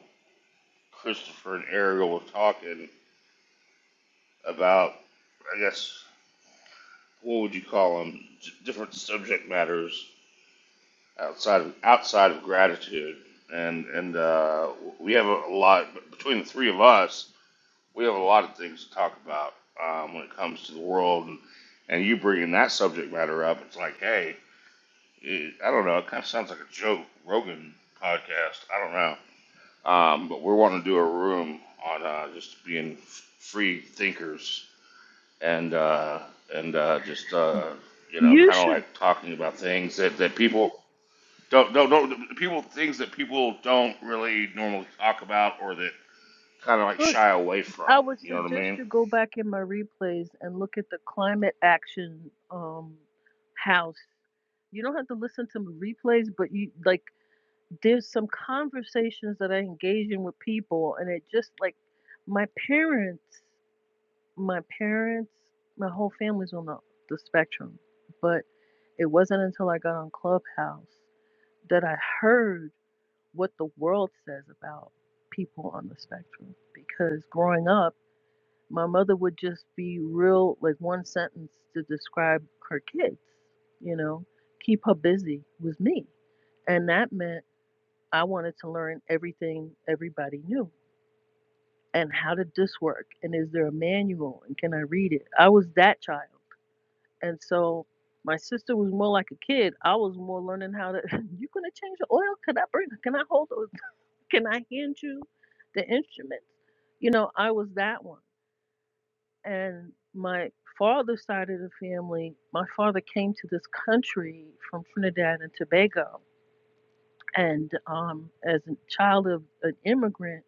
S2: Christopher and Ariel were talking about, I guess, what would you call them? D- different subject matters outside of outside of gratitude, and and uh, we have a lot between the three of us. we have a lot of things to talk about um, when it comes to the world, and, and you bringing that subject matter up, it's like, hey, it, I don't know, it kind of sounds like a joke, Rogan podcast, I don't know, um, but we're wanting to do a room on uh, just being f- free thinkers and uh, and uh, just uh, you know,
S8: You
S2: kind of
S8: should.
S2: like talking about things that, that people don't don't don't people things that people don't really normally talk about or that kind of like shy away
S8: I
S2: from.
S8: would
S2: You know what I
S8: suggest
S2: mean?
S8: you go back in my replays and look at the climate action um house. You don't have to listen to my replays, but you like there's some conversations that I engage in with people and it just like my parents my parents my whole family's on the, the spectrum. But it wasn't until I got on Clubhouse that I heard what the world says about people on the spectrum. Because growing up my mother would just be real like one sentence to describe her kids you know keep her busy was me and that meant i wanted to learn everything everybody knew and how did this work and is there a manual and can i read it i was that child and so my sister was more like a kid i was more learning how to you gonna change the oil can i bring it? can i hold those can i hand you the instruments you know i was that one And my father's side of the family, my father came to this country from Trinidad and Tobago. And um, as a child of an immigrant,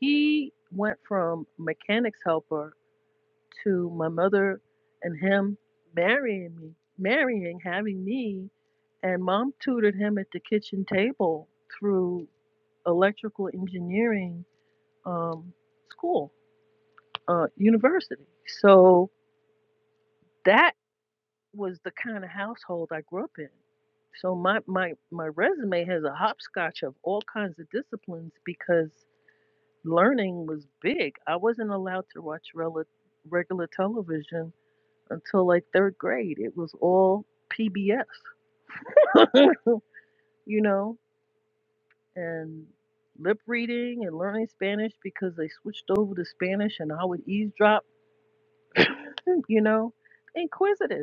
S8: he went from mechanics helper to my mother and him marrying me, marrying, having me. And mom tutored him at the kitchen table through electrical engineering um, school, uh, university. So that was the kind of household I grew up in. So my my my resume has a hopscotch of all kinds of disciplines because learning was big. I wasn't allowed to watch rel- regular television until like third grade. It was all PBS, you know, and lip reading and learning Spanish because they switched over to Spanish and I would eavesdrop, you know, inquisitive.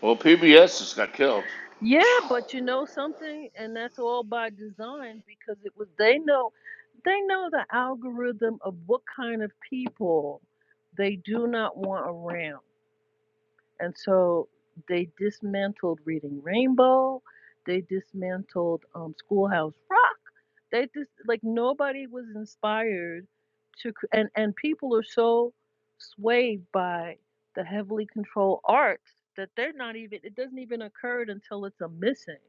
S2: Well, PBS just got killed.
S8: Yeah, but you know something, and that's all by design because it was they know they know the algorithm of what kind of people they do not want around. And so they dismantled Reading Rainbow, they dismantled um, Schoolhouse Rock. They just like nobody was inspired to cr- and and people are so swayed by the heavily controlled arts that they're not even it doesn't even occur until it's a missing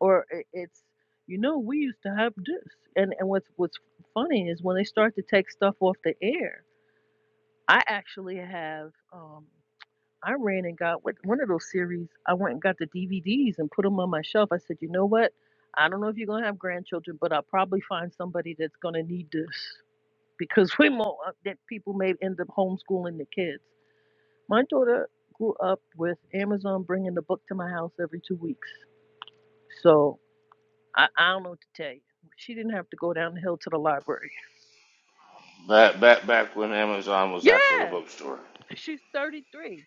S8: or i- it's you know we used to have this and and what's what's funny is when they start to take stuff off the air i actually have um i ran and got what one of those series i went and got the dvds and put them on my shelf i said you know what i don't know if you're going to have grandchildren but i'll probably find somebody that's going to need this because we more that people may end up homeschooling the kids my daughter grew up with amazon bringing the book to my house every two weeks so I, I don't know what to tell you. She didn't have to go down the hill to the library.
S2: Back back back when Amazon was actually a
S8: Yeah,
S2: bookstore.
S8: she's 33.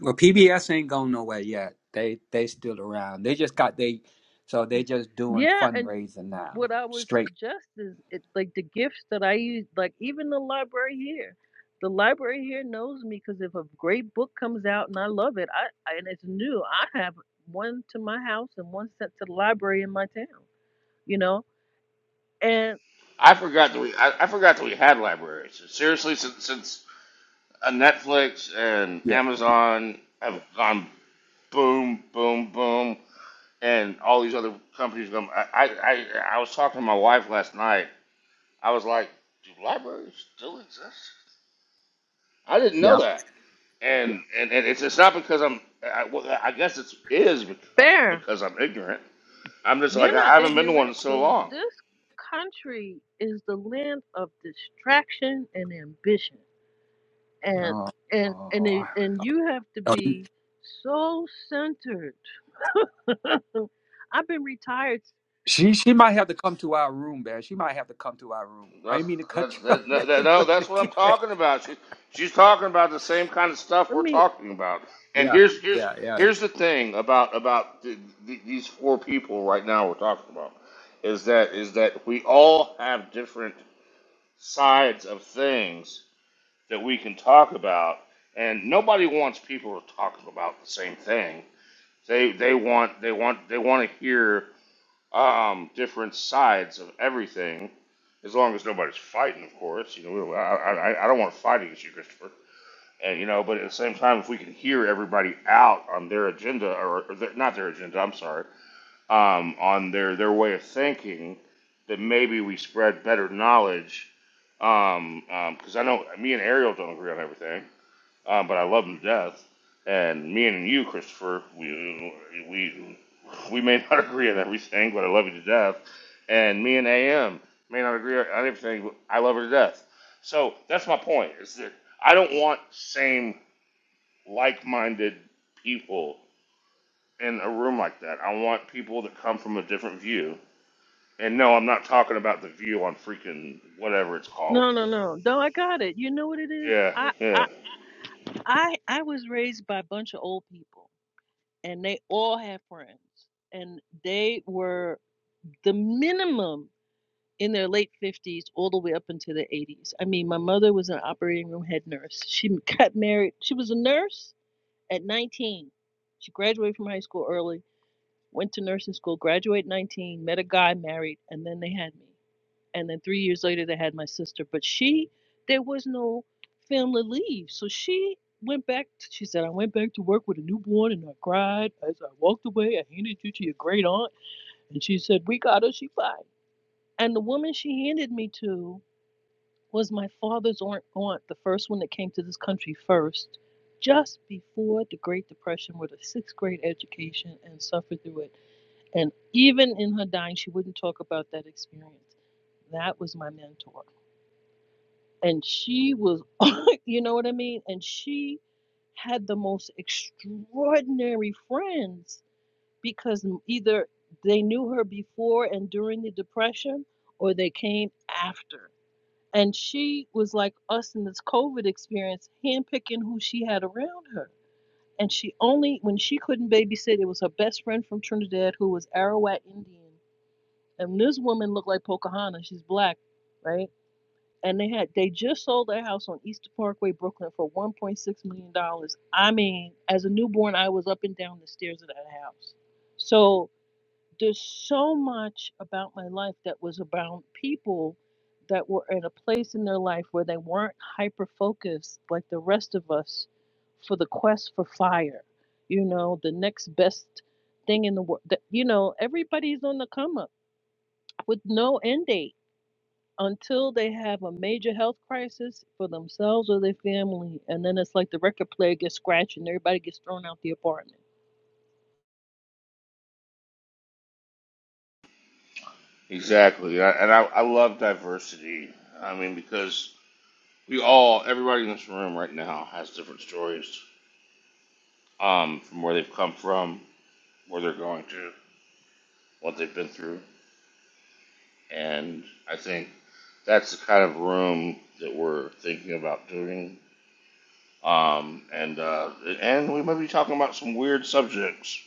S3: Well, PBS ain't going nowhere yet. They they still around. They just got they, so they just doing
S8: Yeah, and
S3: fundraising now.
S8: what I would
S3: Straight.
S8: suggest is it like the gifts that I use, like even the library here. The library here knows me because if a great book comes out and I love it, I I- and it's new, I have one to my house and one sent to the library in my town. You know, and
S2: I forgot that we I, I forgot that we had libraries. Seriously, since since uh, Netflix and
S3: Yeah.
S2: Amazon have gone boom, boom, boom, and all these other companies come. I I I, I was talking to my wife last night. I was like, do libraries still exist? I didn't know
S3: Yeah.
S2: that. And and, and it's it's not because I'm. I, well, I guess it is because
S8: fair.
S2: because I'm ignorant I'm just like
S8: You're
S2: I
S8: not
S2: haven't been to one in
S8: ignorant.
S2: so
S8: The
S2: long.
S8: this country is the land of distraction and ambition and
S3: Oh,
S8: and and
S3: oh.
S8: they, and you have to
S3: Oh,
S8: be so centered. I've been retired.
S3: She she might have to come to our room, man. She might have to come to our room. I
S2: That's
S3: didn't mean to cut
S2: that's
S3: you off.
S2: that, that, that- no, that's what I'm
S3: yeah.
S2: talking about. She, she's talking about the same kind of stuff
S8: Let
S2: we're
S8: me.
S2: talking about. And
S3: Yeah.
S2: here's here's
S3: Yeah. Yeah.
S2: here's the thing about about the, the, these four people right now we're talking about is that is that we all have different sides of things that we can talk about, and nobody wants people to talk about the same thing. They they want they want they want to hear um, different sides of everything, as long as nobody's fighting, of course. You know, I, I, I don't want to fight against you, Christopher. And you know, but at the same time, if we can hear everybody out on their agenda, or, or their, not their agenda, I'm sorry, um, on their their way of thinking, then maybe we spread better knowledge. Um, um 'cause because I know me and Ariel don't agree on everything um, but I love him to death. And me and you, Christopher, we we we may not agree on everything, but I love you to death. And me and AM may not agree on everything, but I love her to death. So that's my point: is that I don't want same like-minded people in a room like that. I want people that come from a different view. And no, I'm not talking about the view on freaking whatever it's called.
S8: No, no, no. No, I got it. You know what it is?
S2: Yeah,
S8: I
S2: yeah.
S8: I I I was raised by a bunch of old people, and they all had friends, and they were the minimum in their late 50s all the way up into their 80s. I mean, my mother was an operating room head nurse. She got married. She was a nurse at 19. She graduated from high school early Went to nursing school, graduated 19, met a guy, married, and then they had me. And then three years later, they had my sister. But she, there was no family leave. So she went back, t- she said, I went back to work with a newborn and I cried. As I walked away, I handed you to your great aunt. And she said, We got her, she fine. And the woman she handed me to was my father's aunt, aunt, the first one that came to this country first, just before the Great Depression with a sixth grade education and suffered through it and even in her dying, she wouldn't talk about that experience. That was my mentor. And she was, you know what I mean? And she had the most extraordinary friends because either they knew her before and during the Depression or they came after. And she was like us in this COVID experience, handpicking who she had around her. And she only, when she couldn't babysit, it was her best friend from Trinidad who was Arawat Indian and this woman looked like Pocahontas. She's black, right? And they had they just sold their house on East Parkway, Brooklyn, for 1.6 million dollars. I mean, as a newborn, I was up and down the stairs of that house. So there's so much about my life that was about people that were in a place in their life where they weren't hyper focused like the rest of us for the quest for fire. You know, the next best thing in the world. You know, everybody's on the come up with no end date until they have a major health crisis for themselves or their family. And then it's like the record player gets scratched and everybody gets thrown out the apartment.
S2: Exactly, and I, and I, I love diversity. I mean, because we all, everybody in this room right now, has different stories um, from where they've come from, where they're going to, what they've been through, and I think that's the kind of room that we're thinking about doing. Um, and uh, and we might be talking about some weird subjects.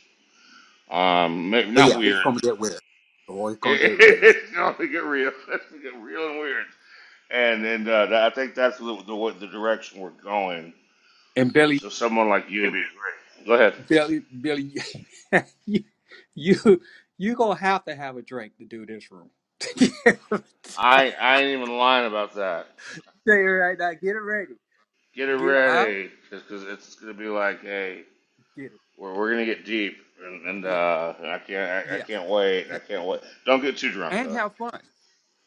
S2: Um, maybe
S3: But
S2: not
S3: yeah, it's
S2: weird.
S3: gonna get weird. Oh, it's gonna get weird.
S2: it's going to get real. It's going to get real and weird. And and uh, I think that's the, the the direction we're going
S3: And Billy.
S2: So someone like you would be great. Go ahead.
S3: Billy, Billy, you, you, you gonna have to have a drink to do this room. Say
S2: I I ain't even lying about that.
S3: it right now. Get it ready.
S2: Get it
S3: Get it, huh?
S2: ready, because it's gonna be like, hey,
S3: Get it.
S2: we're, we're gonna get deep, and, and
S3: Yeah,
S2: uh, I can't I, I
S3: yeah,
S2: can't wait.
S3: yeah.
S2: I can't wait. Don't get too drunk
S3: And
S2: though.
S3: have fun.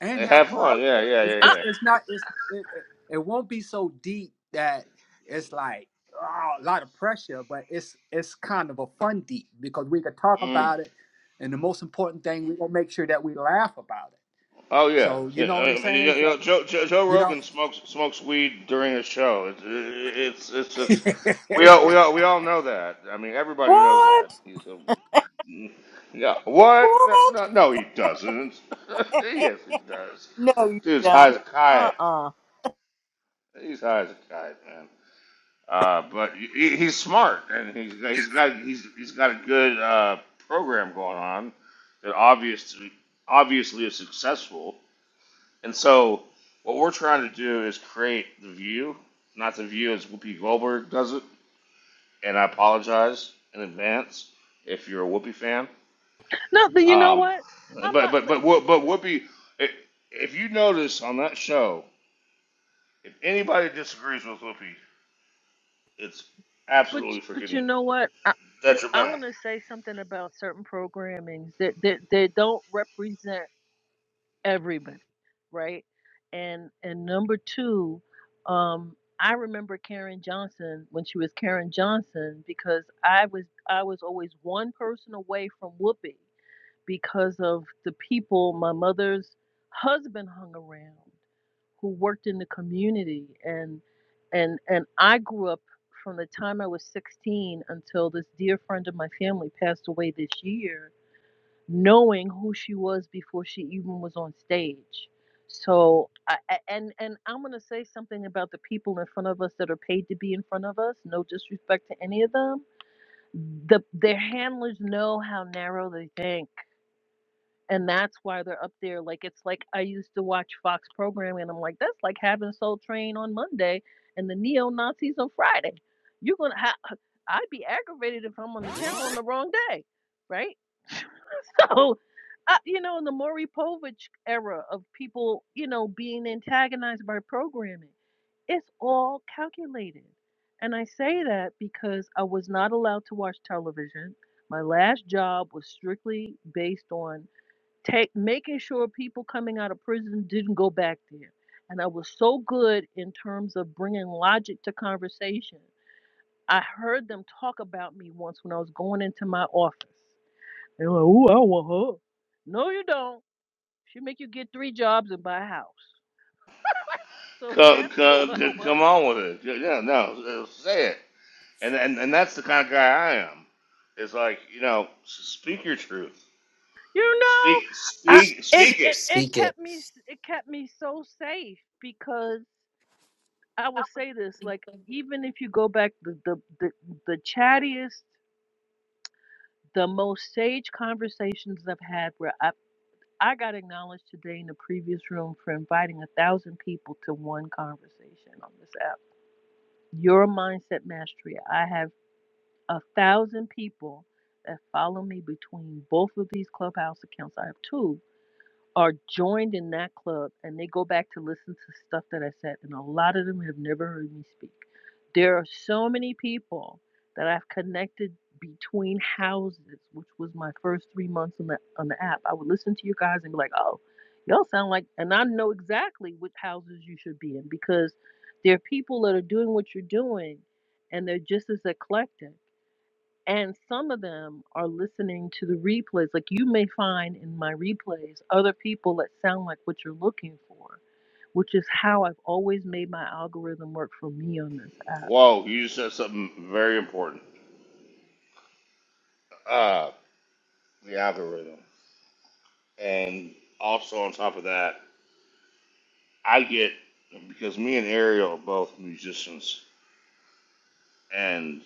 S3: And
S2: Hey,
S3: have
S2: have
S3: fun.
S2: fun. Yeah, yeah,
S3: It's
S2: yeah,
S3: it's
S2: yeah.
S3: it's not it's it, it, it won't be so deep that it's like oh, a lot of pressure, but it's it's kind of a fun deep because we could talk
S2: Mm.
S3: about it, and the most important thing we gonna make sure that we laugh about it.
S2: Oh yeah.
S3: So you
S2: yeah
S3: know
S2: I
S3: what I'm
S2: mean,
S3: saying?
S2: you
S3: So.
S2: know, Joe, Joe, Joe
S3: You know,
S2: Rogan smokes smokes weed during his show. It's it's it's, it's we all we all we all know that. I mean, everybody knows
S1: What?
S2: that. He's a Yeah, what? No,
S1: What?
S2: no, no, he doesn't. yes, he does.
S1: no, you
S2: Dude's high
S1: don't.
S2: as a
S1: Uh
S2: kite.
S1: uh
S2: He's high as a kite, man. Uh, but he, he's smart, and he's he's got he's he's got a good uh, program going on that obviously obviously is successful. And so, what we're trying to do is create the view, not the view as Whoopi Goldberg does it. And I apologize in advance if you're a Whoopi fan
S8: No, but you know
S2: Um,
S8: what? I'm
S2: but
S8: not,
S2: but
S8: but
S2: but Who- but Whoopi, i- if you notice on that show, if anybody disagrees with Whoopi, it's absolutely
S8: but you
S2: freaking
S8: know what? I, I
S2: detrimental.
S8: want to say something about certain programmings that that they don't represent everybody, right? And and number two, um, I remember Karen Johnson when she was Karen Johnson because I was I was always one person away from Whoopi because of the people my mother's husband hung around who worked in the community and and and I grew up from the time I was 16 until this dear friend of my family passed away this year knowing who she was before she even was on stage so I, and and I'm going to say something about the people in front of us that are paid to be in front of us no disrespect to any of them the their handlers know how narrow they think and that's why they're up there. Like it's like I used to watch Fox programming and I'm like, that's like having Soul Train on Monday and the neo Nazis on Friday. You're gonna ha- uh, I'd be aggravated if I'm on the channel on the wrong day, right? So uh, you know, in the Maury Povich era of people, you know, being antagonized by programming, it's all calculated. And I say that because I was not allowed to watch television. My last job was strictly based on take making sure people coming out of prison didn't go back there. And I was so good in terms of bringing logic to conversation. I heard them talk about me once when I was going into my office. They were like, "Ooh, I don't want her." No, you don't. She make you get three jobs and buy a house. So
S2: Come,
S8: that's who I
S2: come, come
S8: was.
S2: on with it. Yeah, yeah, no, uh, say it. And, and and that's the kind of guy I am. It's like you know, s- speak your truth.
S8: You know,
S2: Speak
S8: I
S2: speak
S8: it,
S4: S-
S2: speak it.
S8: it it
S4: speak it.
S8: kept me it kept me so safe because I will say this, like even if you go back the the the, the chattiest, the most sage conversations I've had where I I got acknowledged today in the previous room for inviting a thousand people to one conversation on this app. Your mindset mastery. I have a thousand people that follow me between both of these clubhouse accounts. I have two are joined in that club and they go back to listen to stuff that I said, and a lot of them have never heard me speak. There are so many people that I've connected between houses, which was my first three months on the on the app. I would listen to you guys and be like, "Oh, y'all sound like," and I know exactly which houses you should be in because there are people that are doing what you're doing, and they're just as eclectic. And some of them are listening to the replays. Like you may find in my replays other people that sound like what you're looking for, which is how I've always made my algorithm work for me on this app.
S2: Whoa, you just said something very important. Uh, the algorithm, and also on top of that. I get because me and Ariel are both musicians, and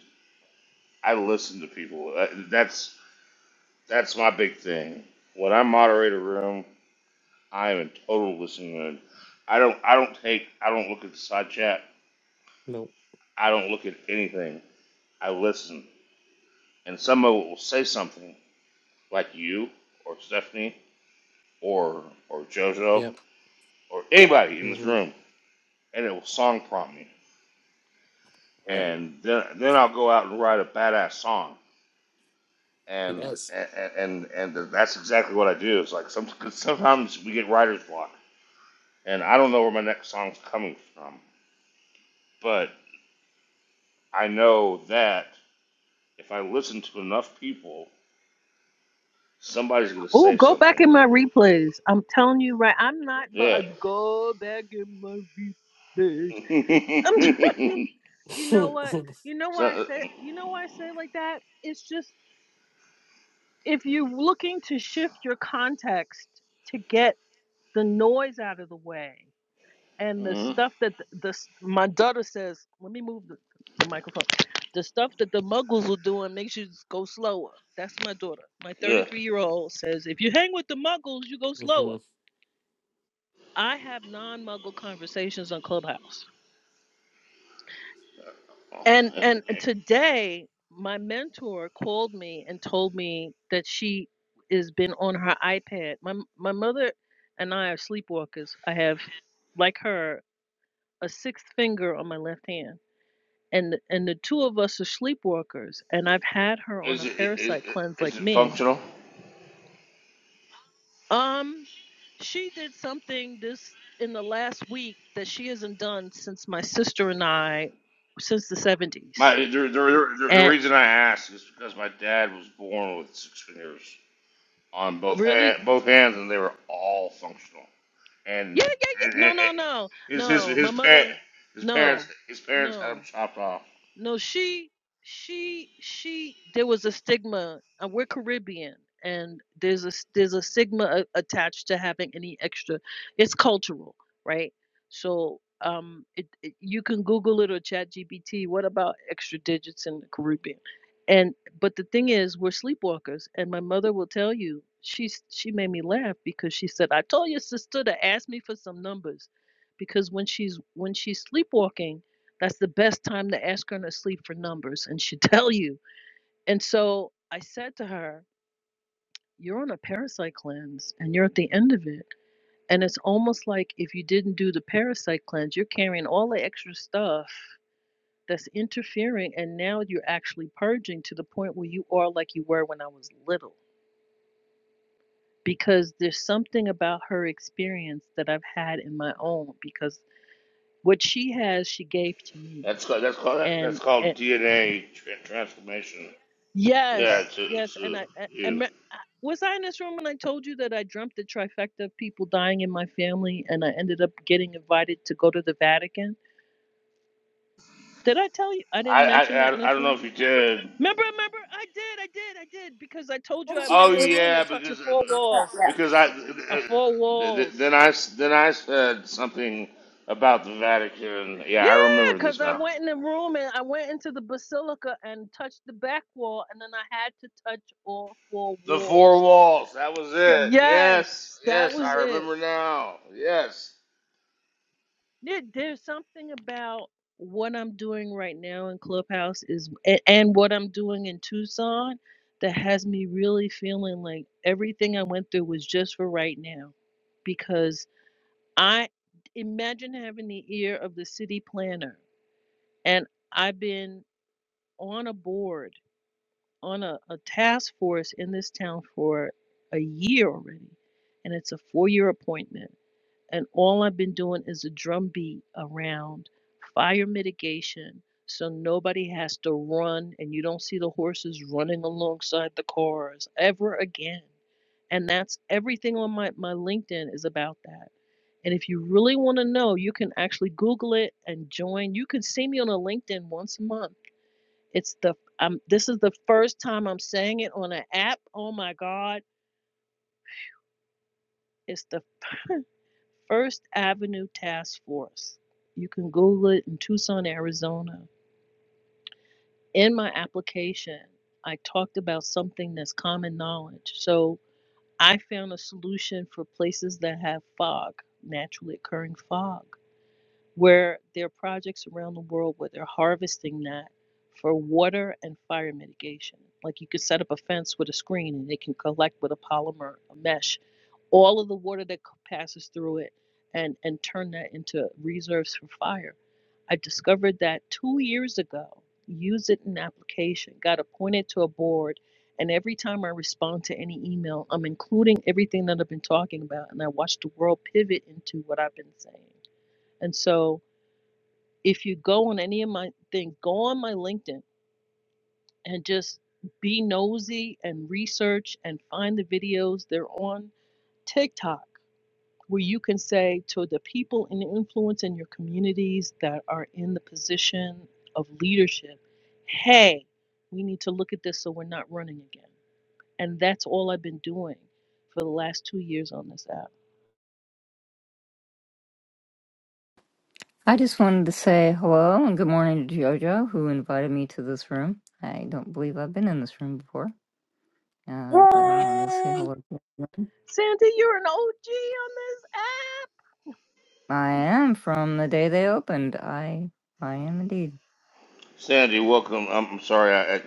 S2: I listen to people. Uh, That's that's my big thing. When I moderate a room, I am in total listening mode. I don't I don't take I don't look at the side chat.
S4: Nope.
S2: I don't look at anything. I listen, and someone will say something like you or Stephanie or or JoJo
S4: Yep.
S2: or anybody in this
S4: Mm-hmm.
S2: room, and it will song prompt me,
S4: And
S2: and then then I'll go out and write a badass song
S4: It
S2: and
S4: does.
S2: and and and that's exactly what I do. It's like some, sometimes we get writer's block, and I don't know where my next song's coming from, but I know that if I listen to enough people, somebody's gonna
S8: Oh,
S2: say
S8: go back
S2: something.
S8: in my replays. I'm telling you, right? I'm not, but
S2: Yeah.
S8: uh, go back in my replays. I'm- you know what? You know why I
S2: so,
S8: say? You know why I say it like that? It's just if you're looking to shift your context to get the noise out of the way and the
S2: mhm,
S8: stuff that the, the my daughter says, let me move the, the microphone. The stuff that the muggles are doing makes you s- go slower. That's my daughter. My
S2: Yeah.
S8: 33 year old says, if you hang with the muggles, you go slower.
S4: hmm
S8: I have non muggle conversations on Clubhouse. And and today my mentor called me and told me that she has been on her iPad. My my mother and I are sleepwalkers. I have like her a sixth finger on my left hand and and the two of us are sleepwalkers and i've had her on
S2: Is
S8: a
S2: it is,
S8: parasite cleanse
S2: is
S8: like
S2: it
S8: me
S2: functional?
S8: um she did something this in the last week that she hasn't done since my sister and i since the 70s
S2: My the, the, the, the
S8: and
S2: reason I ask is because my dad was born with six fingers. on both
S8: really
S2: hand, both hands, and they were all functional.
S8: yeah
S2: And,
S8: yeah yeah
S2: and,
S8: no
S2: and
S8: no no
S2: his his
S8: no
S2: his
S8: my
S2: parent,
S8: mother
S2: his parents
S8: no
S2: his parents had him
S8: no
S2: chopped off.
S8: No, she, she, she. There was a stigma. Uh, we're Caribbean, and there's a s- there's a stigma a, attached to having any extra. It's cultural, right? So, um, it, it- you can Google it or Chat GPT. What about extra digits in the Caribbean? And but the thing is, we're sleepwalkers, and my mother will tell you. She's she made me laugh because she said, "I told your sister to ask me for some numbers," because when she's when she's sleepwalking that's the best time to ask her in her sleep for numbers, and she would tell you. And so I said to her, You're on a parasite cleanse, and you're at the end of it. And it's almost like if you didn't do the parasite cleanse, you're carrying all the extra stuff that's interfering. And now you're actually purging to the point where you are like you were when I was little. Because there's something about her experience that I've had in my own, because what she has, she gave to me
S2: That's called, that's called that's
S8: and
S2: called DNA tra- transformation. Yeah,
S8: Yes,
S2: to
S8: yes, and
S2: to
S8: I, I, I
S2: you.
S8: me- I- was I in this room when I told you that I dreamt the trifecta of people dying in my family, and I ended up getting invited to go to the Vatican. Did I tell you? I
S2: I,
S8: didn't
S2: I
S8: mention that in
S2: I I
S8: this
S2: don't know if
S8: room.
S2: you did.
S8: Remember, remember, I did, I did, I did, because I told you I went
S2: Oh
S8: in the room
S2: yeah,
S8: and talked to
S2: because uh,
S8: four walls,
S2: because I
S8: uh, four
S2: then
S8: walls.
S2: I then I said something about the Vatican. Yeah,
S8: Yeah,
S2: I remember this
S8: because I
S2: now.
S8: went in the room and I went into the basilica and touched the back wall, and then I had to touch all four
S2: The four
S8: walls.
S2: walls. That was it. Yes,
S8: Yes, that
S2: yes,
S8: was
S2: I
S8: it.
S2: remember now. Yes.
S8: There, there's something about what I'm doing right now in Clubhouse is and, and what I'm doing in Tucson that has me really feeling like everything I went through was just for right now because I imagine having the ear of the city planner and I've been on a board on a, a task force in this town for a year already and it's a four-year appointment and all I've been doing is a drumbeat around fire mitigation so nobody has to run and you don't see the horses running alongside the cars ever again. And that's everything on my, my LinkedIn is about that. And if you really want to know, you can actually Google it and join. You can see me on a LinkedIn once a month. It's the um, this is the first time I'm saying it on an app. Oh my God. It's the First Avenue Task Force. You can Google it in Tucson, Arizona. In my application, I talked about something that's common knowledge. So I found a solution for places that have fog, naturally occurring fog, where there are projects around the world where they're harvesting that for water and fire mitigation. Like you could set up a fence with a screen and they can collect with a polymer mesh all of the water that passes through it and and turn that into reserves for fire i discovered that two years ago use it in application got appointed to a board and every time i respond to any email i'm including everything that i've been talking about and i watch the world pivot into what i've been saying and so if you go on any of my things go on my linkedin and just be nosy and research and find the videos they're on tiktok where you can say to the people in influence in your communities that are in the position of leadership, hey, we need to look at this so we're not running again. And that's all I've been doing for the last two years on this app.
S9: I just wanted to say hello and good morning to JoJo, who invited me to this room. I don't believe I've been in this room before, uh, but I wanted to say
S1: Yay.
S9: hello.
S8: Sandy, you're an OG
S9: I am from the day they opened. I, I am indeed.
S2: Sandy, welcome. I'm, I'm sorry. I, I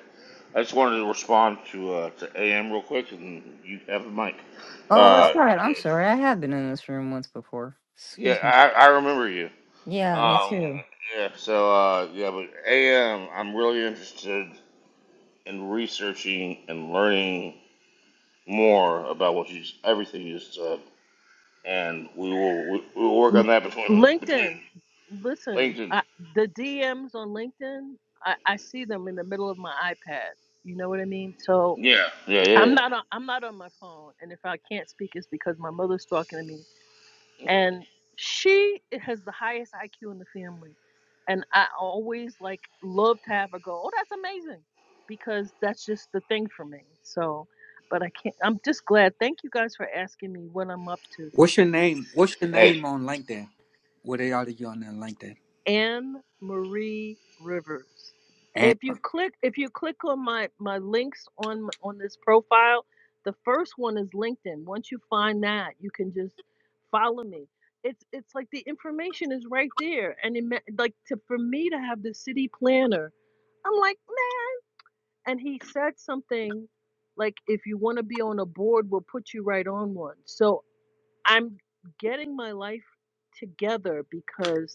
S2: I just wanted to respond to uh, to AM real quick, and you have the mic.
S9: Oh, that's
S2: Uh,
S9: right. I'm sorry. I have been in this room once before.
S2: yeah,
S9: Excuse me.
S2: I, I remember you.
S9: Yeah, me
S2: Um,
S9: too.
S2: yeah. So uh, yeah, but AM, I'm really interested in researching and learning more about what you just- everything you just said, and we will we, we will work
S8: on
S2: on
S8: this app. L-
S2: that between
S8: LinkedIn,
S2: between
S8: listen,
S2: LinkedIn.
S8: I, the DMs on LinkedIn, I, I see them in the middle of my iPad. You know what I mean? So
S2: Yeah. Yeah. Yeah.
S8: I'm
S2: yeah.
S8: not on, I'm not on my phone, and if I can't speak, it's because my mother's talking to me, and she has the highest IQ in the family, and I always like love to have her go, oh, that's amazing, because that's just the thing for me. So, but I can't. I'm just glad. Thank you guys for asking me what I'm up to,
S3: what's your name? What's your
S2: Hey,
S3: name on LinkedIn? Where they are to you on their LinkedIn?
S8: Anne Marie Rivers.
S3: And
S8: If you click if you click on my my links on on this profile, the first one is LinkedIn. Once you find that, you can just follow me. It's it's like the information is right there, and it, ma- like to for me to have the city planner, I'm like man, and he said something like if you want to be on a board, we'll put you right on one. So I'm getting my life together because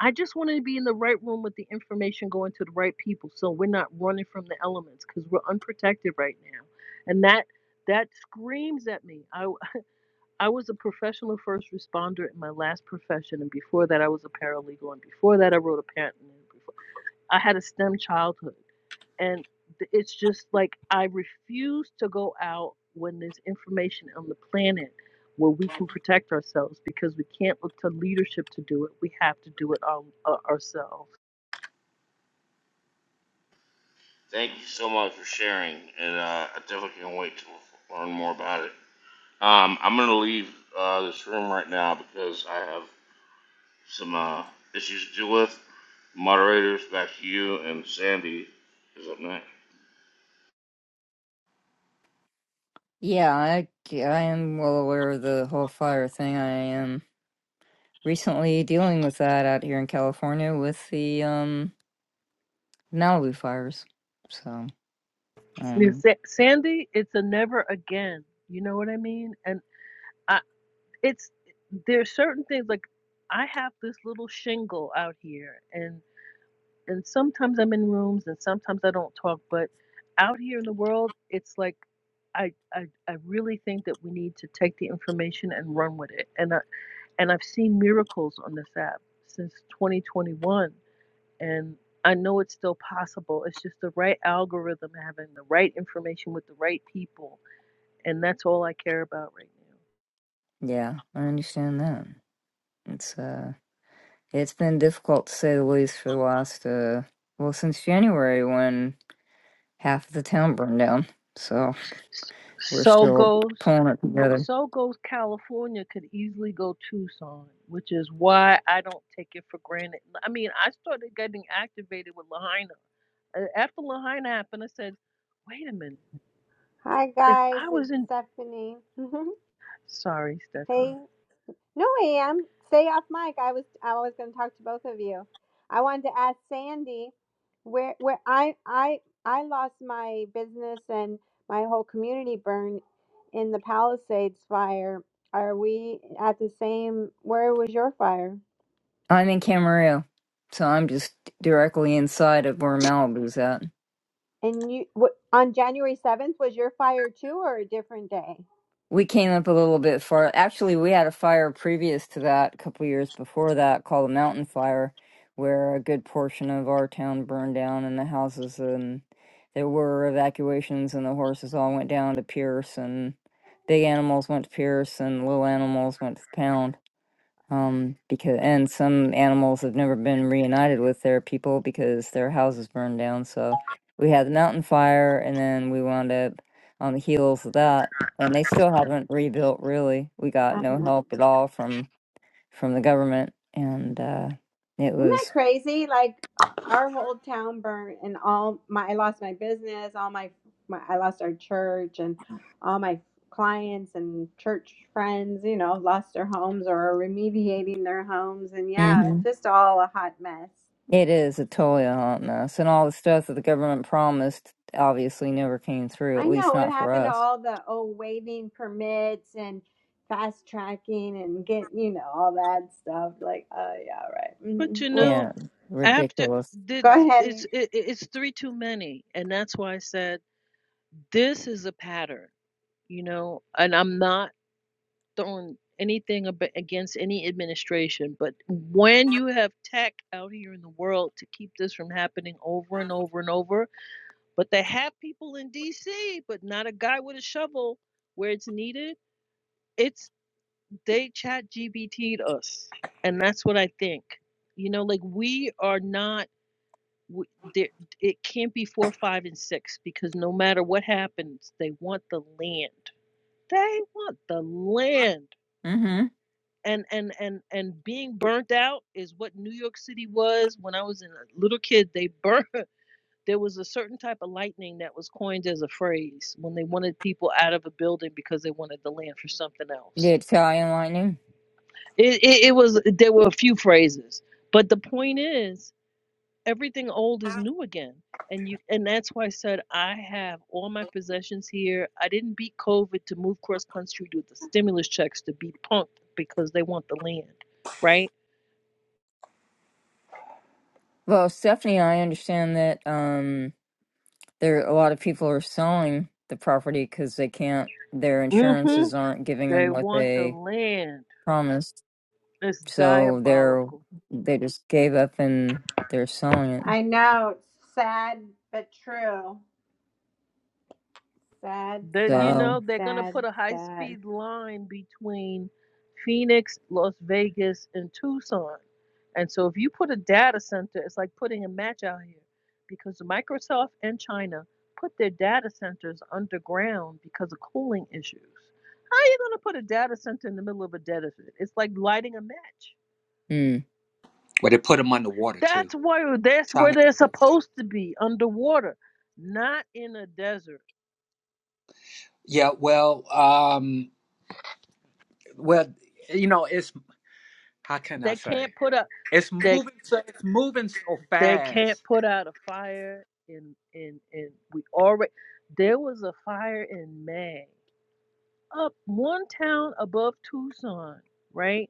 S8: I just want to be in the right room with the information going to the right people so we're not running from the elements because we're unprotected right now. And that that screams at me. I I was a professional first responder in my last profession and before that I was a paralegal and before that I wrote a patent I had a STEM childhood. And th- it's just like I refuse to go out when there's information on the planet where we can protect ourselves because we can't look to leadership to do it. We have to do it our, uh, ourselves.
S2: Thank you so much for sharing, and uh, I definitely can't wait to learn more about it. Um, I'm gonna leave uh, this room right now because I have some uh, issues to deal with. Moderators, back to you, and Sandy is up next.
S9: Yeah, I, I am well aware of the whole fire thing. I am recently dealing with that out here in California with the um Malibu fires. So.
S8: You know,
S9: um,
S8: Sa- Sandy, it's a never again. You know what I mean? And I, it's there's certain things like I have this little shingle out here, and and sometimes I'm in rooms and sometimes I don't talk, but out here in the world, it's like I, I I really think that we need to take the information and run with it. And I, and I've seen miracles on this app since 2021, and I know it's still possible. It's just the right algorithm, having the right information with the right people, and that's all I care about right now.
S9: Yeah, I understand that. It's uh it's been difficult to say the least for the last uh well since January when half of the town burned down. So
S8: So
S9: we're still
S8: goes.
S9: pulling it together.
S8: So goes California could easily go Tucson, which is why I don't take it for granted. I mean, I started getting activated with Lahaina. Uh, After Lahaina happened, I said, wait a minute.
S5: Hi
S8: If
S5: guys,
S8: I
S5: it's
S8: was in,
S5: Stephanie.
S8: sorry,
S5: hey.
S8: Stephanie,
S5: No, I am. Stay off mic. I was I was going to talk to both of you. I wanted to ask Sandy where where I I I lost my business and my whole community burn in the Palisades fire. Are we at the same? Where was your fire?
S9: I'm in Camarillo, so I'm just directly inside of where Malibu's at.
S5: And you wh- on January seventh was your fire too, or a different day?
S9: We came up a little bit far. Actually, we had a fire previous to that, a couple years before that, called a mountain fire, where a good portion of our town burned down and the houses and there were evacuations and the horses all went down to Pierce and big animals went to Pierce and little animals went to the pound um because and some animals have never been reunited with their people because their houses burned down so we had the mountain fire and then we wound up on the heels of that and they still haven't rebuilt really we got no help at all from from the government and uh it
S5: Isn't that
S9: was
S5: crazy? Like our whole town burned, and all my I lost my business, all my, my I lost our church, and all my clients and church friends. You know, lost their homes or are remediating their homes, and yeah, it's
S9: Mhm.
S5: just all a hot mess.
S9: it is a totally a hot mess and all the stuff that the government promised obviously never came through at
S5: I
S9: least
S5: know what
S9: not for
S5: happened to
S9: us
S5: all the oh waiving permits and fast tracking and get you know all that stuff. Like, oh yeah, right.
S8: but
S5: Mm-hmm.
S8: you
S5: Well,
S8: know,
S9: yeah
S8: after
S9: ridiculous
S5: go
S8: did
S5: ahead.
S8: it's
S5: and-
S8: it, it's three too many, and that's why I said this is a pattern, you know. And I'm not throwing anything ab- against any administration, but when you have tech out here in the world to keep this from happening over and over and over, but they have people in DC, but not a guy with a shovel where it's needed, it's they chat GBT'd us. And that's what I think. You know, like we are not. w- there- It can't be four, five, and six because no matter what happens, they want the land. They want the land
S9: mm-hmm
S8: and and and and being burnt out is what New York City was when I was in a little kid. They burnt. There was a certain type of lightning that was coined as a phrase when they wanted people out of a building because they wanted the land for something
S9: the
S8: else.
S9: italian lightning
S8: It, it, it was there were a few phrases, but the point is everything old is new again, and you and that's why I said I have all my possessions here. I didn't beat COVID to move cross country with the stimulus checks to be punked because they want the land, right?
S9: Well, Stephanie, I understand that um, there a lot of people are selling the property because they can't, their
S8: hmm
S9: insurances aren't giving
S8: They
S9: them what
S8: want the
S9: they
S8: land.
S9: promised.
S8: It's
S9: So they're
S8: diabolical.
S9: they just gave up and they're selling it.
S5: I know it's sad but true. Sad,
S8: That you
S5: sad,
S9: So,
S8: know they're gonna put
S5: sad,
S8: a high
S5: sad.
S8: speed line between Phoenix, Las Vegas, and Tucson. And so if you put a data center, it's like putting a match out here, because Microsoft and China put their data centers underground because of cooling issues. How are you gonna put a data center in the middle of a desert? It's like lighting a match.
S9: mm,
S3: where they put them underwater too.
S8: That's where that's
S3: Try
S8: where they're
S3: to-
S8: supposed to be, underwater, not in a desert.
S3: Yeah, well, um, well, you know, it's how can I
S8: They
S3: say?
S8: can't put up
S3: It's
S8: they
S3: moving so it's moving so
S8: they can't
S3: fast.
S8: put out a fire in in in we already there was a fire in May. Up one town above Tucson, right?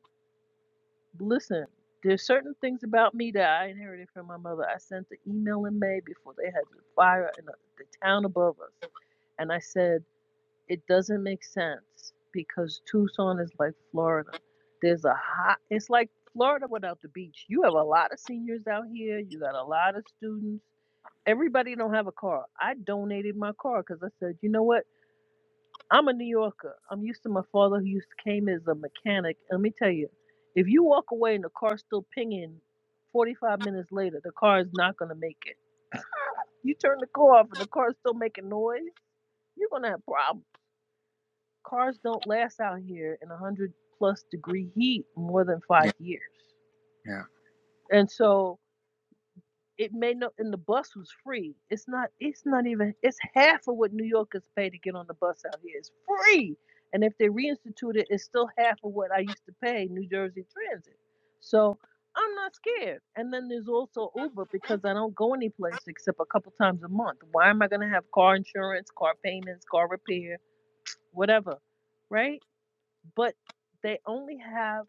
S8: Listen, there's certain things about me that I inherited from my mother. I sent the email in May before they had the fire in the, the town above us. And I said it doesn't make sense because Tucson is like Florida. There's a hot, it's like Florida without the beach. You have a lot of seniors out here, you got a lot of students. Everybody don't have a car. I donated my car because I said, you know what? I'm a New Yorker. I'm used to my father who used to came as a mechanic. Let me tell you, if you walk away and the car's still pinging 45 minutes later, the car is not going to make it. You turn the car off and the car's still making noise, you're going to have problems cars don't last out here in 100 plus degree heat more than five
S3: Yeah.
S8: years
S3: Yeah,
S8: and so it may not and the bus was free it's not it's not even it's half of what new yorkers pay to get on the bus out here it's free and if they reinstitute it it's still half of what i used to pay new jersey transit so i'm not scared and then there's also uber because i don't go anyplace except a couple times a month why am i going to have car insurance car payments car repair whatever right but they only have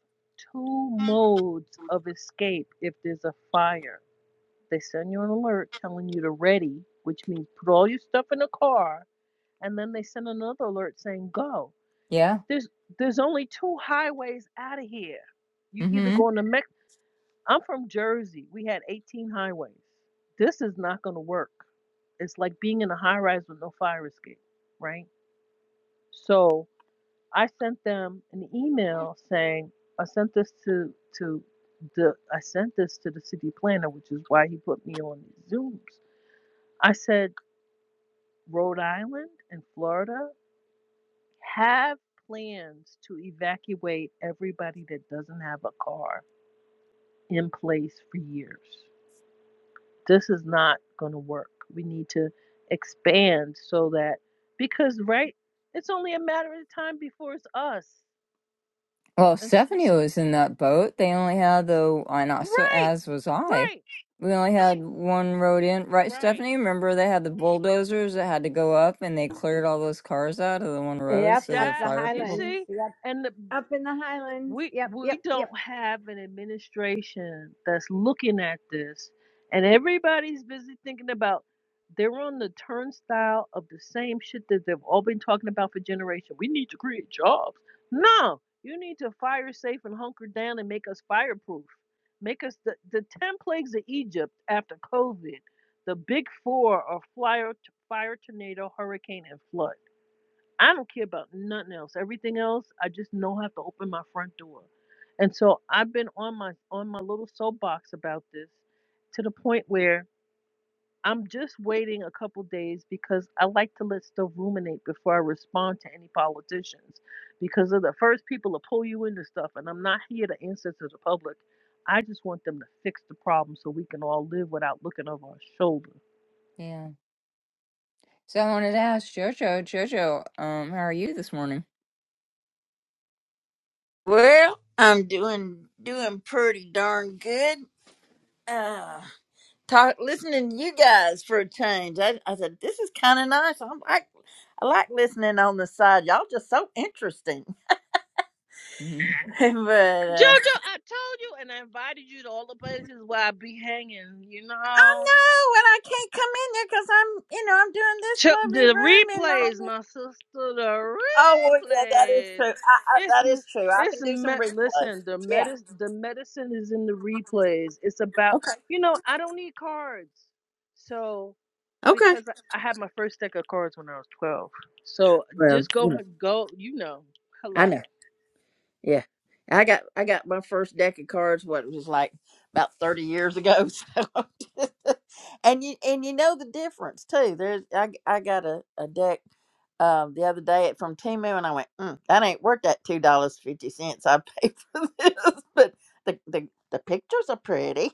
S8: two modes of escape if there's a fire. They send you an alert telling you to ready, which means put all your stuff in the car, and then they send another alert saying go.
S9: yeah.
S8: There's there's only two highways out of here. You either
S9: hmm
S8: go into Mex. I'm from Jersey. We had 18 highways. This is not going to work. It's like being in a high rise with no fire escape, right? So I sent them an email saying I sent this to to the I sent this to the city planner, which is why he put me on these Zooms. I said Rhode Island and Florida have plans to evacuate everybody that doesn't have a car in place for years. This is not going to work. We need to expand so that because right, it's only a matter of time before it's us.
S9: Well,
S8: And
S9: Stephanie was in that boat. They only had the, and also
S8: right,
S9: as was I.
S8: right
S9: We only had one road in, right,
S8: Right.
S9: Stephanie? Remember they had the bulldozers that had to go up and they cleared all those cars out of the one road
S5: Yep,
S9: so
S5: up
S9: the
S8: That
S5: the
S9: fire
S8: you
S9: people.
S5: highlands.
S8: see,
S5: Yep,
S8: and the,
S5: up in the highlands.
S8: we
S5: Yep, yep,
S8: we
S5: yep.
S8: don't have an administration that's looking at this, and everybody's busy thinking about they're on the turnstile of the same shit that they've all been talking about for generations. We need to create jobs. No, you need to fire safe and hunker down and make us fireproof. Make us the the ten plagues of Egypt after COVID. The big four are flyer, fire, tornado, hurricane, and flood I don't care about nothing else. Everything else, I just know I have to open my front door. And so I've been on my on my little soapbox about this to the point where I'm just waiting a couple days because I like to let stuff ruminate before I respond to any politicians because they're the first people to pull you into stuff and I'm not here to answer to the public. I just want them to fix the problem so we can all live without looking over our shoulders.
S9: Yeah. So I wanted to ask Jojo, Jojo, um, how are you this morning?
S1: Well, I'm doing doing pretty darn good. uh talk listening to you guys for a change. I, I said this is kind of nice. I'm like I like listening on the side. Y'all just so interesting.
S9: hmm
S1: but uh,
S8: Jojo, I told you, and I invited you to all the places where I be hanging. You
S1: I
S8: know,
S1: know, and I can't come in there because I'm you know I'm doing this
S8: Ch-
S1: lovely
S8: the
S1: room and all
S8: replays,
S1: this.
S8: my sister, the
S1: Oh well, yeah, that is
S8: replays.
S1: true. I, I,
S8: It's
S1: that is true. I
S8: it's
S1: can do some
S8: me-
S1: replay.
S8: listen. The
S1: Yeah.
S8: medicine, the medicine is in the replays. It's about
S1: Okay.
S8: you know. I don't need cards, so
S1: Okay.
S8: because I, I had my first deck of cards when I was twelve. So
S1: Well,
S8: just
S1: you
S8: go
S1: know,
S8: go. You know,
S1: I know.
S8: hello.
S1: Yeah. I got I got my first deck of cards what it was like about 30 years ago. So and you and you know the difference too. There's I I got a, a deck um the other day from Timu and I went, mm, that ain't worth that two dollars fifty cents I paid for this. But the, the the pictures are pretty.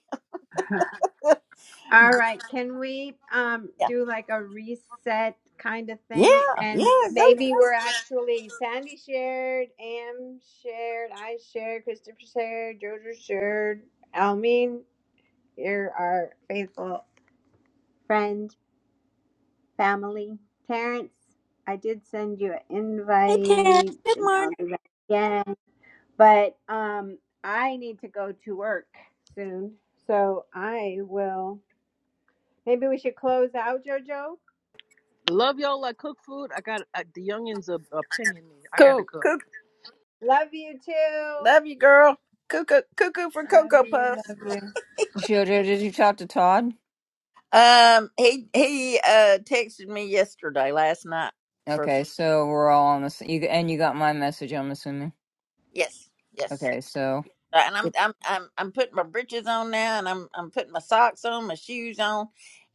S5: All right, can we um
S1: Yeah.
S5: do like a reset kind of thing?
S1: Yeah. Yeah.
S5: And s-
S1: Go,
S5: maybe
S1: go.
S5: we're actually Sandy shared, Am shared, I shared, Christopher shared, Jojo shared, Almeen, you're our faithful friend, family, Terrence. I did send you an
S1: Hey, Tara.
S5: invite.
S1: Good morning.
S5: I'll do that But um, I need to go to work soon. So I will. Maybe we should close out, JoJo.
S8: Love y'all like cook food. I got I, the youngins are, are pinging me. I gotta
S1: Cool.
S8: go.
S1: Cool.
S5: Love you too.
S1: Love you, girl. Cuckoo cuckoo for
S5: Love
S1: cocoa
S5: you.
S1: puffs.
S5: Love you.
S9: Jojo, did you talk to Todd?
S1: Um, he he uh texted me yesterday, last night for a
S9: Okay,
S1: few.
S9: so we're all on this, you, and you got my message, I'm assuming.
S1: Yes, yes.
S9: Okay, so.
S1: Uh, And I'm
S9: Yep.
S1: I'm I'm I'm putting my britches on now, and I'm I'm putting my socks on, my shoes on,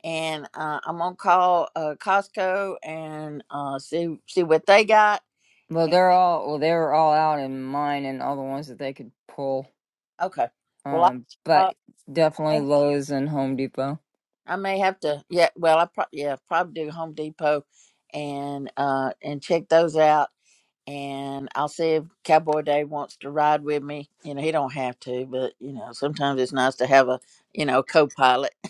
S1: and uh, I'm gonna call uh Costco and uh see see what they got.
S9: Well, they're all well. They were all out in mine, and all the ones that they could pull.
S1: Okay. Well,
S9: Um,
S1: I uh,
S9: but
S1: I
S9: definitely
S1: may
S9: Lowe's and Home Depot.
S1: I may have to yeah. Well, I probably yeah probably do Home Depot, and uh and check those out and I'll see if Cowboy Dave wants to ride with me. You know, he don't have to, but you know, sometimes it's nice to have a you know co-pilot.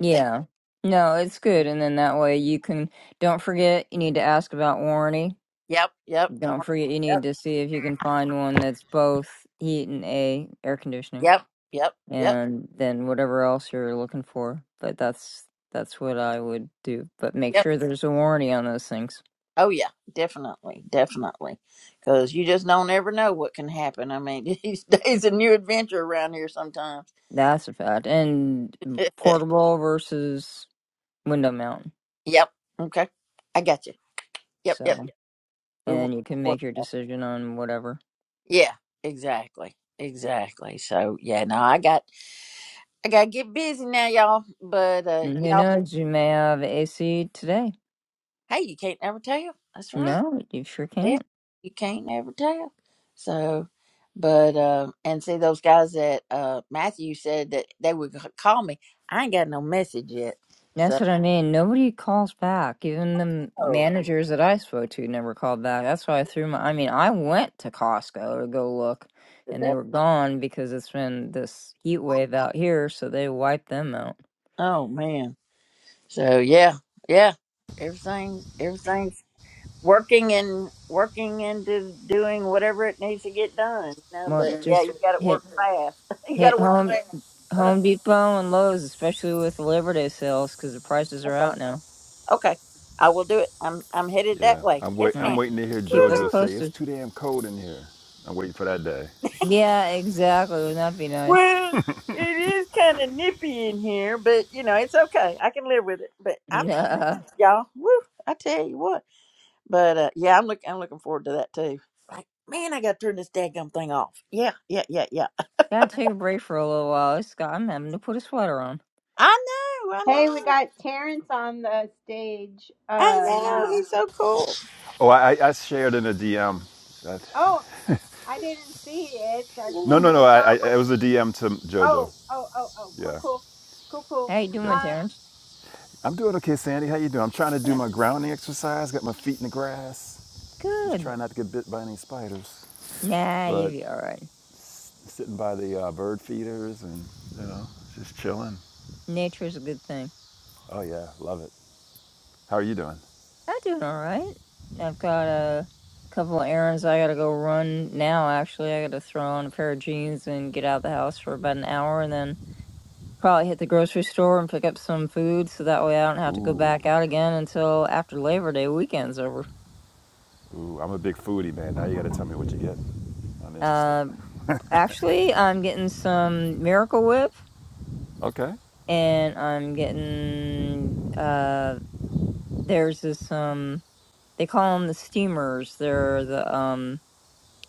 S9: Yeah. No, it's good. And then that way you can, don't forget, you need to ask about warranty.
S1: Yep, yep,
S9: Don't
S1: yep,
S9: forget, you need
S1: yep,
S9: to see if you can find one that's both heat and a air conditioning
S1: yep, yep,
S9: and then whatever else you're looking for. But that's, that's what I would do. But make
S1: yep.
S9: sure there's a warranty on those things.
S1: Oh yeah, definitely, definitely, because you just don't ever know what can happen. I mean, these days a new adventure around here sometimes.
S9: That's a fact. And portable versus window mount.
S1: yep. Okay, I got you. Yep, yep.
S9: So,
S1: We,
S9: and you can
S1: we,
S9: make your decision on whatever.
S1: yeah, exactly, exactly. So yeah, no, I got. I gotta get busy now, y'all. But uh,
S9: Who
S1: y'all, be-
S9: knows? You may have AC today.
S1: hey, you can't never tell. That's right.
S9: No, you sure
S1: Yeah,
S9: can't.
S1: you can't never tell. So, but uh, and see those guys that uh Matthew said that they would c- call me. I ain't got no message yet.
S9: That's
S1: So,
S9: what I mean. Nobody calls back. Even the m-
S1: oh,
S9: managers that I spoke to never called back. That's why I threw my. I mean, I went to Costco to go look, and they
S1: that-
S9: were gone because it's been this heat wave out here, so they wiped them out.
S1: oh, man. So yeah, yeah. Everything's everything's working and working into doing whatever it needs to get done. You know,
S9: Well,
S1: but yeah,
S9: just
S1: you got to
S9: hit
S1: work fast. you got to
S9: hit
S1: work
S9: home Home Depot and Lowe's, especially with the Labor Day sales, because the prices are
S1: fast.
S9: out now.
S1: Okay, I will do it. I'm I'm headed that
S10: Yeah,
S1: way.
S10: I'm wait.
S1: Yes,
S9: All
S10: I'm
S1: ma'am.
S9: right,
S10: waiting to hear
S9: keep us
S10: JoJo
S1: Woo-hoo.
S10: say it's
S9: posted.
S10: too damn cold in here. I'm waiting for that day.
S9: Yeah, exactly. Wouldn't that be nice?
S1: Well, it is kind of nippy in here, but you know it's okay. I can live with it. But I'm
S9: Nah,
S1: surprised, y'all. Woo! I tell you what. But uh, yeah, I'm looking. I'm looking forward to that too. Like, man, I got to turn this daggum thing off. Yeah, yeah, yeah, yeah.
S9: gotta take a break for a little while. It's got, I'm having to put a sweater on.
S1: I know. I
S5: Hey, we
S1: know.
S5: got Terrence on the stage
S1: I
S5: uh,
S1: know.
S5: now.
S1: He's so cool.
S10: Oh, I, I I shared in a DM. That,
S5: Oh, I didn't see it. I, I
S10: no,
S1: Yeah.
S10: no,
S5: heard, I
S10: no. I,
S5: saw
S10: I
S5: what.
S10: it was a DM to JoJo.
S5: Oh, oh, oh, oh. Cool,
S10: Yeah,
S5: cool. Cool, cool.
S9: How you doing,
S10: yeah.
S5: Um,
S9: Terrence?
S10: I'm doing okay, Sandy. How you doing? I'm trying to do
S9: "Yeah,
S10: my grounding exercise. Got my feet in the grass. Just
S9: Good.
S10: trying not to get bit by any spiders.
S9: Nah,
S10: But
S9: you'll be alright.
S10: s- sitting by the uh, bird feeders and you know just chilling.
S9: Nature's a good thing.
S10: Oh yeah, love it. How are you doing?
S9: I'm doing alright. I've got a couple of errands I gotta go run now, actually. I gotta throw on a pair of jeans and get out of the house for about an hour and then probably hit the grocery store and pick up some food so that way I don't have to go
S10: Ooh.
S9: back out again until after Labor Day weekend's over.
S10: Ooh, I'm a big foodie, man. Now you got to tell me what you get. I'm interested.
S9: Uh, actually, I'm getting some Miracle Whip
S10: Okay.
S9: and I'm getting uh there's this um they call them the steamers. They're the um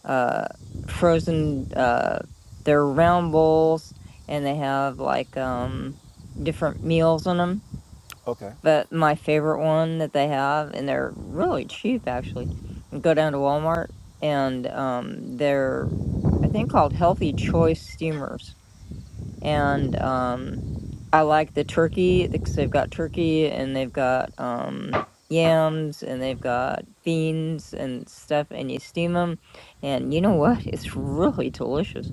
S9: uh frozen uh they're round bowls and they have like um different meals on them.
S10: Okay.
S9: But my favorite one that they have and they're really cheap actually. You go down to Walmart and um they're I think called Healthy Choice Steamers and um I like the turkey because they've got turkey and they've got um yams and they've got beans and stuff and you steam them and you know what it's really delicious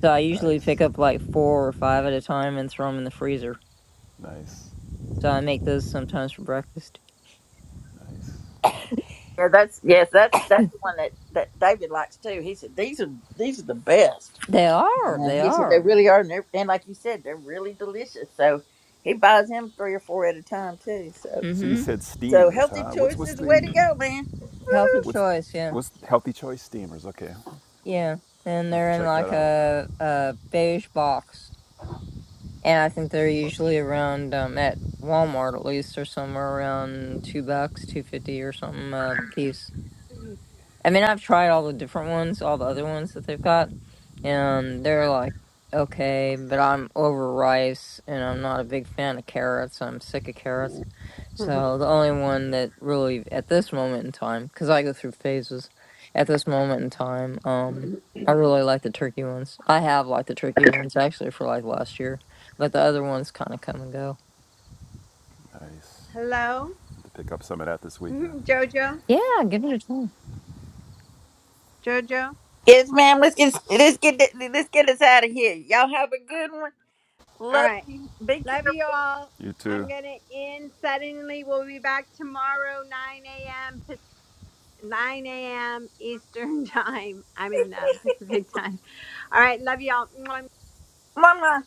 S9: so I usually pick
S10: Nice.
S9: up like four or five at a time and throw them in the freezer
S10: Nice.
S9: so I make those sometimes for breakfast
S10: Nice.
S1: Yeah, that's yes, that's that's the one that that David likes too. He said these are these are the best.
S9: they are
S1: And
S9: they
S1: he said they
S9: are
S1: really are, and, they're- and like you said, they're really delicious. So he buys him three or four at a time too. So
S10: So you
S9: mm-hmm
S10: said
S1: so
S10: steamers,
S1: healthy
S10: huh? What's what's
S1: choices, way to
S10: the
S1: go, man.
S9: healthy
S10: what's
S9: choice yeah
S10: what's healthy choice steamers? Okay. I
S9: yeah and
S10: have to
S9: they're in
S10: check
S9: like
S10: that out.
S9: a a beige box And I think they're usually around um, at Walmart at least, or somewhere around two bucks, two fifty or something a piece. I mean, I've tried all the different ones, all the other ones that they've got, and they're like okay, but I'm over rice, and I'm not a big fan of carrots. I'm sick of carrots, so the only one that really at this moment in time, because I go through phases, at this moment in time, um, I really like the turkey ones. I have liked the turkey ones actually for like last year, but the other ones kind of come and go.
S10: Nice.
S5: hello,
S10: Have to pick up some of that this weekend.
S5: JoJo.
S9: Yeah, give it a try.
S5: JoJo.
S1: Yes, ma'am. Let's get let's get th- let's get us out of here. Y'all have a good one.
S5: All
S1: Love
S5: right.
S1: you. Be
S5: Love you
S1: careful,
S5: all.
S10: You
S5: I'm
S10: too.
S5: going to end suddenly. We'll be back tomorrow, 9 a.m. Pac- 9 a.m. Eastern time. I'm in uh, Pacific time. All right. Love y'all. Mwah,
S1: Mama.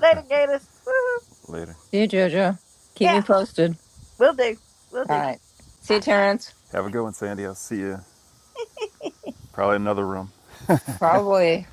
S1: Later, Gators. Woo-hoo.
S10: Later.
S9: See you, JoJo. Keep me
S1: Yeah,
S9: posted.
S1: we'll do. We'll
S9: All
S1: do.
S9: right. See you, Terrence.
S10: Have a good one, Sandy. I'll see you. Probably another room.
S9: Probably.